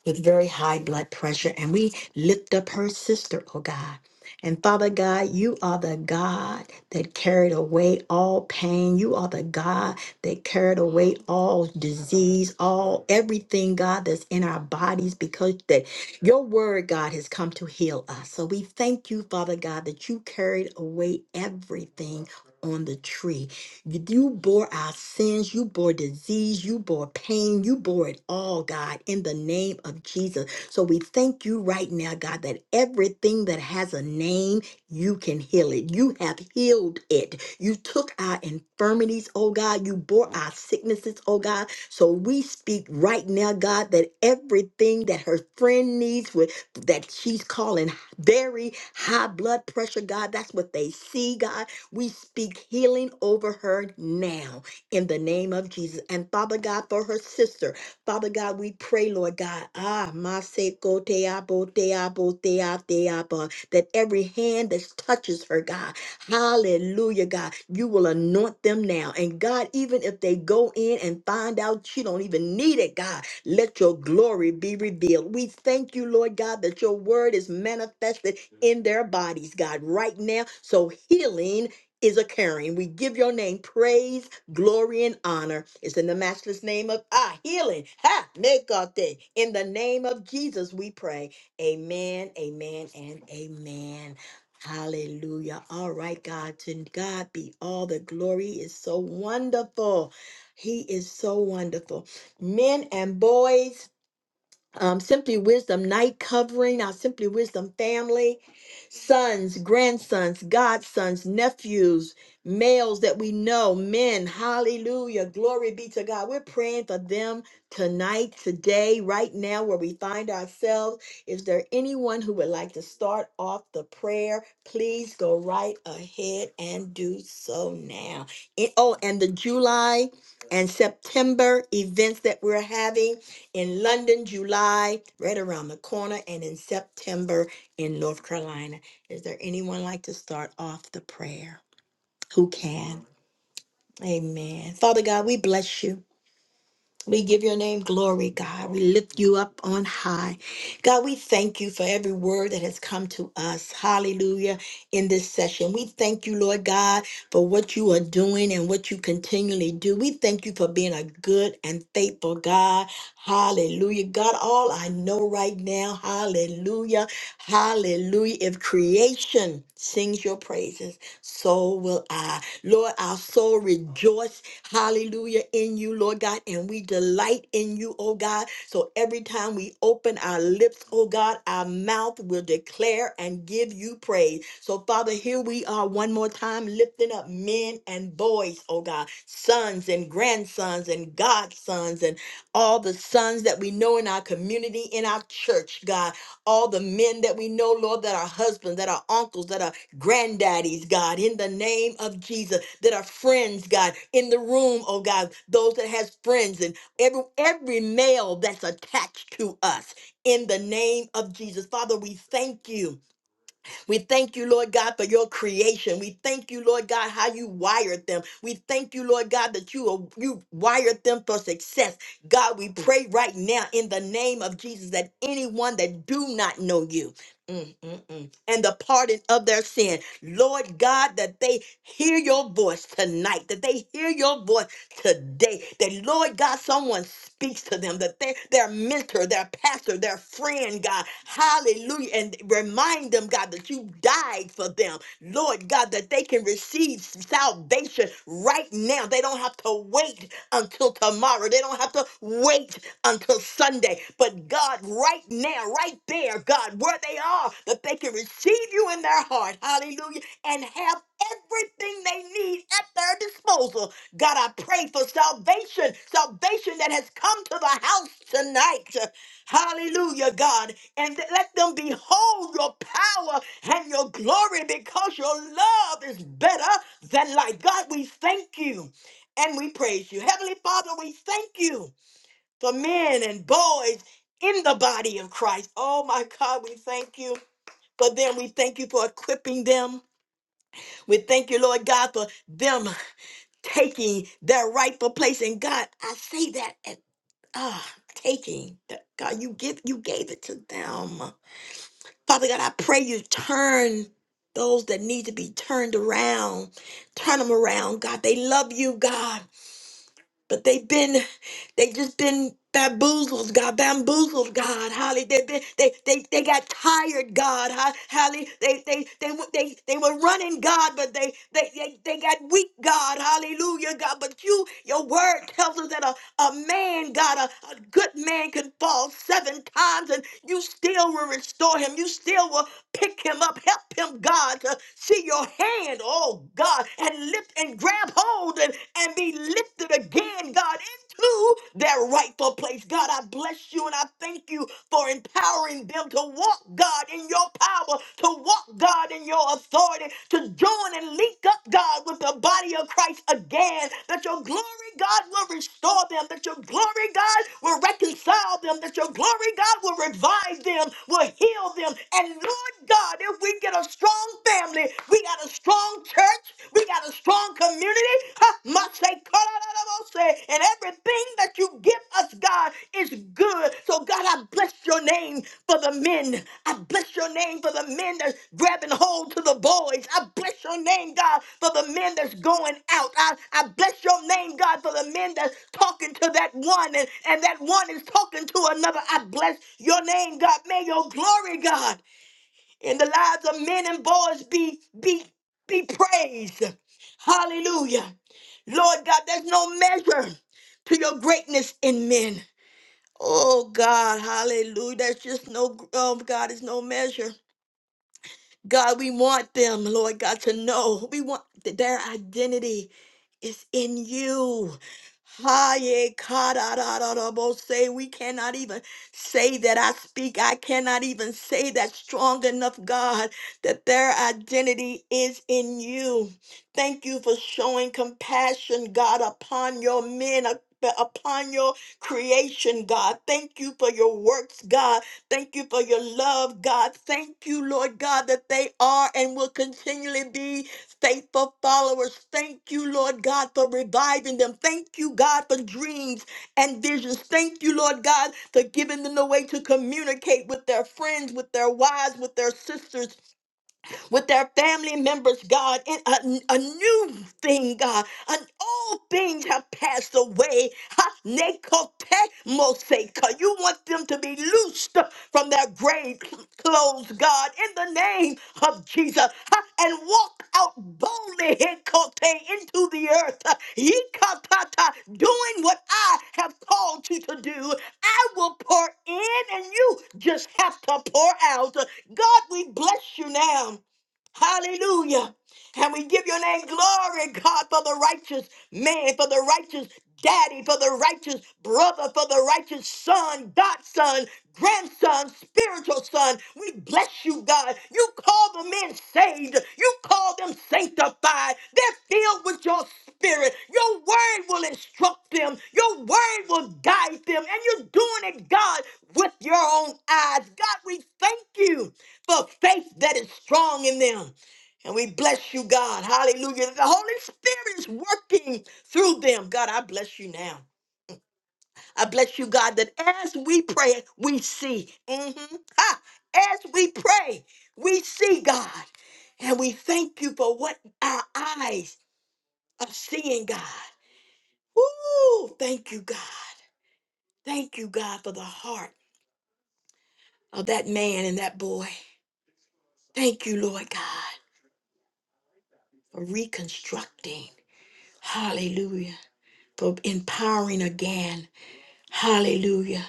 Speaker 1: with very high blood pressure. And we lift up her sister, oh God. And Father God, you are the God that carried away all pain. You are the God that carried away all disease, all everything, God, that's in our bodies, because that your word, God, has come to heal us. So we thank you, Father God, that you carried away everything on the tree. You you bore our sins, you bore disease, you bore pain, you bore it all, God, in the name of Jesus. So we thank you right now, God, that everything that has a name, you can heal it. You have healed it. You took our infirmities, oh God. You bore our sicknesses, oh God. So we speak right now, God, that everything that her friend needs with that she's calling very high blood pressure, God, that's what they see, God. We speak healing over her now in the name of Jesus. And Father God, for her sister, Father God, we pray, Lord God, ah, maseko te abo te abo te a te abo, that every hand that touches her, God, hallelujah, God, you will anoint them now. And God, even if they go in and find out you don't even need it, God, let your glory be revealed. We thank you, Lord God, that your word is manifested in their bodies, God, right now. So healing is occurring. We give your name praise, glory, and honor. It's in the matchless name of ah healing. Ha negate. In the name of Jesus, we pray. Amen, amen, and amen. Hallelujah. All right, God. To God be all the glory is so wonderful. He is so wonderful. Men and boys um, Simply Wisdom night covering, our Simply Wisdom family, sons, grandsons, godsons, nephews, males that we know, men. Hallelujah. Glory be to God. We're praying for them tonight, today, right now, where we find ourselves. Is there anyone who would like to start off the prayer? Please go right ahead and do so now. And- oh, and the July and September events that we're having in London, July, right around the corner, and in September in North Carolina. Is there anyone like to start off the prayer? Who can? Amen. Father God, we bless you. We give your name glory, God. We lift you up on high. God, we thank you for every word that has come to us. Hallelujah. In this session, we thank you, Lord God, for what you are doing and what you continually do. We thank you for being a good and faithful God. Hallelujah. God, all I know right now, hallelujah. Hallelujah. If creation sings your praises, so will I. Lord, our soul rejoices Hallelujah. In you, Lord God. And we delight in you, oh God. So every time we open our lips, oh God, our mouth will declare and give you praise. So, Father, here we are one more time lifting up men and boys, oh God, sons and grandsons and godsons and all the sons that we know in our community, in our church, God, all the men that we know, Lord, that are husbands, that are uncles, that are granddaddies, God, in the name of Jesus, that are friends, God, in the room, oh God, those that has friends and every every male that's attached to us in the name of Jesus. Father, we thank you we thank you, Lord God, for your creation. We thank you, Lord God, how you wired them. We thank you, Lord God, that you you wired them for success. God, we pray right now in the name of Jesus that anyone that do not know you. mm, mm, mm, And the pardon of their sin. Lord God, that they hear your voice tonight, that they hear your voice today. That, Lord God, someone speaks to them, that they, their mentor, their pastor, their friend, God, hallelujah, and remind them, God, that you died for them, Lord God, that they can receive salvation right now. They don't have to wait until tomorrow, they don't have to wait until Sunday. But God, right now, right there, God, where they are, that they can receive you in their heart, hallelujah, and have everything they need at their disposal God, I pray for salvation, salvation that has come to the house tonight. Hallelujah, God. And th- let them behold your power and your glory because your love is better than life. God, we thank you and we praise you. Heavenly Father, we thank you for men and boys in the body of Christ. Oh, my God, we thank you for them. We thank you for equipping them. We thank you, Lord God, for them taking their rightful place in God. I say that at ah taking that God, you give you gave it to them. Father God, I pray you turn those that need to be turned around. Turn them around, God. They love you, God, but they've been they just been bamboozled, God, bamboozled, God, Holly. They been, they, they, they got tired, God, Ho- Holly. They, they, they, were- they, they were running, God, but they, they, they, they got weak, God, Hallelujah, God. But you, your word tells us that a, a man, God, a, a good man can fall seven times and you still will restore him. You still will pick him up. Help him, God, to see your hand, oh God, and lift and grab hold and, and be lifted again, God to their rightful place. God, I bless you and I thank you for empowering them to walk, God, in your power, to walk, God, in your authority, to join and link up, God, with the body of Christ again. That your glory, God, will restore them. That your glory, God, will reconcile them. That your glory, God, will revive them, will heal them. And Lord God, if we get a strong family, we got a strong church, church. We got a strong community. Huh, must say, call out out of us, say, And everything that you give us, God, is good. So, God, I bless your name for the men. I bless your name for the men that's grabbing hold to the boys. I bless your name, God, for the men that's going out. I, I bless your name, God, for the men that's talking to that one and, and that one is talking to another. I bless your name, God. May your glory, God. In the lives of men and boys be be be praised. Hallelujah. Lord God, there's no measure to your greatness in men. Oh God, hallelujah. There's just no oh God, there's no measure. God, we want them, Lord God, to know. We want that their identity is in you. Haye kadarabo say we cannot even say that I speak. I cannot even say that strong enough, God, that their identity is in you. Thank you for showing compassion, God, upon your men. up- Upon your creation, God. Thank you for your works, God. Thank you for your love, God. Thank you, Lord God, that they are and will continually be faithful followers. Thank you, Lord God, for reviving them. Thank you, God, for dreams and visions. Thank you, Lord God, for giving them the way to communicate with their friends, with their wives, with their sisters with their family members, God, in a, a new thing, God. And all things have passed away. Ha, nekote moseka. You want them to be loosed from their grave clothes, God, in the name of Jesus, Ha, and walk out boldly hekote, into the earth. ha, Yikatata, Doing what I have called you to do. I will pour in, and you just have to pour out. God, we bless you now. Hallelujah. And we give your name glory, God, for the righteous man, for the righteous daddy, for the righteous brother, for the righteous son, godson, grandson, spiritual son. We bless you, God. You call the men saved. You call them sanctified. They're filled with your spirit. Your word will instruct them. Your word will guide them. And you're doing it, God, with your own eyes. God, we thank you for faith that is strong in them. And we bless you, God. Hallelujah. The Holy Spirit is working through them. God, I bless you now. I bless you, God, that as we pray, we see. Mhm. Ha! As we pray, we see, God. And we thank you for what our eyes are seeing, God. Woo! Thank you, God. Thank you, God, for the heart of that man and that boy. Thank you, Lord God, for reconstructing. Hallelujah. For empowering again. Hallelujah.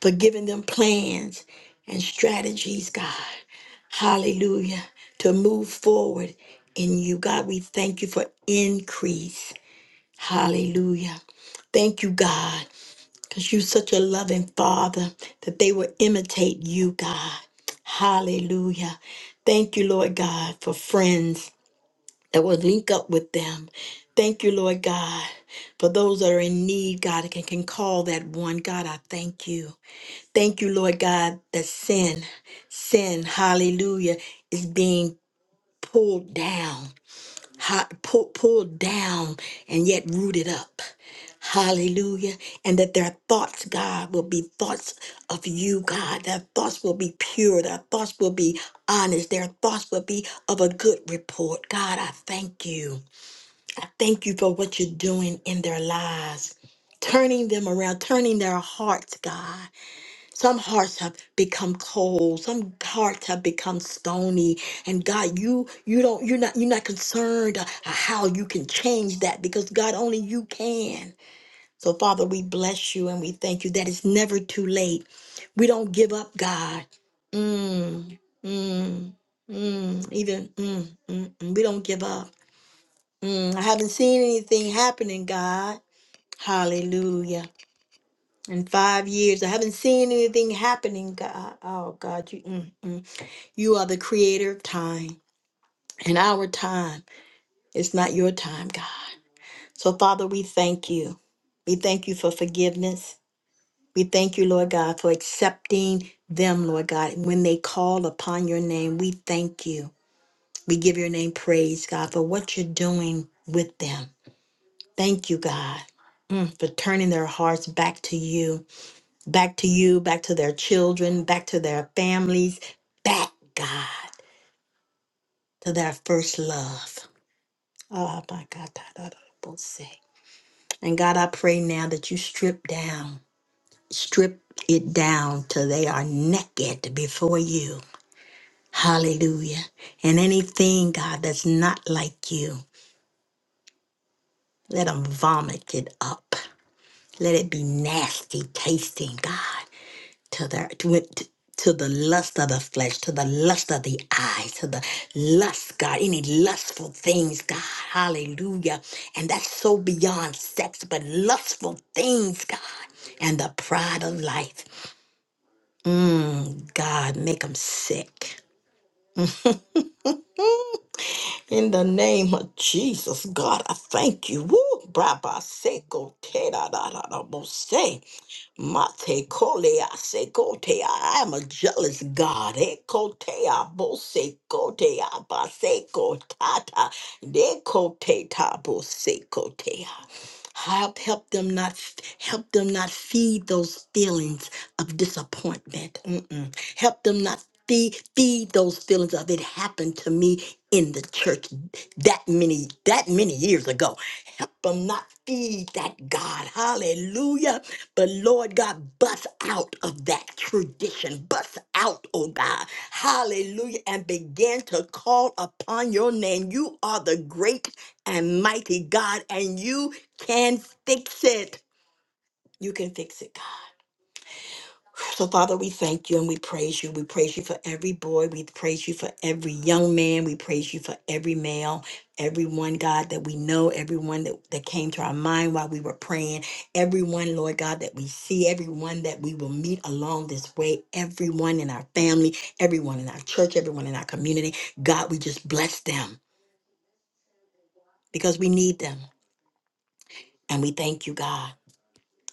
Speaker 1: For giving them plans and strategies, God. Hallelujah. To move forward in you. God, we thank you for increase. Hallelujah. Thank you, God, because you're such a loving Father that they will imitate you, God. Hallelujah. Thank you, Lord God, for friends that will link up with them. Thank you, Lord God, for those that are in need, God, and can, can call that one. God, I thank you. Thank you, Lord God, that sin, sin, hallelujah, is being pulled down, ha- pull, pulled down, and yet rooted up. Hallelujah. And that their thoughts, God, will be thoughts of you, God. Their thoughts will be pure. Their thoughts will be honest. Their thoughts will be of a good report. God, I thank you. I thank you for what you're doing in their lives, turning them around, turning their hearts, God. Some hearts have become cold, some hearts have become stony. And God, you you don't you're not you're not concerned uh, how you can change that because God only you can. So Father, we bless you and we thank you that it's never too late. We don't give up, God. Mm, mm, mm, even mm, mm, mm. we don't give up. Mm, I haven't seen anything happening, God. Hallelujah. In five years, I haven't seen anything happening, God. Oh, God, you, mm. you are the creator of time, and our time is not you. It's you back to their children, back to their families, back, God, to their first love. Oh, my God. da, da, da, da, both say. And God, I pray now that you strip down, strip it down till they are naked before you Hallelujah. And anything, God, that's not like you, let them vomit it up. Let it be nasty tasting, God, to the to, it- to the lust of the flesh, to the lust of the eyes, to the lust, God, any lustful things, God, hallelujah. And that's so beyond sex, but lustful things, God, and the pride of life. Mm, God, make them sick. In the name of Jesus, God, I thank you. Woo! Brabaseko, Mate kolea se kotea. I am a jealous God. E kotea bo se kotea ba se kotata. De koteta bo se kotea. Help, help them not help them not feed those feelings of disappointment. Mm-mm. Help them not feed feed those feelings of it happened to me in the church that many that many years ago. Help them not feed that God. Hallelujah but Lord God, bust out of that tradition. Bust out, oh God. Hallelujah. And begin to call upon your name. You are the great and mighty God, and you can fix it. You can fix it, God. So, Father, we thank you and we praise you. We praise you for every boy. We praise you for every young man. We praise you for every male, everyone, God, that we know, everyone that, that came to our mind while we were praying, everyone, Lord God, that we see, everyone that we will meet along this way, everyone in our family, everyone in our church, everyone in our community. God, we just bless them because we need them. And we thank you, God.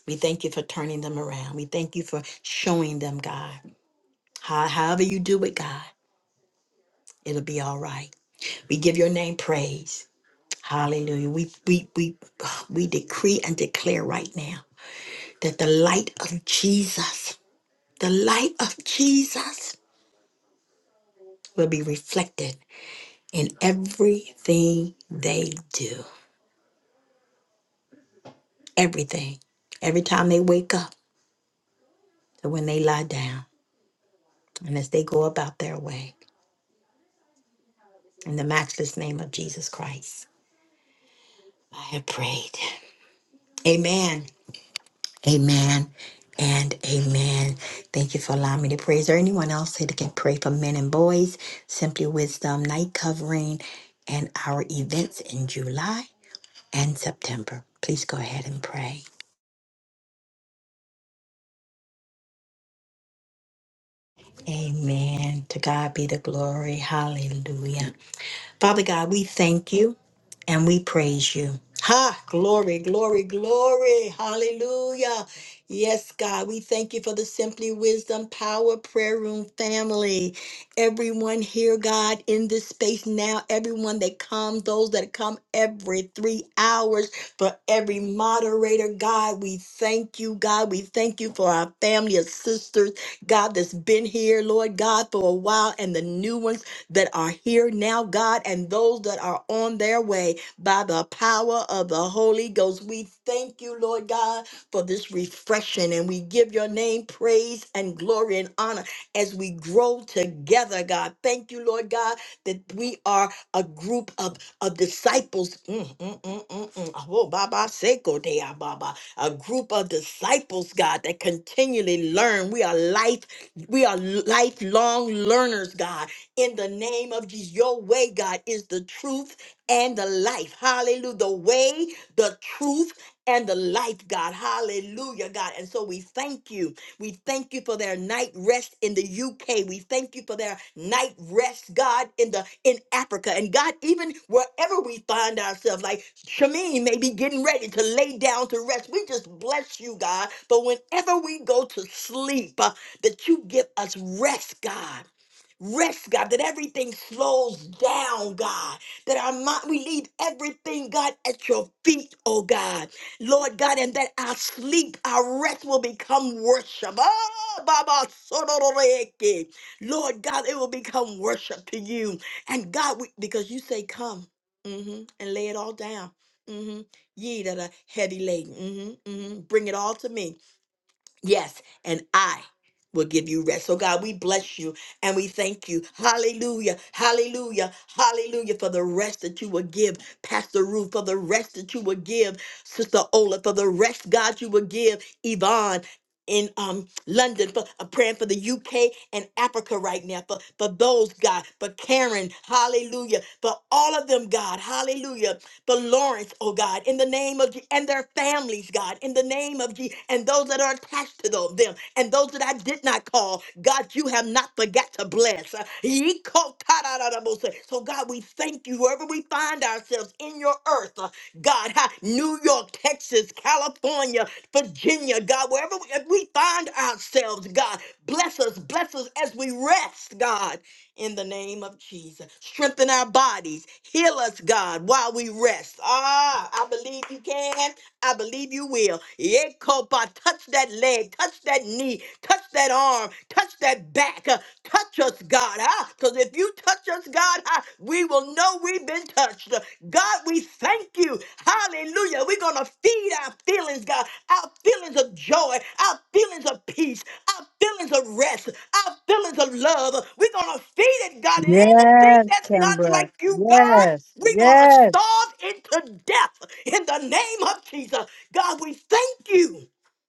Speaker 1: We thank you for turning them around. We thank you for showing them, God. How- However, you do it, God. It'll be all right. We give your name praise. Hallelujah. We we we we decree and declare right now that the light of Jesus, the light of Jesus will be reflected in everything they do. Everything. Every time they wake up and when they lie down and as they go about their way. In the matchless name of Jesus Christ, I have prayed. Amen. Amen and amen. Thank you for allowing me to pray. Is there anyone else here that can pray for men and boys? Simply Wisdom, Night Covering, and our events in July and September. Please go ahead and pray. Amen. To God be the glory. Hallelujah. Father God, we thank you and we praise you. Ha, glory, glory, glory. Hallelujah. Yes, God, we thank you for the Simply Wisdom Power Prayer Room family. Everyone here, God, in this space now, everyone that come, those that come every three hours, for every moderator, God, we thank you, God. We thank you for our family of sisters, God, that's been here, Lord God, for a while, and the new ones that are here now, God, and those that are on their way by the power of the Holy Ghost. We thank you, Lord God, for this refreshing, and we give your name praise and glory and honor as we grow together, God. Thank you, Lord God, that we are a group of, of disciples. Mm, mm, mm, mm, mm. Oh, Baba Seko Dea Baba. A group of disciples, God, that continually learn. We are life, we are lifelong learners, God in the name of Jesus. Your way, God, is the truth and the life. Hallelujah. The way, the truth, and the life, God. Hallelujah, God. And so we thank you. We thank you for their night rest in the UK. We thank you for their night rest, God, in the in Africa. And God, even wherever we find ourselves, like Shamin may be getting ready to lay down to rest. We just bless you, God. But whenever we go to sleep, uh, that you give us rest, God. Rest, God, that everything slows down, God. That our mind, we leave everything, God, at your feet, oh God. Lord God, and that our sleep, our rest will become worship. Ah, Baba Sororeke. Lord God, it will become worship to you. And God, we, because you say, come hmm and lay it all down. hmm Ye that are heavy laden, hmm hmm bring it all to me. Yes, and I will give you rest. So, God, we bless you and we thank you. Hallelujah, hallelujah, hallelujah for the rest that you will give, Pastor Ruth, for the rest that you will give, Sister Ola, for the rest, God, you will give, Yvonne. In um, London, for uh, praying for the UK and Africa right now, for, for those, God, for Karen, hallelujah, for all of them, God, hallelujah, the Lawrence, oh God, in the name of Je- and their families, God, in the name of Jesus, and those that are attached to tho- them, and those that I did not call, God, you have not forgot to bless. Uh, ye ko- So, God, we thank you wherever we find ourselves in your earth, uh, God, ha- New York, Texas, California, Virginia, God, wherever we, if we find ourselves, God, bless us, bless us as we rest, God in the name of Jesus. Strengthen our bodies. Heal us, God, while we rest. Ah, I believe you can. I believe you will. Yekoba, touch that leg, touch that knee, touch that arm, touch that back. uh, Touch us, God. Ah, Because if you touch us, God, ah, we will know we've been touched. God, we thank you. Hallelujah. We're going to feed our feelings God, our feelings of joy, our feelings of peace, our feelings of rest, our feelings of love. We're going to feed it, God. And anything
Speaker 7: Yes,
Speaker 1: that's not
Speaker 7: Kimbra.
Speaker 1: like you, God,
Speaker 7: Yes,
Speaker 1: we're going to
Speaker 7: yes,
Speaker 1: starve into death in the name of Jesus. God, we thank you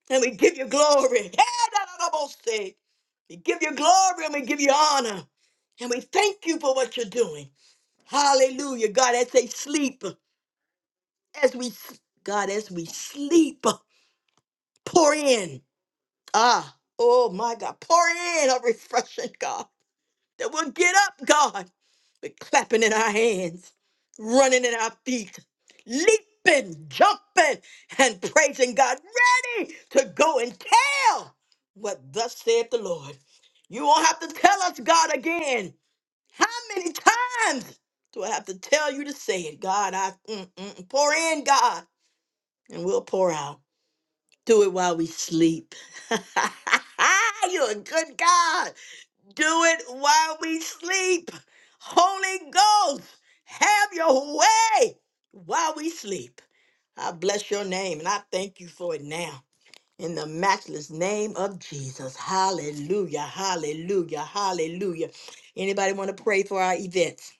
Speaker 1: and we give you glory. We give you glory and we give you honor. And we thank you for what you're doing. Hallelujah. God, as they sleep, as we, God, as we sleep, pour in. Ah, oh my God, pour in a refreshing God that we'll get up, God, with clapping in our hands, running in our feet, leaping, jumping, and praising God, ready to go and tell what thus saith the Lord. You won't have to tell us, God, again. How many times do I have to tell you to say it, God? I mm, mm, pour in, God, and we'll pour out. Do it while we sleep. You're a good God. Do it while we sleep. Holy Ghost, have your way while we sleep. I bless your name and I thank you for it now. In the matchless name of Jesus. Hallelujah. Hallelujah. Hallelujah. Anybody want to pray for our events?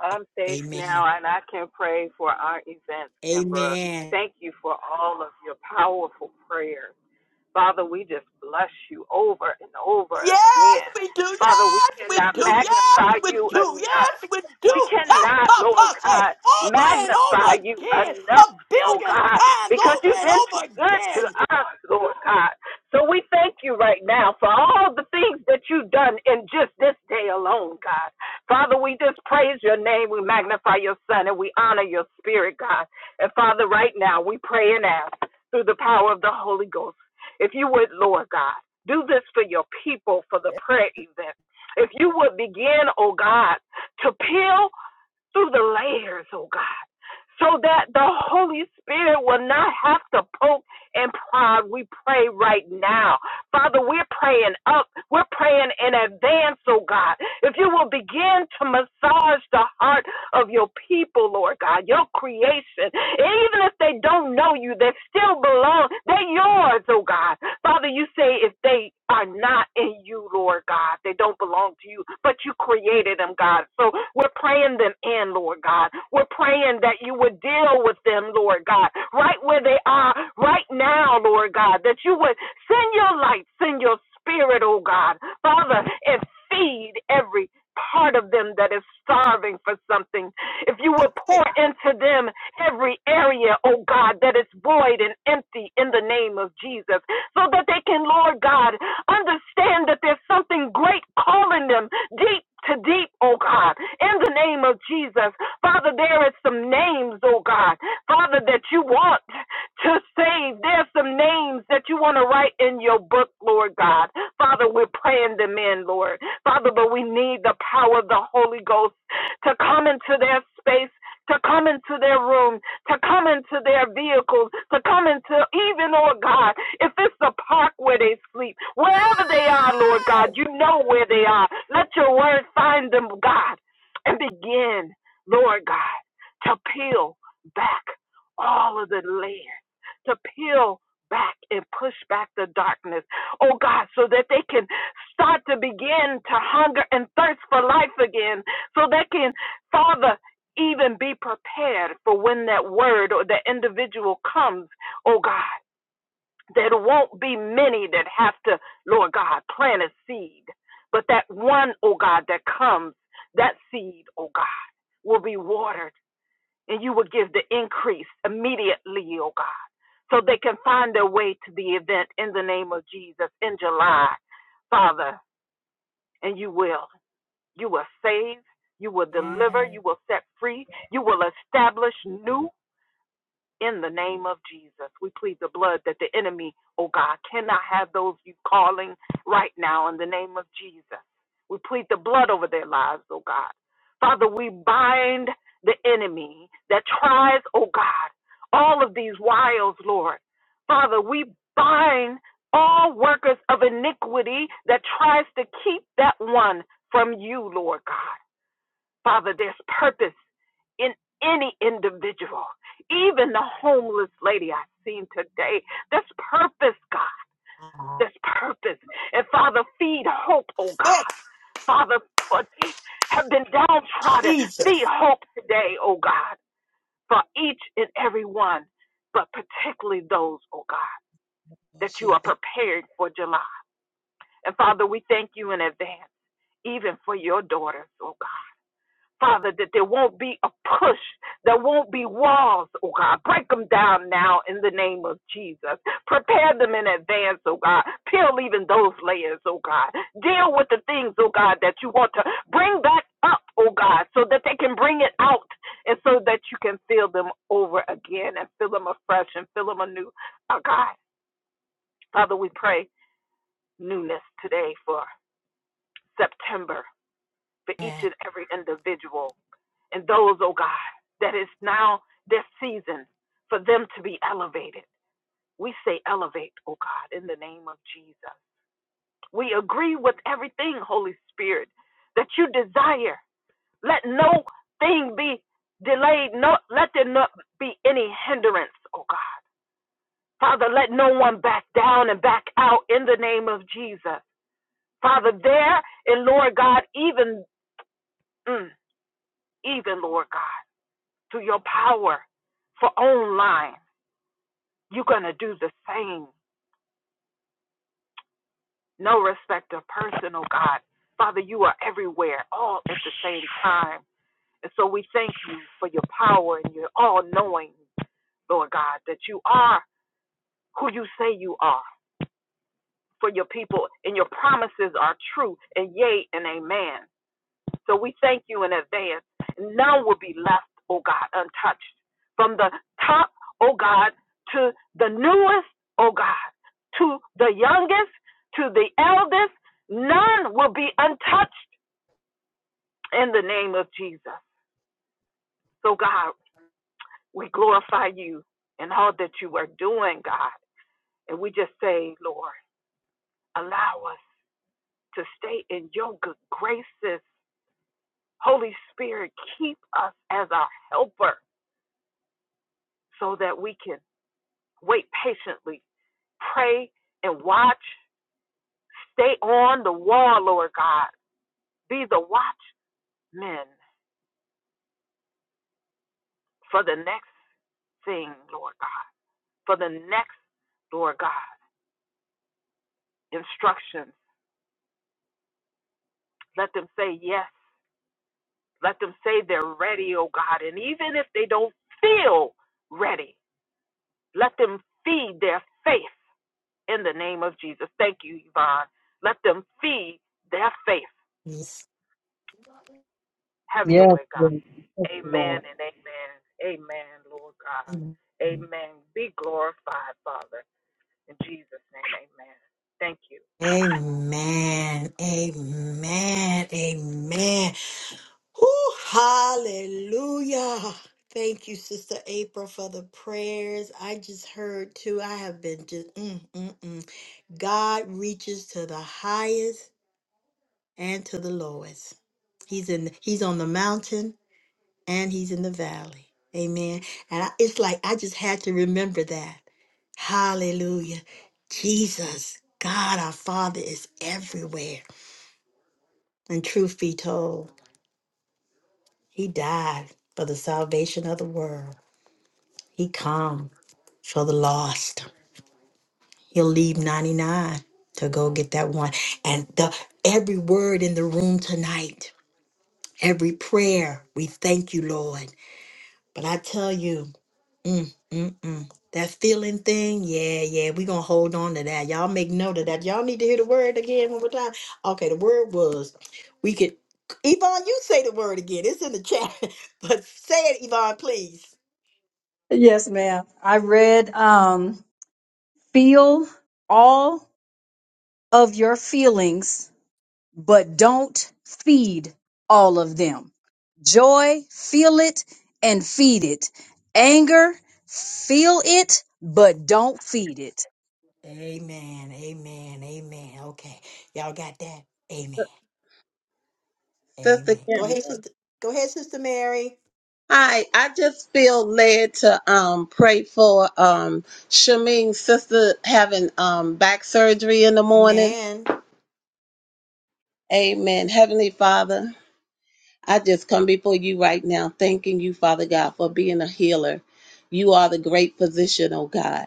Speaker 10: I'm safe
Speaker 1: Amen.
Speaker 10: now, and I can pray for our events, Kimbra.
Speaker 1: Amen.
Speaker 10: Thank you for all of your powerful prayers. Father, we just bless you over and over
Speaker 1: Yes,
Speaker 10: again.
Speaker 1: we do.
Speaker 10: Father, we
Speaker 1: Yes, we
Speaker 10: cannot
Speaker 1: do. Yes,
Speaker 10: magnify
Speaker 1: we
Speaker 10: you
Speaker 1: do.
Speaker 10: enough.
Speaker 1: Yes, we
Speaker 10: We
Speaker 1: do. Ha,
Speaker 10: cannot,
Speaker 1: pa,
Speaker 10: Lord
Speaker 1: pa, say
Speaker 10: God,
Speaker 1: over and over
Speaker 10: magnify you
Speaker 1: again, a
Speaker 10: enough, oh
Speaker 1: billion
Speaker 10: God,
Speaker 1: times
Speaker 10: because
Speaker 1: over
Speaker 10: you've
Speaker 1: and
Speaker 10: been too
Speaker 1: over
Speaker 10: good to
Speaker 1: again.
Speaker 10: us, Lord God. So we thank you right now for all the things that you've done in just this day alone, God. Father, we just praise your name, we magnify your son, and we honor your spirit, God. And Father, right now we pray and ask through the power of the Holy Ghost if you would, Lord God, do this for your people for the prayer event. If you would begin, oh God, to peel through the layers, oh God, so that the Holy Spirit will not have to poke and prod. We pray right now. Father, we're praying up. We're praying in advance, oh God. If you will begin to massage the heart of your people, Lord God, your creation. Even if they don't know you, they still belong. They're yours, oh God. Father, you say if they are not in you, Lord God, they don't belong to you, but you created them, God. So we're praying them in, Lord God. We're praying that you would deal with them, Lord God, right where they are right now, Lord God, that you would send your light, send your spirit, oh God, Father, and feed every part of them that is starving for something. If you will pour into them every area, oh God, that is void and empty in the name of Jesus, so that they can, Lord God, understand that there's something great calling them deep to deep, oh God, in the name of Jesus. Father, there is some names, oh God, Father, that you want to save. There's some names that you want to write in your book, Lord God. Father, we're praying them in, Lord. Father, but we need the power of the Holy Ghost to come into their space. To come into their room, to come into their vehicles, to come into even, Lord God, if it's the park where they sleep, wherever they are, Lord God,
Speaker 1: Hey,
Speaker 10: you know where they are. Let your word find them, God, and begin, Lord God, to peel back all of the layers to peel back and push back the darkness, oh God, so that they can start to begin to hunger and thirst for life again, so they can, Father, even be prepared for when that word or that individual comes, oh God, that it won't be many that have to, Lord God, plant a seed, but that one, oh God, that comes, that seed, oh God, will be watered and you will give the increase immediately, oh God, so they can find their way to the event in the name of Jesus in July, Father, and you will. You will save, you will deliver,
Speaker 1: Yes.
Speaker 10: you will set free, you will establish new, in the name of Jesus. We plead the blood that the enemy, oh God, cannot have those you calling right now in the name of Jesus. We plead the blood over their lives, oh God. Father, we bind the enemy that tries, oh God, all of these wiles, Lord. Father, we bind all workers of iniquity that tries to keep that one from you, Lord God. Father, there's purpose in any individual, even the homeless lady I've seen today. There's purpose, God. There's purpose. And Father, feed hope, oh
Speaker 1: That
Speaker 10: God. Father, for have been downtrodden. Feed
Speaker 1: Jesus.
Speaker 10: hope today, oh God, for each and every one, but particularly those, oh God, that you are prepared for July. And Father, we thank you in advance, even for your daughters, oh God. Father, that there won't be a push, there won't be walls, oh God. Break them down now in the name of Jesus. Prepare them in advance, oh God. Peel even those layers, oh God. Deal with the things, oh God, that you want to bring back up, oh God, so that they can bring it out and so that you can fill them over again and fill them afresh and fill them anew, oh God. Father, we pray newness today for September for each and every individual and those, oh God, that is now their season for them to be elevated. We say elevate, oh God, in the name of Jesus. We agree with everything, Holy Spirit, that you desire. Let no thing be delayed. No, let there not be any hindrance, oh God. Father, let no one back down and back out in the name of Jesus. Father, there and Lord God, even, mm, even Lord God, to your power for online. You're going to do the same. No respect of person, oh God. Father, you are everywhere, all at the same time. And so we thank you for your power and your all knowing, Lord God, that you are who you say you are for your people and your promises are true and yea and amen. So we thank you in advance. None will be left, oh God, untouched. From the top, oh God, to the newest, oh God, to the youngest, to the eldest, none will be untouched in the name of Jesus. So God, we glorify you and all that you are doing, God. And we just say, Lord, allow us to stay in your good graces. Holy Spirit, keep us as our helper so that we can Wait patiently. Pray and watch. Stay on the wall, Lord God. Be the watchmen for the next thing, Lord God. For the next, Lord God, instructions. Let them say yes. Let them say they're ready, oh God. And even if they don't feel ready, let them feed their faith in the name of Jesus. Thank you, Yvonne. Let them feed their faith
Speaker 1: Yes.
Speaker 10: Have your
Speaker 7: yes,
Speaker 10: way, God.
Speaker 7: Lord. Yes,
Speaker 10: Amen
Speaker 7: Lord.
Speaker 10: and amen. Amen, Lord God.
Speaker 1: Amen.
Speaker 10: Amen. Be glorified, Father. In Jesus' name, amen. Thank you.
Speaker 1: Amen. Amen. Whew, hallelujah. Thank you, Sister April, for the prayers. I just heard too. I have been just, mm, mm, mm. God reaches to the highest and to the lowest. He's in, he's on the mountain and he's in the valley. Amen. And I, it's like, I just had to remember that. Hallelujah. Jesus, God, our Father is everywhere. And truth be told, he died for the salvation of the world. He come for the lost. He'll leave 99 to go get that one. And the every word in the room tonight, every prayer, we thank you, Lord. But I tell you, mm, mm, mm, that feeling thing, yeah, yeah, we going to hold on to that. Y'all make note of that. Y'all need to hear the word again one more time. Okay, the word was we could, Yvonne, you say the word again. It's in the chat. But say it, Yvonne, please.
Speaker 7: Yes, ma'am. I read um feel all of your feelings, but don't feed all of them. Joy, feel it and feed it. Anger, feel it, but don't feed it.
Speaker 1: Amen. Amen. Amen. Okay. Y'all got that? Amen.
Speaker 6: Sister
Speaker 1: Amen. Go ahead,
Speaker 6: Kimber.
Speaker 1: sister. Go ahead, sister Mary.
Speaker 6: Hi, I just feel led to um pray for um Shameen's sister having um back surgery in the morning.
Speaker 1: Amen.
Speaker 6: Amen. Heavenly Father. I just come before you right now, thanking you, Father God, for being a healer. You are the great physician, oh God.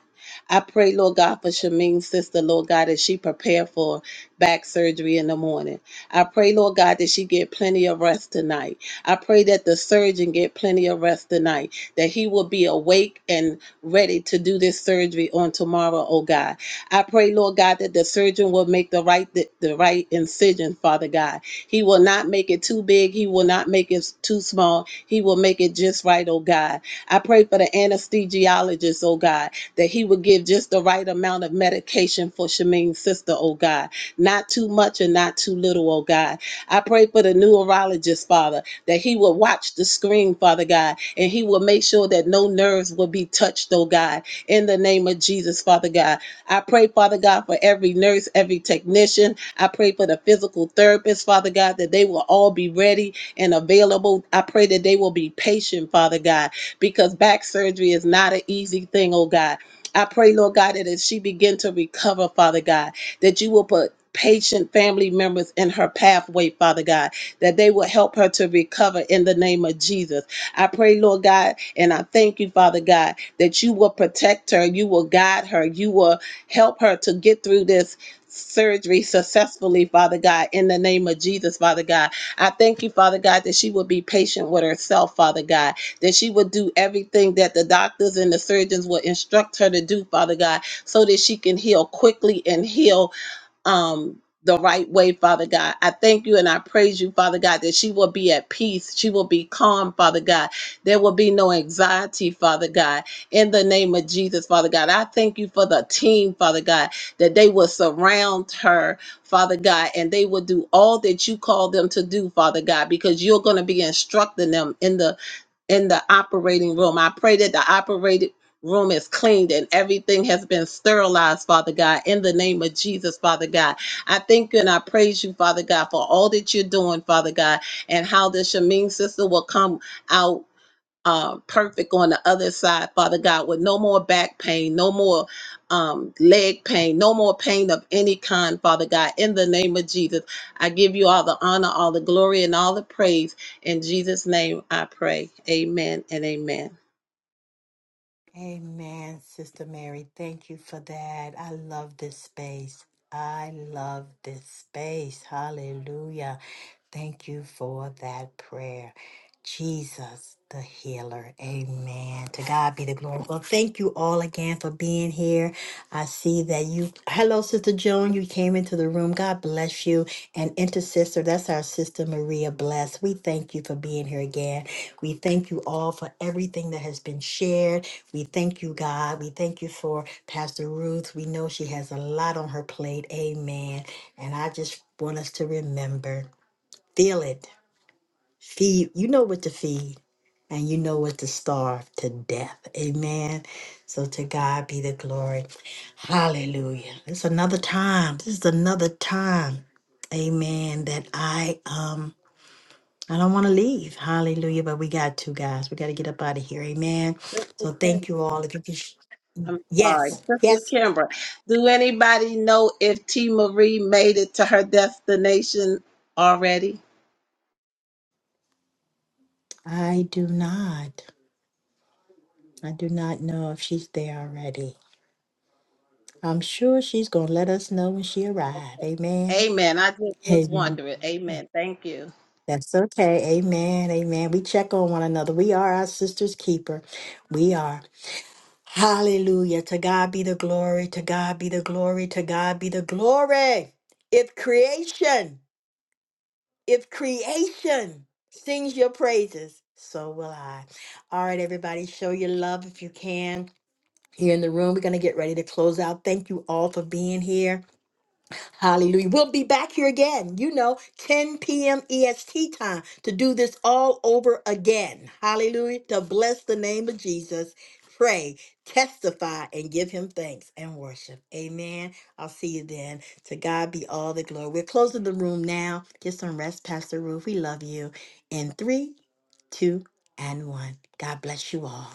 Speaker 6: I pray, Lord God, for Shameen's sister, Lord God, as she prepare for back surgery in the morning. I pray, Lord God, that she get plenty of rest tonight. I pray that the surgeon get plenty of rest tonight, that he will be awake and ready to do this surgery on tomorrow, oh God. I pray, Lord God, that the surgeon will make the right the, the right incision, Father God he will not make it too big. He will not make it too small. He will make it just right, oh God. I pray for the anesthesiologist, oh God, that he would give just the right amount of medication for Shameen's sister, oh God. Not too much and not too little, oh God. I pray for the neurologist, Father, that he will watch the screen, Father God, and he will make sure that no nerves will be touched, oh God. In the name of Jesus, Father God. I pray, Father God, for every nurse, every technician, I pray for the physical therapists, Father God, that they will all be ready and available. I pray that they will be patient, Father God, because back surgery is not an easy thing, oh God. I pray, Lord God, that as she begin to recover, Father God, that you will put patient family members in her pathway, Father God, that they will help her to recover in the name of Jesus. I pray, Lord God, and I thank you, Father God, that you will protect her, you will guide her, you will help her to get through this surgery successfully, Father God, in the name of Jesus, Father God. I thank you, Father God, that she would be patient with herself, Father God, that she would do everything that the doctors and the surgeons would instruct her to do, Father God, so that she can heal quickly and heal um the right way, Father God. I thank you and I praise you, Father God, that she will be at peace. She will be calm, Father God. There will be no anxiety, Father God. In the name of Jesus, Father God, I thank you for the team, Father God, that they will surround her, Father God, and they will do all that you call them to do, Father God, because you're going to be instructing them in the in the operating room. I pray that the operating room is cleaned and everything has been sterilized, Father God, in the name of Jesus, Father God. I thank you and I praise you, Father God, for all that you're doing, Father God, and how the immune sister will come out uh, perfect on the other side, Father God, with no more back pain, no more um, leg pain, no more pain of any kind, Father God. In the name of Jesus, I give you all the honor, all the glory, and all the praise. In Jesus' name, I pray. Amen and amen.
Speaker 1: Amen, Sister Mary. Thank you for that. I love this space. I love this space. Hallelujah. Thank you for that prayer. Jesus, the healer. Amen. To God be the glory. Well, thank you all again for being here. I see that you, hello, Sister Joan, you came into the room. God bless you. And intercessor, that's our sister Maria Bless. We thank you for being here again. We thank you all for everything that has been shared. We thank you, God. We thank you for Pastor Ruth. We know she has a lot on her plate. Amen. And I just want us to remember feel it, feed. You know what to feed, and you know what to starve to death. Amen. So to God be the glory. Hallelujah. It's another time. This is another time. Amen. That I am. I don't want to leave. Hallelujah. But we got to, guys. We got to get up out of here. Amen. So thank you all. If you could. Sh-
Speaker 6: I'm sorry,
Speaker 1: yes.
Speaker 6: Sister
Speaker 1: Yes.
Speaker 6: Kimbra. Do anybody know if T. Marie made it to her destination already?
Speaker 1: I do not. I do not know if she's there already. I'm sure she's going to let us know when she arrives.
Speaker 6: Okay.
Speaker 1: Amen.
Speaker 6: Amen. I just was
Speaker 1: Hey,
Speaker 6: wondering. Amen. Thank you.
Speaker 1: that's okay. Amen. Amen. We check on one another. We are our sister's keeper. We are. Hallelujah. To God be the glory. To God be the glory. To God be the glory. If creation If creation sings your praises, so will I. All right, everybody, show your love if you can. Here in the room, we're going to get ready to close out. Thank you all for being here. Hallelujah. We'll be back here again, you know, 10 p.m. EST time to do this all over again. Hallelujah. To bless the name of Jesus, pray, testify, and give him thanks and worship. Amen. I'll see you then. To God be all the glory. We're closing the room now. Get some rest, Pastor Ruth. We love you. In three, two, and one. God bless you all.